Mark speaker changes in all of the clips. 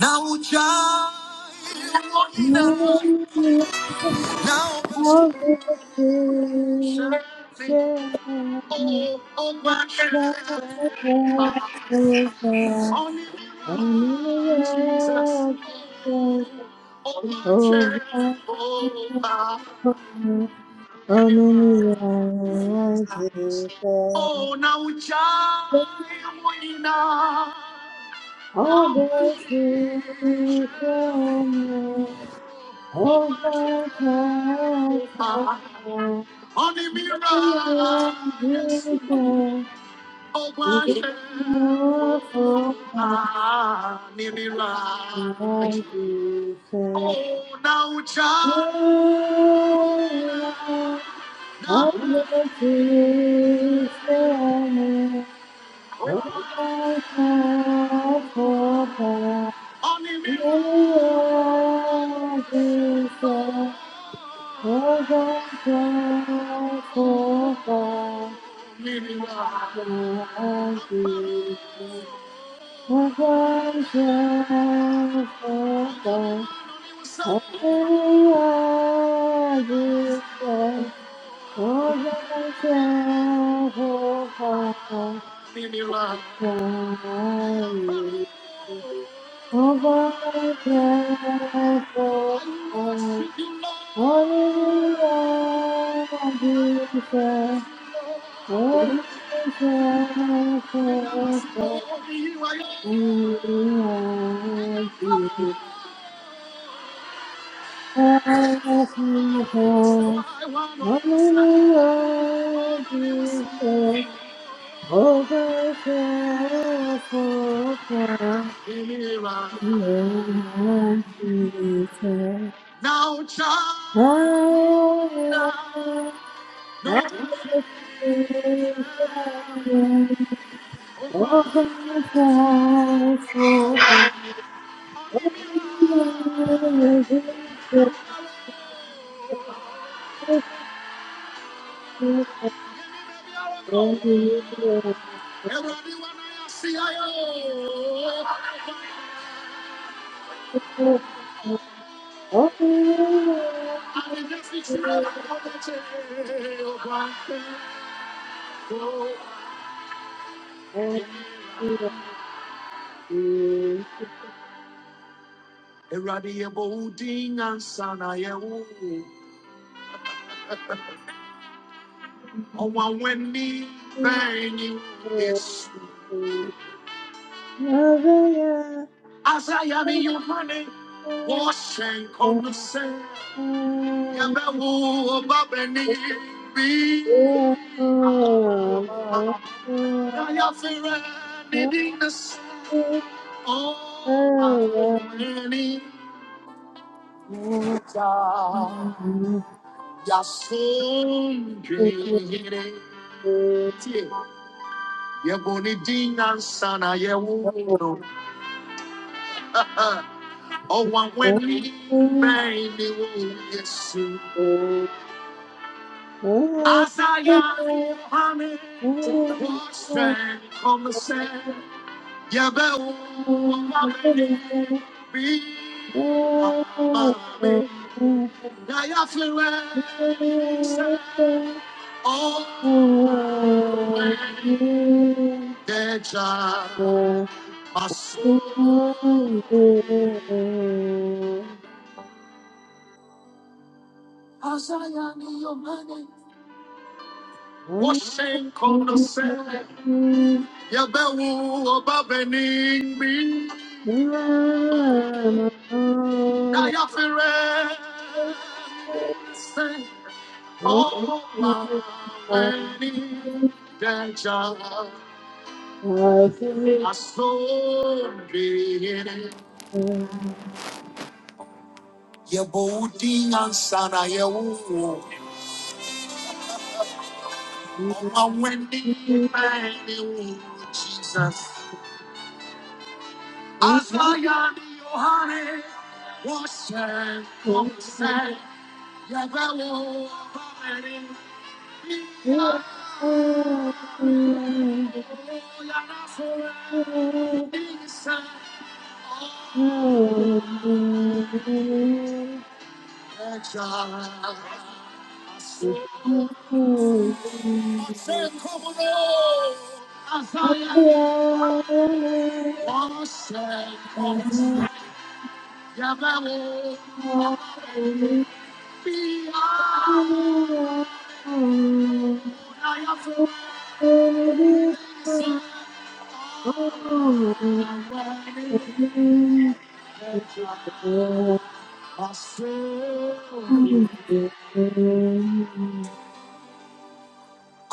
Speaker 1: Na Now Lorena,
Speaker 2: Oh,
Speaker 1: na obashani, oh, obashani. Only Jesus, oh, obashani, oh, obashani. Oh, na ujai Lorena, na obashani, oh, obashani.
Speaker 2: my God.
Speaker 1: Only
Speaker 2: Oh,
Speaker 1: Mira, yes. Oh, wonderful, Nibira. Oh, now, John. Now, oh, Nibira.
Speaker 2: God,
Speaker 1: Nibira. Nibira.
Speaker 2: for
Speaker 1: I worship you, Lord.
Speaker 2: Oh, Thank
Speaker 1: Now, child, no, Everybody, when I see I
Speaker 2: you. Oh,
Speaker 1: Ewurade yɛ bɔ wo din ansa na yɛwo wo. Ɔwɔ w'ani bɛn ni wo, Yesu. Asaya ne Yohane wɔhyɛ nkɔm no sɛ yɛbɛwo ɔba bɛni bi. Na yɛafrɛ ne din no sɛ ɔwɔ w'ani gya. yasundwere yɛbɔ ne din nansa na yɛwo no ɔwanwani bɛn ne wo yesu asaya ne yohane wɔsɛn kɔmsɛ yɛbɛwo ɔba bɛne bi amame na yɛafewɛ ne bi sɛ ɔwanwani Echa maso Azayani yomani. Washenko no se.
Speaker 2: Thank
Speaker 1: Yabewu obabening mi. Dayafire. Se. Ọmọ wa wẹni dẹja asóde. Yẹ̀bù dín ansana yẹ̀wò. Wa Wendy Mary Woo, Jesus. As Lion Yohane was and come and
Speaker 2: you.
Speaker 1: say, Yabelo Mary.
Speaker 2: Thank
Speaker 1: Say, come on, Isaiah.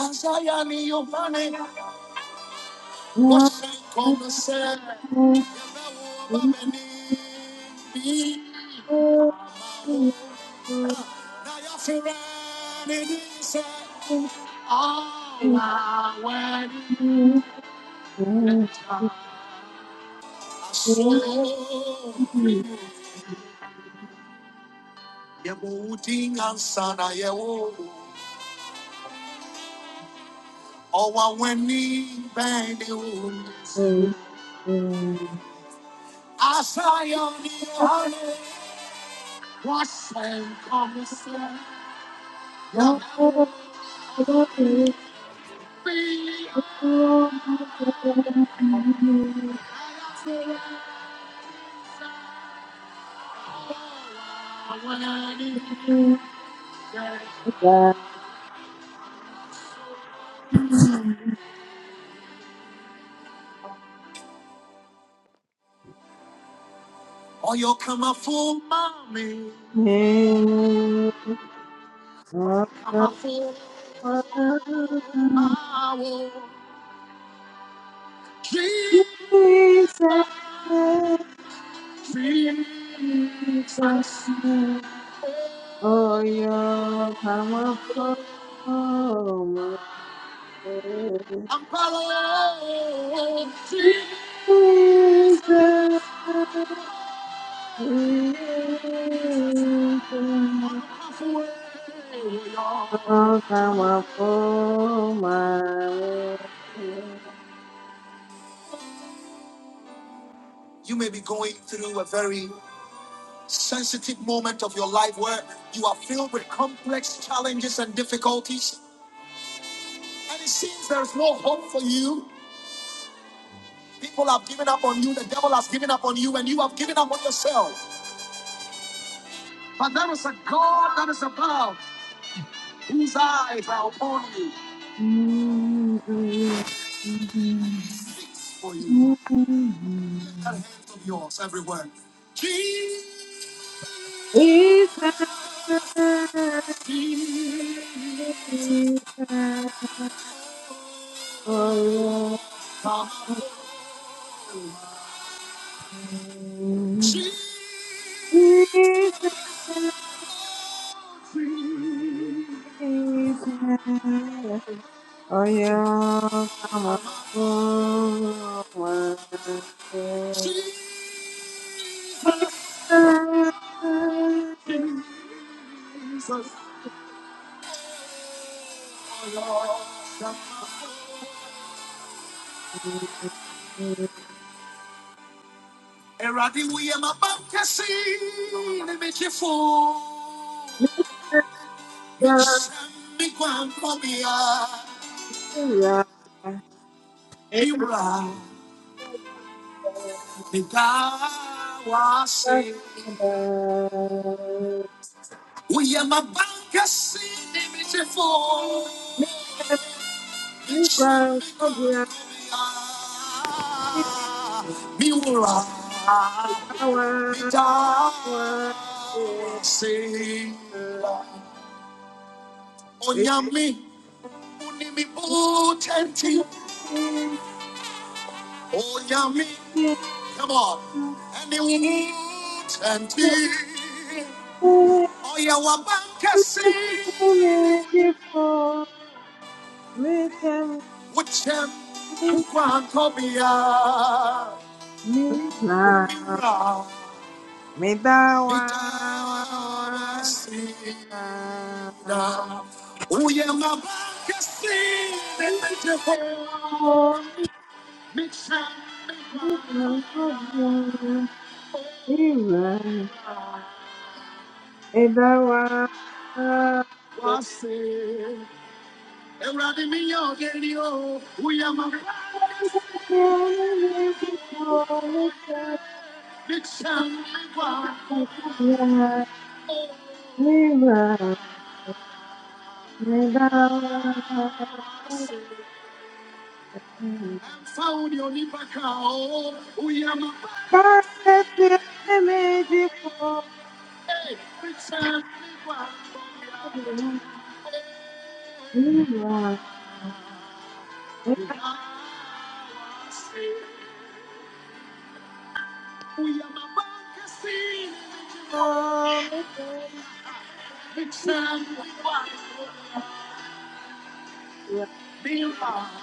Speaker 1: Isaiah ni yobane washe koma se yabawo babeni
Speaker 2: you. Oh,
Speaker 1: bi Now y'all feel ready to say, all I want is time. I saw Yebooding and Sana Yewo, Owa Weni Bendi Ulis. Asa Yoni Yohane, Wasen Komiser, Yabo, Be. I feel ready to say, I wanna do that. Oh, you come a fool, mommy. Come a fool, my world. Jesus, Jesus. oh,
Speaker 2: your come up, Oh, my.
Speaker 1: I'm following Jesus.
Speaker 2: Jesus, Jesus,
Speaker 1: I'm a fool, y'all.
Speaker 2: oh, come upon my way.
Speaker 1: You may be going through a very sensitive moment of your life where you are filled with complex challenges and difficulties, and it seems there's no hope for you. People have given up on you, the devil has given up on you, and you have given up on yourself. But there is a God that is above, whose eyes are upon you,
Speaker 2: Jesus,
Speaker 1: and he seeks for you. That hands of yours everywhere. Jesus,
Speaker 2: Jesus, Jesus, oh, yeah.
Speaker 1: come up. Jesus,
Speaker 2: Jesus,
Speaker 1: come
Speaker 2: Jesus. Thank
Speaker 1: up. Jesus. Jesus, Eradi wuye mabankasi ni mechifo Michara mi kwampo miya Miwa mi dawasi Wuye mabankasi ni mechifo Michara mi kwampo miya Miwa mi dawasi Onyami, unimi butenti. Onyami, come on. Any butenti.
Speaker 2: you.
Speaker 1: Oya wabankasi.
Speaker 2: Thank
Speaker 1: Uchem, ukwan kobia. Mira, mitawasi. Da. Oya wabankasi. Mitawasi. Mitawasi. wase ewurade mi yɛ ɔdeni o wuyama mi kyɛn mi wa kɔ o wase
Speaker 2: you.
Speaker 1: fawo ni onipa ka o wuyama
Speaker 2: Bákẹ́tì ẹlẹ́mẹ̀jì fún
Speaker 1: mi kyɛn mi wa kɔ ya
Speaker 2: ìrìnà
Speaker 1: wase wuyama mi kyɛn
Speaker 2: ìdáná méje
Speaker 1: mi wa kɔ Oh yeah,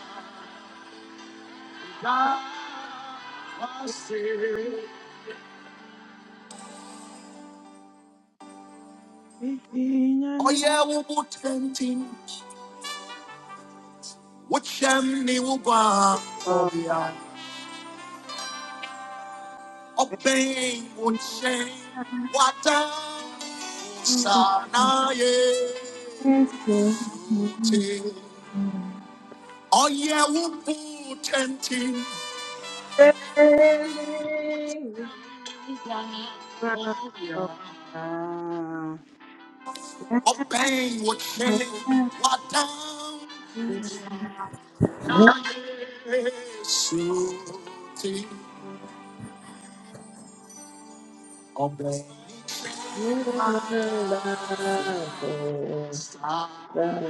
Speaker 1: we
Speaker 2: ìjìyàn mi
Speaker 1: Oya wubu tentin, wachem ni wuba
Speaker 2: kọ̀
Speaker 1: kobia,
Speaker 2: ẹ̀ka
Speaker 1: obeng what wata sanaye.
Speaker 2: ẹsẹ̀ ẹ̀mí
Speaker 1: Ting. Oya wubu tentin,
Speaker 2: ìgbà
Speaker 1: what
Speaker 2: ọ̀gá ẹ̀ka
Speaker 1: wachem, wata
Speaker 2: Thank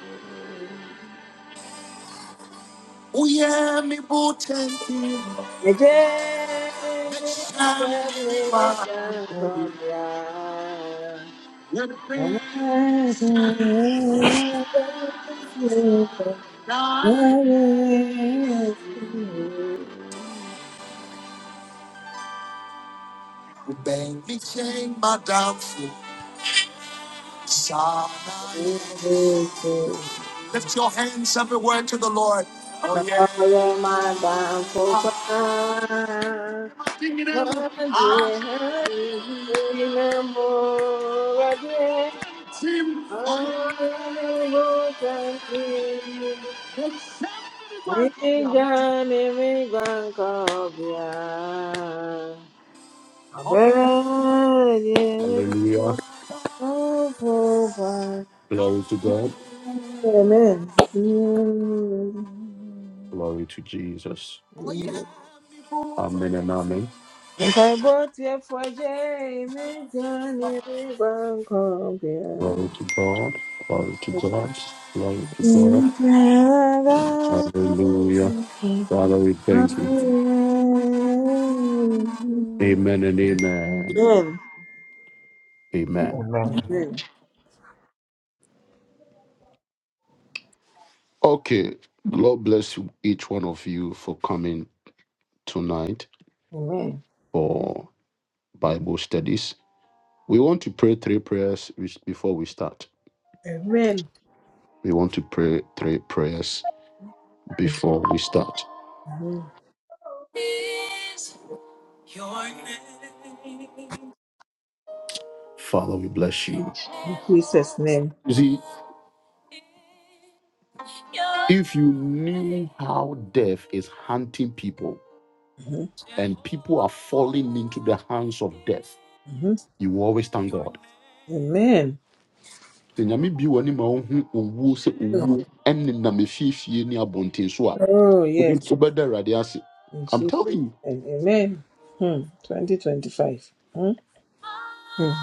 Speaker 2: you. Thank
Speaker 1: Bang me chain, my downfall. Sanaye. Lift your hands everywhere to the Lord. Oh yeah.
Speaker 2: you. Ijane mi gwanko bia. Obere di ni ufu pa.
Speaker 1: Glory to God.
Speaker 2: Amen.
Speaker 1: Glory to Jesus. Oh, yeah. Amen and amen.
Speaker 2: Nka ibo ti mi jane mi gwanko
Speaker 1: Glory to God. Glory to God. Glory to God. Hallelujah. Father, we thank you.
Speaker 2: Amen.
Speaker 1: Amen and amen.
Speaker 2: Amen.
Speaker 1: Amen.
Speaker 3: Amen.
Speaker 1: Okay. Lord bless you- each one of you for coming tonight
Speaker 2: Amen.
Speaker 1: for Bible studies. We want to pray three prayers which- before we start.
Speaker 2: Amen.
Speaker 1: We want to pray three prayers before we start.
Speaker 2: Mhm.
Speaker 1: Father, we bless you.
Speaker 2: In Jesus' name.
Speaker 1: You see, if you knew how death is hunting people
Speaker 2: Mhm.
Speaker 1: and people are falling into the hands of death,
Speaker 2: Mhm.
Speaker 1: you will always thank God.
Speaker 2: Amen.
Speaker 1: sɛ nyame bi wɔ ne ma wohu owuo sɛ
Speaker 2: Mm.
Speaker 1: owuo ɛnenam efiefie ne abɔnten so a
Speaker 2: Oh, yes.
Speaker 1: wobɛda awurade ase
Speaker 2: In
Speaker 1: i'm
Speaker 2: Jesus'
Speaker 1: telling you
Speaker 2: name. Amen. Hmm. 2025. Hmm. Hmm.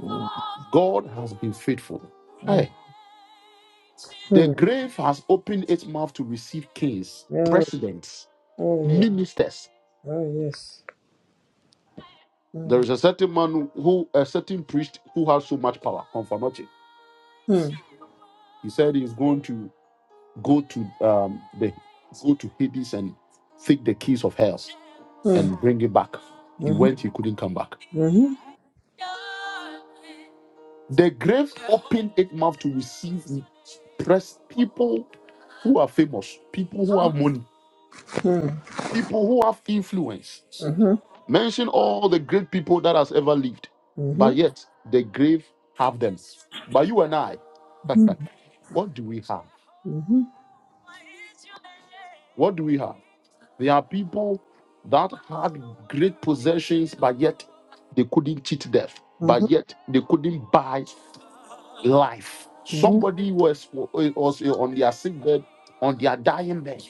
Speaker 2: Hmm.
Speaker 1: god has been faithful hey, the
Speaker 2: Hmm.
Speaker 1: grave has opened its mouth to receive kings
Speaker 2: Oh,
Speaker 1: presidents
Speaker 2: oh, yes.
Speaker 1: ministers
Speaker 2: Oh, yes. Hmm.
Speaker 1: there is a certain man who a certain priest who has so much power confirmation
Speaker 2: Hmm.
Speaker 1: he said he's going to go to um the go to hades and take the keys of hell
Speaker 2: Hmm.
Speaker 1: and bring it back he
Speaker 2: Mhm.
Speaker 1: went he couldn't come back
Speaker 2: Mhm.
Speaker 1: The grave opened its mouth to receive press people who are famous, people who have money,
Speaker 2: Hmm.
Speaker 1: people who have influence.
Speaker 2: Mhm.
Speaker 1: Mention all the great people that has ever lived, but
Speaker 2: Mhm.
Speaker 1: yet the grave have them. But you and I,
Speaker 2: Mhm.
Speaker 1: what do we have?
Speaker 2: Mhm.
Speaker 1: What do we have? There are people that had great possessions, but yet they couldn't cheat death.
Speaker 2: Mhm.
Speaker 1: But yet they couldn't buy life.
Speaker 2: Mhm. Mhm.
Speaker 1: Somebody was, was on their sick bed, on their dying bed.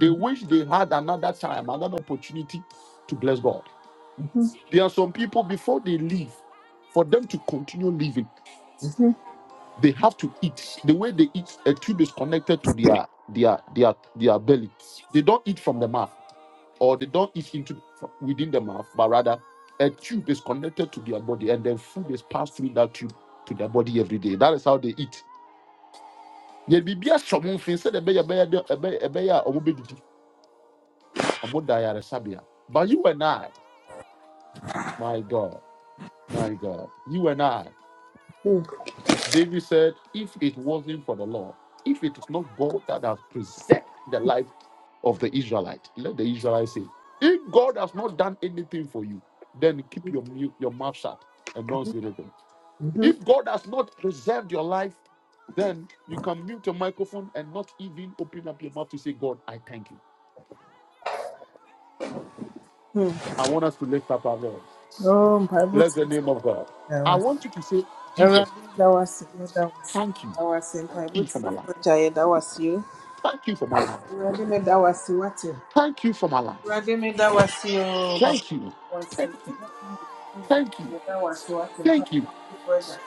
Speaker 1: They wish they had another time, another opportunity to bless God.
Speaker 2: Mhm.
Speaker 1: There are some people before they leave, for them to continue living, they have to eat. The way they eat, a tube is connected to their their their their belly. They don't eat from the mouth, or they don't eat into from within the mouth, but rather a tube is connected to their body, and then food is passed through that tube to their body every day. That is how they eat. yɛ biribi ahyɛ ɔmo mfin sɛ ɛbɛyɛ ɛbɛyɛ dɛ ɛbɛyɛ ɛbɛyɛ a ɔmo bɛdidi ɔmo da ayaresabea but you and i my god my god you and i
Speaker 2: Mhm.
Speaker 1: david said if it wasn't for the lord if it is not god that has preserved the life of the israelite let the israelite say if god has not done anything for you then keep your mu- your mouth shut and don't say anything
Speaker 2: Mhm.
Speaker 1: if god has not preserved your life then you can mute your microphone and not even open up your mouth to say god i thank you
Speaker 2: Mhm.
Speaker 1: I want us to lift up our voice.
Speaker 2: Oh, Bible
Speaker 1: Bless the name of God. I
Speaker 2: teacher.
Speaker 1: want you to say, Jesus,
Speaker 2: Awurade da wase, yɛda wase,
Speaker 1: thank you.
Speaker 2: yɛda wase,
Speaker 1: Thank
Speaker 2: mpaebɔ
Speaker 1: you for my life.
Speaker 2: tiefoɔ gya yɛda wase o.
Speaker 1: Thank you for my life.
Speaker 2: Awurade me da wase, wate.
Speaker 1: Thank you for my life.
Speaker 2: Awurade me da wase o, papa
Speaker 1: Thank you.
Speaker 2: da
Speaker 1: Thank
Speaker 2: wase, wate me da wase,
Speaker 1: thank you.
Speaker 2: yɛda wase, wate,
Speaker 1: Thank you.
Speaker 2: mpaebɔ tiefoɔ gya.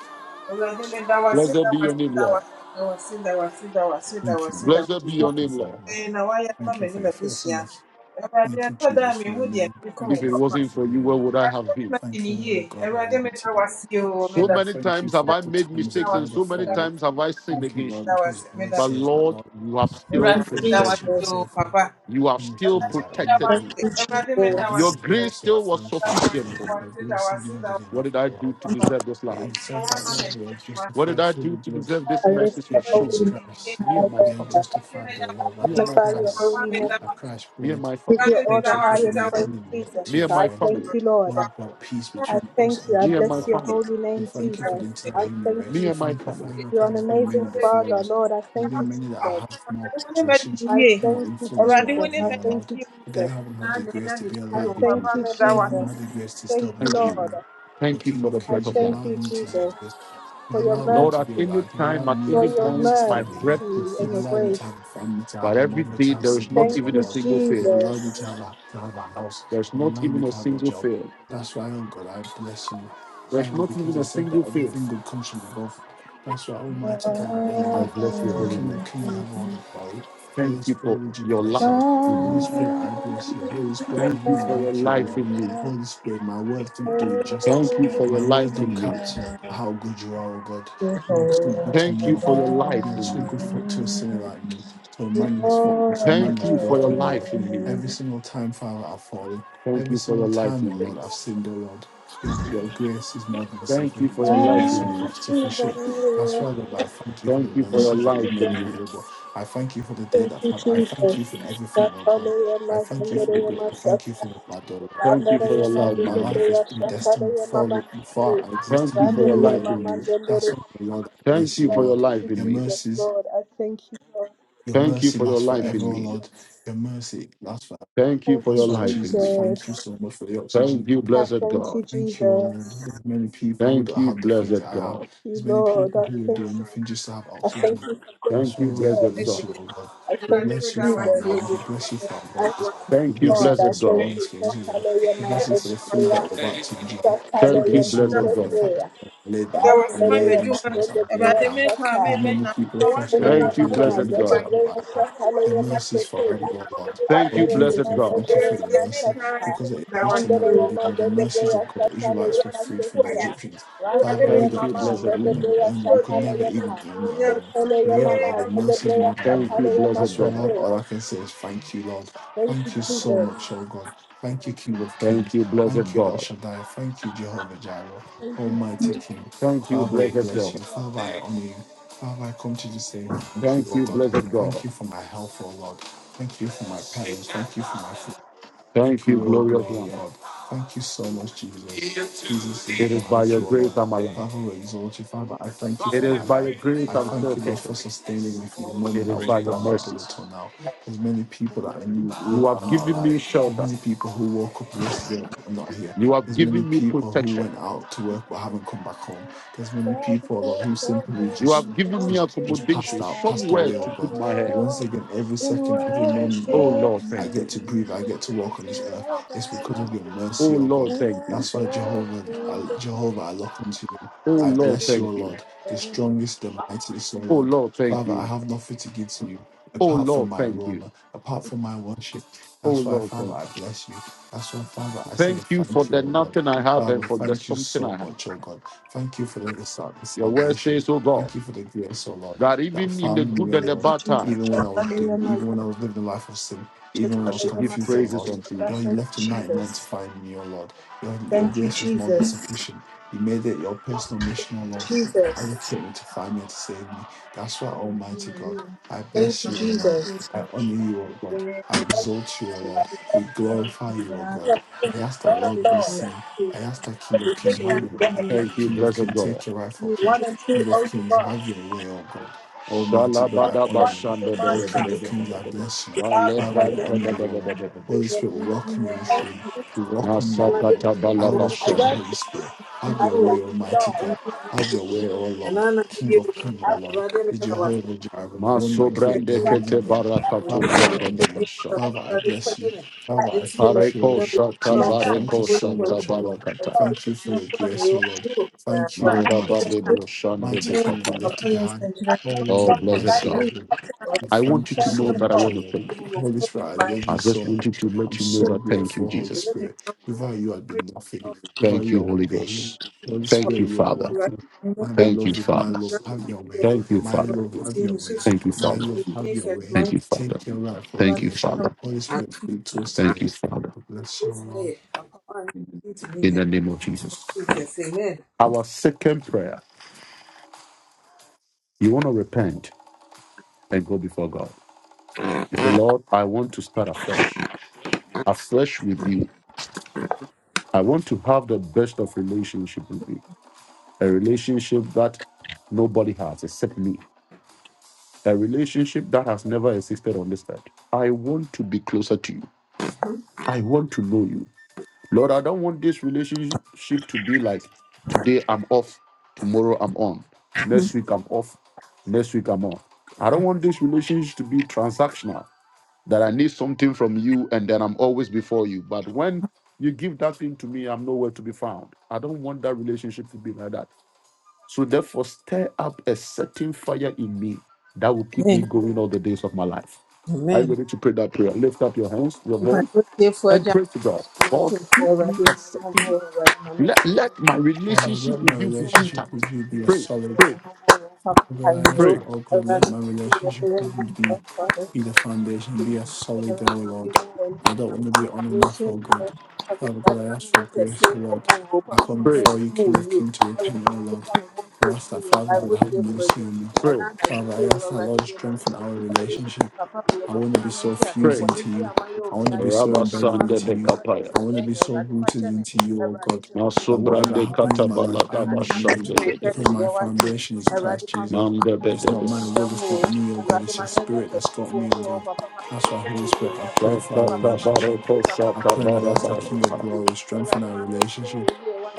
Speaker 2: Awurade me da wase,
Speaker 1: Blessed
Speaker 2: da
Speaker 1: be your
Speaker 2: wase,
Speaker 1: name,
Speaker 2: da
Speaker 1: Lord.
Speaker 2: wase, da wase, da wase, da
Speaker 4: Thank you,
Speaker 2: wase, da
Speaker 4: Lord.
Speaker 1: Blessed be
Speaker 2: wase, da
Speaker 1: your
Speaker 4: Thank you,
Speaker 1: name,
Speaker 2: wase.
Speaker 1: Lord.
Speaker 4: Father.
Speaker 2: Ee, na wayɛ ama
Speaker 4: Thank you
Speaker 2: me ne
Speaker 4: for your
Speaker 2: m'abusua.
Speaker 4: faithfulness.
Speaker 2: Awurade
Speaker 4: Thank you,
Speaker 2: ɛtɔ da a
Speaker 4: Jesus, for your
Speaker 2: mehu deɛ
Speaker 4: name.
Speaker 2: menka
Speaker 4: Thank
Speaker 1: If
Speaker 2: wo
Speaker 4: you
Speaker 1: it
Speaker 4: for
Speaker 2: papa.
Speaker 1: wasn't for
Speaker 4: who
Speaker 1: you,
Speaker 4: you
Speaker 1: where
Speaker 4: are.
Speaker 1: would I
Speaker 2: Awurade
Speaker 1: have
Speaker 2: woyɛ
Speaker 1: been?
Speaker 2: m'adi
Speaker 4: Thank
Speaker 2: ne
Speaker 4: you, Lord
Speaker 2: yie.
Speaker 4: God
Speaker 2: Awurade me da
Speaker 4: Almighty.
Speaker 2: wase o,
Speaker 1: So
Speaker 4: Father,
Speaker 1: many
Speaker 4: thank
Speaker 1: times
Speaker 4: you
Speaker 1: have
Speaker 4: for
Speaker 1: I
Speaker 4: the
Speaker 1: made
Speaker 4: times that
Speaker 1: mistakes and
Speaker 4: Lord
Speaker 1: so
Speaker 4: have
Speaker 1: many
Speaker 2: Papa,
Speaker 4: followed.
Speaker 1: times have I sinned
Speaker 4: Thank you,
Speaker 1: against
Speaker 4: Lord,
Speaker 1: you.
Speaker 4: because the word
Speaker 1: But
Speaker 4: says that,
Speaker 1: Lord,
Speaker 4: Lord,
Speaker 1: you have
Speaker 4: when
Speaker 1: still
Speaker 4: I'm
Speaker 5: you,
Speaker 4: faithful,
Speaker 1: preserved me.
Speaker 4: you are
Speaker 5: Jesus.
Speaker 4: faithful.
Speaker 1: You have
Speaker 4: In the
Speaker 1: still
Speaker 4: things I honor
Speaker 1: protected
Speaker 4: you.
Speaker 1: me.
Speaker 5: Thank you,
Speaker 4: Lord, I
Speaker 1: Your
Speaker 5: Jesus.
Speaker 4: just want
Speaker 1: grace
Speaker 4: to say
Speaker 1: still was
Speaker 4: thank you.
Speaker 1: sufficient for me.
Speaker 4: Your grace is more than
Speaker 1: What
Speaker 4: enough,
Speaker 1: did I
Speaker 4: O
Speaker 1: do
Speaker 4: Lord.
Speaker 1: to deserve this
Speaker 4: It
Speaker 1: love?
Speaker 4: is said that, Lord, we are
Speaker 1: What did
Speaker 4: justified
Speaker 1: I
Speaker 4: through the
Speaker 1: do to
Speaker 4: blood
Speaker 1: deserve this
Speaker 5: I
Speaker 1: mercy
Speaker 5: lift
Speaker 1: you
Speaker 4: for
Speaker 5: your
Speaker 1: have shown
Speaker 4: Jesus
Speaker 5: holy
Speaker 1: me?
Speaker 5: name
Speaker 4: Christ.
Speaker 5: on
Speaker 1: Me
Speaker 5: high,
Speaker 1: and my
Speaker 4: We
Speaker 5: Lord.
Speaker 4: are
Speaker 1: family.
Speaker 5: I thank
Speaker 4: justified, O
Speaker 5: you. I
Speaker 4: Lord, by
Speaker 1: Me
Speaker 4: the
Speaker 1: and my
Speaker 5: magnify your
Speaker 1: family.
Speaker 4: price
Speaker 5: holy name.
Speaker 4: that Christ
Speaker 1: Me and
Speaker 4: paid.
Speaker 1: my
Speaker 5: Give
Speaker 1: family.
Speaker 5: you all
Speaker 4: And
Speaker 5: the
Speaker 4: took us
Speaker 5: highest
Speaker 4: from your
Speaker 5: praise,
Speaker 4: enemy
Speaker 5: Jesus.
Speaker 4: to
Speaker 1: Me
Speaker 4: your
Speaker 1: and my
Speaker 5: I
Speaker 4: friend.
Speaker 1: family.
Speaker 5: thank you, Lord.
Speaker 4: Lord, brought peace
Speaker 5: I
Speaker 4: between us
Speaker 5: thank you.
Speaker 4: and
Speaker 5: I
Speaker 1: Me and
Speaker 4: you,
Speaker 1: my
Speaker 5: bless your
Speaker 4: Lord.
Speaker 1: family.
Speaker 5: holy
Speaker 4: We
Speaker 5: name,
Speaker 4: thank you for the
Speaker 5: Jesus.
Speaker 4: entire
Speaker 5: I
Speaker 4: human
Speaker 5: thank
Speaker 4: race.
Speaker 1: Me
Speaker 4: We
Speaker 5: you.
Speaker 1: and my
Speaker 4: thank you for
Speaker 1: family.
Speaker 4: the because
Speaker 5: You're an
Speaker 4: there's been
Speaker 5: amazing
Speaker 4: many
Speaker 2: Papa.
Speaker 4: before
Speaker 5: Father,
Speaker 4: us.
Speaker 5: Lord. I
Speaker 4: There's
Speaker 5: thank you,
Speaker 4: been many that have
Speaker 5: Jesus.
Speaker 4: more
Speaker 2: Awurade wo ne madi ne
Speaker 4: possessions,
Speaker 5: I
Speaker 2: yie.
Speaker 4: more
Speaker 5: thank you,
Speaker 4: influence,
Speaker 2: Awurade
Speaker 4: more
Speaker 2: wo
Speaker 5: Jesus.
Speaker 2: ne
Speaker 5: I
Speaker 4: money, O
Speaker 2: madi ne
Speaker 5: thank
Speaker 4: Lord.
Speaker 5: you,
Speaker 2: yie.
Speaker 4: But they
Speaker 5: Jesus.
Speaker 4: haven't had
Speaker 2: Nyinaa
Speaker 4: the
Speaker 2: na
Speaker 4: grace
Speaker 2: enya
Speaker 4: to
Speaker 2: ne
Speaker 4: be
Speaker 2: so
Speaker 5: I
Speaker 2: yie
Speaker 1: Thank
Speaker 4: alive
Speaker 2: o.
Speaker 1: you,
Speaker 4: now.
Speaker 2: Papa
Speaker 5: thank
Speaker 1: Jesus.
Speaker 5: you,
Speaker 2: meda
Speaker 4: They
Speaker 2: wo
Speaker 4: haven't
Speaker 2: ase
Speaker 4: had
Speaker 5: Jesus.
Speaker 4: the grace to
Speaker 5: Thank
Speaker 4: still be
Speaker 5: you,
Speaker 1: Thank you.
Speaker 5: Lord.
Speaker 4: breathing.
Speaker 1: Thank
Speaker 4: But
Speaker 1: you
Speaker 4: King
Speaker 1: for the
Speaker 4: of
Speaker 5: I
Speaker 1: breath
Speaker 4: Kings, you've
Speaker 1: of life.
Speaker 5: thank
Speaker 4: allowed
Speaker 5: you,
Speaker 4: me to
Speaker 5: Jesus,
Speaker 4: exist. You've
Speaker 5: for your
Speaker 4: allowed me
Speaker 1: Lord,
Speaker 4: to
Speaker 1: at
Speaker 4: be
Speaker 5: mercy,
Speaker 1: any
Speaker 4: alive. You've
Speaker 1: time,
Speaker 4: allowed
Speaker 1: at
Speaker 4: me and my
Speaker 1: any
Speaker 5: for your
Speaker 4: family
Speaker 1: point,
Speaker 4: to
Speaker 1: my
Speaker 4: still be
Speaker 1: breath
Speaker 4: here.
Speaker 1: could
Speaker 5: mercy and
Speaker 4: You've
Speaker 5: your
Speaker 1: cease.
Speaker 4: allowed me
Speaker 5: grace.
Speaker 4: to have a family, to
Speaker 1: But
Speaker 4: have a
Speaker 1: every
Speaker 4: mother, to
Speaker 1: day,
Speaker 4: have
Speaker 1: there is not
Speaker 4: siblings,
Speaker 5: Thank
Speaker 4: oh
Speaker 1: even a
Speaker 5: you,
Speaker 4: Lord.
Speaker 1: single
Speaker 4: You've
Speaker 1: fail.
Speaker 4: allowed me
Speaker 5: Jesus.
Speaker 4: to have a, to have a house.
Speaker 1: There's
Speaker 4: You've
Speaker 1: not
Speaker 4: allowed me
Speaker 1: even a
Speaker 4: to have a
Speaker 1: single
Speaker 4: job.
Speaker 1: fail.
Speaker 4: That's why, oh God, I bless you.
Speaker 1: There's
Speaker 4: Father,
Speaker 1: not even
Speaker 4: because I
Speaker 1: a
Speaker 4: said
Speaker 1: single
Speaker 4: that
Speaker 1: fail.
Speaker 4: everything good comes from above. That's why, Almighty God, I honor
Speaker 1: I
Speaker 4: you.
Speaker 1: bless your
Speaker 4: O
Speaker 1: holy
Speaker 4: King
Speaker 1: name.
Speaker 4: of Kings, have all the glory.
Speaker 1: Thank
Speaker 4: Holy
Speaker 1: you
Speaker 4: Spirit,
Speaker 1: for
Speaker 4: would you
Speaker 1: your
Speaker 4: bless
Speaker 1: love
Speaker 4: you?
Speaker 1: in
Speaker 4: Holy
Speaker 1: me.
Speaker 4: Spirit, I bless you.
Speaker 5: Jehovah,
Speaker 4: Holy Spirit,
Speaker 1: Thank you
Speaker 4: even
Speaker 1: for your
Speaker 4: like you, oh
Speaker 1: life
Speaker 4: Lord.
Speaker 1: in me.
Speaker 5: Jehovah.
Speaker 4: Holy Spirit, my words don't do injustice.
Speaker 1: Thank you for your
Speaker 4: My words
Speaker 1: life
Speaker 4: don't
Speaker 1: in me.
Speaker 4: capture how good you are, O God. You are too good to
Speaker 1: Thank
Speaker 4: me,
Speaker 1: you
Speaker 4: O
Speaker 1: for your
Speaker 4: God.
Speaker 1: life
Speaker 4: You are too
Speaker 1: in me.
Speaker 4: good for, to a sinner like me, to a man that's fallen, to a man
Speaker 1: Thank
Speaker 4: that's
Speaker 1: you for your
Speaker 4: broken, O Lord.
Speaker 1: life in me.
Speaker 4: Every single time, Father, I've fallen.
Speaker 1: Thank
Speaker 4: Every
Speaker 1: you for your
Speaker 4: single
Speaker 1: life
Speaker 4: time, O
Speaker 1: in me.
Speaker 4: Lord, I've sinned, O Lord. Your, your grace is more than
Speaker 1: Thank you
Speaker 4: sufficient.
Speaker 1: for
Speaker 4: Is
Speaker 1: your
Speaker 4: more than
Speaker 1: life in
Speaker 4: su-
Speaker 1: me.
Speaker 5: Thank
Speaker 4: sufficient. That's why, Lord, I thank you for the
Speaker 1: Thank you for your
Speaker 4: mercies that you've
Speaker 1: life
Speaker 4: made
Speaker 1: in me.
Speaker 4: available. I thank you for the day that
Speaker 5: you,
Speaker 4: I've had. I thank
Speaker 5: Jesus.
Speaker 4: you for everything,
Speaker 5: That's
Speaker 4: oh
Speaker 5: all
Speaker 4: God.
Speaker 5: I am.
Speaker 4: I thank
Speaker 5: I'm
Speaker 4: you for the good.
Speaker 5: going
Speaker 4: I thank
Speaker 5: to
Speaker 4: you for the bad, O Lord.
Speaker 1: Thank you for
Speaker 5: Randere ya
Speaker 4: Because
Speaker 1: your
Speaker 4: Father,
Speaker 1: life
Speaker 4: my
Speaker 1: in me.
Speaker 4: life
Speaker 5: maziketri
Speaker 4: is
Speaker 5: ya shatare
Speaker 4: predestined
Speaker 5: ya
Speaker 4: before
Speaker 5: mama
Speaker 4: the,
Speaker 5: siketri.
Speaker 4: before I
Speaker 1: Thank
Speaker 4: existed.
Speaker 1: you
Speaker 4: You
Speaker 1: for
Speaker 4: knew
Speaker 1: your
Speaker 5: Randere
Speaker 4: me,
Speaker 5: ya
Speaker 4: O
Speaker 1: life in
Speaker 4: Lord.
Speaker 5: mama
Speaker 1: me.
Speaker 4: That's
Speaker 5: zendere.
Speaker 4: why, O Lord, I
Speaker 1: Thank
Speaker 4: bless you,
Speaker 1: you
Speaker 4: O
Speaker 5: I
Speaker 1: for your
Speaker 4: Lord.
Speaker 5: thank
Speaker 1: life
Speaker 5: you,
Speaker 1: in
Speaker 4: Your
Speaker 1: me.
Speaker 5: Jesus,
Speaker 4: mercies,
Speaker 5: Lord. I thank you, Lord.
Speaker 4: your
Speaker 1: Thank you
Speaker 4: mercy
Speaker 1: for your
Speaker 4: lasts
Speaker 1: life
Speaker 5: Thank
Speaker 4: forever,
Speaker 1: in
Speaker 4: O
Speaker 5: you,
Speaker 1: me.
Speaker 4: Lord.
Speaker 5: Jesus.
Speaker 4: Your mercy lasts forever.
Speaker 5: I
Speaker 1: Thank you
Speaker 5: thank
Speaker 1: for
Speaker 5: you,
Speaker 1: your
Speaker 4: That's why,
Speaker 1: life in
Speaker 4: Jesus,
Speaker 1: me.
Speaker 4: thank you
Speaker 5: Jesus.
Speaker 4: so much for the oxygen
Speaker 1: Thank
Speaker 4: we
Speaker 1: you,
Speaker 5: I
Speaker 4: breathe.
Speaker 1: blessed
Speaker 5: thank you,
Speaker 1: God.
Speaker 4: Thank you, O Lord.
Speaker 5: Jesus.
Speaker 4: There's many people who
Speaker 1: Thank
Speaker 4: don't
Speaker 1: you,
Speaker 4: have the things
Speaker 1: blessed
Speaker 4: I have.
Speaker 1: God.
Speaker 5: You,
Speaker 4: There's many
Speaker 5: Lord.
Speaker 4: people
Speaker 5: I
Speaker 4: who will do
Speaker 5: thank you.
Speaker 4: anything just to have
Speaker 5: I thank
Speaker 4: oxygen.
Speaker 5: you for good
Speaker 4: And
Speaker 1: Thank
Speaker 4: so,
Speaker 1: you,
Speaker 5: health,
Speaker 4: Lord, we
Speaker 5: Lord.
Speaker 2: nnɛ
Speaker 1: blessed
Speaker 2: nti
Speaker 4: bless
Speaker 1: God.
Speaker 4: you, O God.
Speaker 5: I
Speaker 4: We
Speaker 5: thank
Speaker 2: Awurade
Speaker 5: you,
Speaker 4: bless you
Speaker 2: meda wo
Speaker 4: for our
Speaker 2: ase o.
Speaker 4: minds. We
Speaker 5: Jesus.
Speaker 4: bless
Speaker 2: Papa
Speaker 4: you
Speaker 2: meda
Speaker 4: for our
Speaker 5: I
Speaker 2: wo
Speaker 4: bodies.
Speaker 5: thank
Speaker 2: ase.
Speaker 5: you,
Speaker 4: We
Speaker 1: Thank you,
Speaker 4: bless
Speaker 5: Lord.
Speaker 4: you for
Speaker 5: I
Speaker 4: the
Speaker 1: blessed
Speaker 5: thank
Speaker 1: God.
Speaker 5: you.
Speaker 4: smallest things, O Lord.
Speaker 5: Shatare ya
Speaker 4: We bless you for the
Speaker 5: maziketri
Speaker 4: food
Speaker 5: ya.
Speaker 4: that we're about to enjoy. We
Speaker 5: Shatare
Speaker 1: Thank you,
Speaker 5: ya
Speaker 4: bless you, O
Speaker 1: blessed
Speaker 4: God, for the
Speaker 1: God.
Speaker 5: maziketri
Speaker 4: fact
Speaker 5: ya.
Speaker 4: that I'm laid, I'm,
Speaker 2: yɛwɔse
Speaker 4: I'm
Speaker 2: was
Speaker 5: Randere
Speaker 4: laid
Speaker 5: ya
Speaker 4: in this
Speaker 2: m'adwuma
Speaker 4: house. I'm
Speaker 5: maziketri
Speaker 4: laid
Speaker 2: awurade
Speaker 5: ya
Speaker 4: down.
Speaker 2: meekɔ a
Speaker 4: There's many
Speaker 2: meebɛnyina
Speaker 4: people
Speaker 2: fa
Speaker 5: Thank
Speaker 4: across
Speaker 5: you,
Speaker 4: the
Speaker 2: no
Speaker 1: Thank
Speaker 4: world
Speaker 1: you,
Speaker 4: who will do
Speaker 1: blessed
Speaker 2: me ho
Speaker 4: anything to
Speaker 2: ban
Speaker 4: have
Speaker 1: God.
Speaker 4: what I have.
Speaker 2: awurade
Speaker 4: Your mercy is forever, O Lord.
Speaker 1: Thank
Speaker 4: O
Speaker 1: you,
Speaker 4: King, O
Speaker 1: blessed
Speaker 4: King, thank
Speaker 1: God.
Speaker 4: you for your
Speaker 2: deɛ
Speaker 4: mercy
Speaker 2: meka ne sɛ
Speaker 4: because it is
Speaker 2: meda
Speaker 4: written
Speaker 2: wase
Speaker 4: that,
Speaker 2: o
Speaker 4: Lord, by
Speaker 2: papa
Speaker 4: the
Speaker 2: na ɛfa
Speaker 4: mercies
Speaker 2: me.
Speaker 4: of God, the Israelites were freed from the Egyptians. Father, we
Speaker 1: Thank
Speaker 4: don't
Speaker 1: you,
Speaker 4: deserve it.
Speaker 1: blessed
Speaker 4: We'll
Speaker 1: God.
Speaker 4: never earn it. We could never even earn it, oh Lord. But yeah, Lord, your mercy is more than
Speaker 1: Thank
Speaker 4: enough.
Speaker 1: you, blessed
Speaker 4: That's why, Lord,
Speaker 1: God.
Speaker 4: all I can say is thank you, Lord. Thank you so much, oh God. Thank you, King of
Speaker 1: Thank
Speaker 4: Kings.
Speaker 1: you, blessed
Speaker 4: Thank you, El
Speaker 1: God.
Speaker 4: Shaddai. Thank you, Jehovah Jireh, Almighty King.
Speaker 1: Thank you,
Speaker 4: Father, we
Speaker 1: blessed
Speaker 4: bless
Speaker 1: God.
Speaker 4: you. Father, I honor you. Father, I come to you to say thank you,
Speaker 1: Thank
Speaker 4: oh
Speaker 1: you,
Speaker 4: God.
Speaker 1: blessed God.
Speaker 4: Thank you for my health, oh Lord. Thank you for my parents. Thank you for my friends.
Speaker 1: Thank
Speaker 4: Thank
Speaker 1: you,
Speaker 4: you, oh
Speaker 1: glorious
Speaker 4: glory
Speaker 1: one.
Speaker 4: God. Thank you so much, Jesus. Jesus is
Speaker 1: It is by
Speaker 4: like
Speaker 1: your
Speaker 4: you, oh
Speaker 1: grace
Speaker 4: Lord.
Speaker 1: I'm alive.
Speaker 4: Father, we exalt you. Father, I thank you
Speaker 1: It
Speaker 4: for
Speaker 1: is
Speaker 4: my
Speaker 1: by
Speaker 4: life.
Speaker 1: your grace
Speaker 4: I
Speaker 1: I'm
Speaker 4: thank
Speaker 1: still
Speaker 5: Jesus.
Speaker 4: you, Lord,
Speaker 1: kicking.
Speaker 4: for sustaining me from the
Speaker 1: It
Speaker 4: moment I
Speaker 1: is
Speaker 4: was
Speaker 1: by your
Speaker 4: born all the way
Speaker 1: mercies.
Speaker 4: till now. There's many people that I knew
Speaker 1: You
Speaker 4: who
Speaker 1: have
Speaker 4: are not
Speaker 1: given me
Speaker 4: alive. There's
Speaker 1: shelter.
Speaker 4: many people who woke up yesterday and are not here.
Speaker 1: You have
Speaker 4: There's many
Speaker 1: given me
Speaker 4: people who
Speaker 5: In
Speaker 1: protection.
Speaker 4: went
Speaker 5: worship,
Speaker 4: out to work but haven't come back home. There's many people, oh Lord, who simply
Speaker 1: You
Speaker 4: just
Speaker 1: have given me
Speaker 4: just just passed
Speaker 1: accommodation,
Speaker 4: out, passed
Speaker 1: somewhere
Speaker 4: away, oh
Speaker 1: to put
Speaker 4: God.
Speaker 1: my
Speaker 4: But
Speaker 1: head.
Speaker 4: once again, every second, every moment, oh
Speaker 1: Oh
Speaker 4: Lord.
Speaker 1: Lord,
Speaker 4: I
Speaker 1: thank
Speaker 5: you
Speaker 4: get
Speaker 1: you.
Speaker 4: to breathe.
Speaker 5: be
Speaker 4: I get to walk on this
Speaker 5: exalted,
Speaker 4: earth.
Speaker 5: O
Speaker 4: It's because
Speaker 5: God.
Speaker 4: of your
Speaker 1: Oh
Speaker 4: mercy, oh
Speaker 1: Lord,
Speaker 4: God.
Speaker 1: thank you.
Speaker 4: That's why
Speaker 5: Angels
Speaker 4: Jehovah,
Speaker 5: sing
Speaker 4: I-
Speaker 5: and
Speaker 4: Jehovah, I look unto you.
Speaker 1: Oh
Speaker 4: I
Speaker 1: Lord,
Speaker 4: bless you, O
Speaker 1: thank you.
Speaker 4: Lord, the
Speaker 5: praise.
Speaker 4: strongest, the mightiest, O
Speaker 1: Oh
Speaker 4: Lord.
Speaker 1: Lord, thank
Speaker 4: Father, I
Speaker 1: you.
Speaker 4: have nothing to give to you
Speaker 1: Oh
Speaker 4: apart from
Speaker 1: Lord,
Speaker 4: my
Speaker 1: thank you.
Speaker 4: aroma, apart from my worship.
Speaker 1: Oh
Speaker 4: That's why,
Speaker 1: Lord,
Speaker 4: Father,
Speaker 1: thank
Speaker 4: I
Speaker 1: you.
Speaker 4: bless you. That's why, Father, I say
Speaker 1: Thank you for
Speaker 4: thank you,
Speaker 1: the
Speaker 4: O God.
Speaker 1: nothing I have and
Speaker 4: Father,
Speaker 1: for the
Speaker 4: thank you
Speaker 1: something
Speaker 4: so
Speaker 1: I have.
Speaker 4: much, O God. Thank you for the sal-
Speaker 1: Your word
Speaker 4: salvation.
Speaker 1: says, oh God,
Speaker 4: Thank you for the grace, O Lord,
Speaker 1: that
Speaker 4: that
Speaker 1: even in the
Speaker 4: found me,
Speaker 1: good
Speaker 4: O
Speaker 1: and the
Speaker 5: Thank
Speaker 4: Lord,
Speaker 5: you,
Speaker 1: bad time,
Speaker 5: Jesus.
Speaker 4: even when I was
Speaker 5: Hallelujah,
Speaker 4: doomed,
Speaker 5: my
Speaker 4: even
Speaker 5: Lord.
Speaker 4: when I was living a life of sin. Even when
Speaker 1: I
Speaker 4: I was
Speaker 1: should
Speaker 5: Hallelujah, my
Speaker 1: give
Speaker 4: confused
Speaker 5: Savior.
Speaker 4: and
Speaker 1: praises
Speaker 4: lost,
Speaker 1: unto you.
Speaker 4: God,
Speaker 5: Thank
Speaker 4: you
Speaker 5: you,
Speaker 4: left your 99 to
Speaker 5: Jesus.
Speaker 4: find me, oh Lord. Your, your
Speaker 5: Thank you,
Speaker 4: grace was more than
Speaker 5: Jesus.
Speaker 4: sufficient. You made it your personal
Speaker 5: Thank
Speaker 4: mission, oh
Speaker 5: you,
Speaker 4: Lord, to
Speaker 5: Jesus.
Speaker 4: allocate me to find me and to save me. That's why, Almighty God, I
Speaker 5: Thank
Speaker 4: bless
Speaker 5: you,
Speaker 4: you, O Lord.
Speaker 5: Jesus.
Speaker 4: I honor you, O God. I
Speaker 5: Thank
Speaker 4: exalt you, O
Speaker 5: you,
Speaker 4: Lord.
Speaker 5: Father.
Speaker 4: We glorify you, O
Speaker 5: King
Speaker 4: God.
Speaker 5: of Kings,
Speaker 4: I ask that
Speaker 5: Lord of
Speaker 4: Lord be
Speaker 5: Lords,
Speaker 4: seen. I ask that
Speaker 5: the
Speaker 4: King of Kings
Speaker 5: beginning
Speaker 4: have
Speaker 5: and
Speaker 4: your
Speaker 5: the
Speaker 4: way.
Speaker 5: end,
Speaker 1: Thank you,
Speaker 4: King of
Speaker 1: blessed
Speaker 4: Kings,
Speaker 1: God.
Speaker 4: take your rightful place.
Speaker 5: one and two,
Speaker 4: King
Speaker 5: O
Speaker 4: of
Speaker 5: you
Speaker 4: Kings,
Speaker 5: God,
Speaker 4: have your way, O God. Almighty
Speaker 5: the
Speaker 4: God, I
Speaker 5: only
Speaker 4: honor
Speaker 5: one
Speaker 4: you.
Speaker 5: and true
Speaker 4: O
Speaker 5: master,
Speaker 4: King of Kings, I
Speaker 1: Shalabadabashandadadadadadadadada.
Speaker 4: bless you.
Speaker 5: the God
Speaker 4: Father,
Speaker 5: before
Speaker 4: we
Speaker 5: the
Speaker 4: honor
Speaker 5: throne.
Speaker 4: you, O Lord.
Speaker 2: In
Speaker 4: Holy
Speaker 1: Shalebrantadadadadadadadada.
Speaker 4: Spirit, we
Speaker 2: the mighty
Speaker 4: welcome you in
Speaker 2: name
Speaker 4: this
Speaker 5: Thank
Speaker 2: of
Speaker 4: room.
Speaker 2: Jesus,
Speaker 5: you, Jesus.
Speaker 4: We welcome you,
Speaker 2: you are
Speaker 4: O
Speaker 2: the
Speaker 4: God. I
Speaker 2: Lord
Speaker 5: I
Speaker 4: welcome you,
Speaker 1: Nasakatabalabashanda.
Speaker 4: Holy
Speaker 5: worship you.
Speaker 4: Spirit. Have
Speaker 5: I
Speaker 4: your
Speaker 5: thank
Speaker 4: way,
Speaker 5: you,
Speaker 4: Almighty
Speaker 2: of
Speaker 4: God.
Speaker 5: Lord.
Speaker 2: glory.
Speaker 4: Have your way, O Lord,
Speaker 2: Enana
Speaker 4: King of
Speaker 2: kuyirwa
Speaker 4: Kings,
Speaker 5: I
Speaker 4: O
Speaker 5: worship
Speaker 4: Lord,
Speaker 2: urade
Speaker 5: you
Speaker 4: the
Speaker 5: for you,
Speaker 2: betawa
Speaker 4: Jehovah Jireh, the one that created the
Speaker 5: Father.
Speaker 4: heavens
Speaker 1: Masobrandekete
Speaker 4: and
Speaker 2: reputation
Speaker 4: the earth.
Speaker 5: I thank
Speaker 4: Father,
Speaker 1: barakatoza
Speaker 5: you.
Speaker 4: I
Speaker 2: unika
Speaker 4: honor you.
Speaker 1: bradabasha.
Speaker 2: kuyirwa
Speaker 5: I thank
Speaker 4: Father, I
Speaker 2: urade
Speaker 5: you for
Speaker 4: bless you.
Speaker 5: you.
Speaker 2: kachere
Speaker 5: I
Speaker 4: Father, I
Speaker 2: etiye
Speaker 5: thank you.
Speaker 4: thank you, O
Speaker 1: Pareko
Speaker 2: mikira
Speaker 4: Lord.
Speaker 5: I
Speaker 1: shata
Speaker 2: kwa
Speaker 5: thank you,
Speaker 4: Jesus, thank you
Speaker 1: bareko
Speaker 2: kwa
Speaker 4: so
Speaker 1: shata
Speaker 4: much, O Lord.
Speaker 1: barakatara.
Speaker 5: Lord.
Speaker 4: Thank you for
Speaker 2: kuna
Speaker 4: your
Speaker 2: kwa
Speaker 4: grace, O
Speaker 2: hiyo
Speaker 4: Lord.
Speaker 2: hiyo ya
Speaker 4: Thank you,
Speaker 2: papa
Speaker 1: Manda
Speaker 2: kita
Speaker 4: Almighty
Speaker 2: story
Speaker 1: babebo
Speaker 4: God.
Speaker 1: shande
Speaker 4: Mighty
Speaker 2: ni
Speaker 4: King, be
Speaker 1: bekapara.
Speaker 2: papa
Speaker 4: lifted high.
Speaker 2: yensa nchira
Speaker 5: I
Speaker 4: O
Speaker 2: ni
Speaker 5: thank you,
Speaker 4: Lord,
Speaker 1: Oh,
Speaker 2: wache
Speaker 5: Lord,
Speaker 4: we
Speaker 5: for
Speaker 1: blessed
Speaker 4: bless
Speaker 5: guiding
Speaker 4: you, O
Speaker 1: God.
Speaker 5: and
Speaker 4: Lord.
Speaker 5: protecting us.
Speaker 2: urade
Speaker 4: We
Speaker 1: I
Speaker 2: kachere
Speaker 1: want you
Speaker 4: thank you
Speaker 1: to
Speaker 4: so
Speaker 5: Thank
Speaker 1: know
Speaker 2: masha
Speaker 5: you,
Speaker 1: that I
Speaker 4: much,
Speaker 5: Lord.
Speaker 4: O
Speaker 1: want to
Speaker 4: Lord.
Speaker 1: thank you.
Speaker 4: Holy
Speaker 2: kwa
Speaker 4: Spirit, I love you
Speaker 1: I just
Speaker 4: so
Speaker 1: want you
Speaker 4: much.
Speaker 1: to
Speaker 4: I'm
Speaker 1: let you know
Speaker 4: so
Speaker 1: that thank you,
Speaker 4: grateful, Holy
Speaker 1: Jesus.
Speaker 4: Spirit. Without you, I'd be nothing. Without
Speaker 1: Thank
Speaker 4: you,
Speaker 1: you,
Speaker 4: I
Speaker 1: Holy
Speaker 4: won't be here.
Speaker 1: Ghost.
Speaker 4: Holy
Speaker 1: Thank you,
Speaker 4: Spirit, you are
Speaker 1: Father.
Speaker 2: kwa
Speaker 4: welcome.
Speaker 2: kwa
Speaker 4: My
Speaker 1: Thank you,
Speaker 4: beloved, my
Speaker 1: Father.
Speaker 4: love,
Speaker 2: Lord,
Speaker 4: have your
Speaker 2: your
Speaker 4: way.
Speaker 1: Thank you,
Speaker 4: My
Speaker 1: Father.
Speaker 4: love,
Speaker 2: religious
Speaker 4: have your
Speaker 2: name so
Speaker 4: way.
Speaker 1: Thank you,
Speaker 4: My
Speaker 1: Father.
Speaker 4: love,
Speaker 2: in
Speaker 4: have your
Speaker 2: Jesus'
Speaker 4: way.
Speaker 1: Thank
Speaker 2: mighty
Speaker 1: you, Father.
Speaker 4: Take your
Speaker 2: name.
Speaker 4: rightful
Speaker 1: Thank you,
Speaker 4: place.
Speaker 1: Father.
Speaker 4: Holy Spirit, speak to us
Speaker 1: Thank you,
Speaker 4: today.
Speaker 1: Father.
Speaker 4: We Bless you, O
Speaker 2: With
Speaker 4: Lord.
Speaker 2: my power in Jesus'
Speaker 1: In the name of Jesus. Our second prayer, you want to repent and go before God. You say, Lord, I want to start afresh. afresh with you. I want to have the best of relationship with you. A relationship that nobody has except me. A relationship that has never existed on this earth. I want to be closer to you. I want to know you. Lord, I don't want this relationship to be like today I'm off, tomorrow I'm on, next week I'm off, next week I'm on. I don't want this relationship to be transactional. that I need something from you and then I'm always before you. But when you give that thing to me, I'm nowhere to be found. I don't want that relationship to be like that. So therefore, stir up a certain fire in me that will
Speaker 2: Amen.
Speaker 1: keep me
Speaker 2: Amen.
Speaker 1: going all the days of my life. Are you
Speaker 2: Amen.
Speaker 1: ready to pray that prayer? Lift up your hands, your voice,
Speaker 2: Mpatuliefu
Speaker 1: and
Speaker 2: aje
Speaker 1: pray to God. God,
Speaker 2: amatuufu
Speaker 1: keep me
Speaker 2: Awurade
Speaker 1: a
Speaker 2: mu
Speaker 1: certain,
Speaker 2: wɔmmɔbɔ wɔ Awurade ma me
Speaker 1: let,
Speaker 2: fi wɔn
Speaker 1: let
Speaker 2: ntonto
Speaker 1: my
Speaker 2: wɔ
Speaker 4: Oh
Speaker 2: papa
Speaker 4: Lord,
Speaker 1: relationship
Speaker 2: ma
Speaker 4: let my
Speaker 1: with
Speaker 2: me
Speaker 1: you be
Speaker 2: nsom wɔ
Speaker 4: relationship
Speaker 1: intact.
Speaker 4: with you be a
Speaker 1: Pray,
Speaker 4: solid.
Speaker 1: pray,
Speaker 4: I realized
Speaker 3: Let
Speaker 4: that,
Speaker 1: pray,
Speaker 4: oh God, let my relationship with you be be
Speaker 2: so
Speaker 4: the foundation, be a solid goal, Lord. I don't want to be on and off, oh God. Father God, I ask for grace, Lord. I come
Speaker 1: pray,
Speaker 4: before you, King of Kings, to repent, oh Lord. So I ask that, Father God, have mercy on me.
Speaker 1: pray,
Speaker 4: Father, I ask that, Lord, strengthen our relationship.
Speaker 2: papa bi
Speaker 4: I
Speaker 2: wɔ
Speaker 4: want to
Speaker 2: afɛn
Speaker 4: be
Speaker 2: ano
Speaker 4: so
Speaker 2: nti
Speaker 4: fused
Speaker 1: pray.
Speaker 4: into
Speaker 2: a
Speaker 4: you.
Speaker 2: mayɛ
Speaker 4: I want to be so
Speaker 2: me
Speaker 1: Rabba
Speaker 2: ma no
Speaker 4: embedded
Speaker 1: Sande
Speaker 2: aka
Speaker 4: into
Speaker 2: deɛ
Speaker 4: you.
Speaker 2: mɛfo
Speaker 1: Bekapaya.
Speaker 2: so
Speaker 4: I want
Speaker 2: deɛ
Speaker 4: to be
Speaker 2: ɛnyɛ
Speaker 4: so
Speaker 2: awurade fa
Speaker 4: rooted
Speaker 2: kyɛ me
Speaker 4: into you, oh
Speaker 2: awurade
Speaker 4: God,
Speaker 2: kyɛ me na
Speaker 1: Maso
Speaker 4: that
Speaker 2: wapa
Speaker 4: whatever
Speaker 2: na
Speaker 1: brande
Speaker 4: happens
Speaker 1: kata
Speaker 4: in my
Speaker 2: wateɛ
Speaker 4: life, I
Speaker 1: balada
Speaker 4: am
Speaker 2: awurade
Speaker 4: not
Speaker 2: ma me hu
Speaker 4: moved
Speaker 1: bashande
Speaker 2: wo
Speaker 1: bedebe.
Speaker 4: because my
Speaker 2: kɛseyɛ wateɛ
Speaker 4: foundation is
Speaker 2: awurade
Speaker 4: Christ
Speaker 2: ma me hu
Speaker 4: Jesus.
Speaker 1: Mande
Speaker 2: na mɛne
Speaker 4: It's not
Speaker 1: bedebe.
Speaker 2: wo
Speaker 4: my
Speaker 2: mogya
Speaker 4: will,
Speaker 2: mu
Speaker 4: it's
Speaker 2: o
Speaker 4: not me, oh God,
Speaker 2: awurade
Speaker 4: it's
Speaker 2: ma
Speaker 4: your spirit that's got me, oh God.
Speaker 2: papa ma
Speaker 4: That's
Speaker 2: me
Speaker 4: why,
Speaker 2: nso mu
Speaker 4: Holy
Speaker 2: wo
Speaker 4: Spirit, I pray for
Speaker 1: Shaka
Speaker 4: our
Speaker 2: papa ma
Speaker 1: kabaro
Speaker 4: relationship.
Speaker 1: ko
Speaker 2: papa
Speaker 4: I
Speaker 2: ma
Speaker 1: shaka
Speaker 2: me
Speaker 4: pray and
Speaker 2: nfa
Speaker 4: I
Speaker 2: me ho
Speaker 4: ask the
Speaker 2: nto
Speaker 4: King of
Speaker 2: akyi
Speaker 1: baraba.
Speaker 2: yie
Speaker 4: Glory, strengthen
Speaker 2: awurade
Speaker 4: our
Speaker 2: ma me nso
Speaker 4: relationship.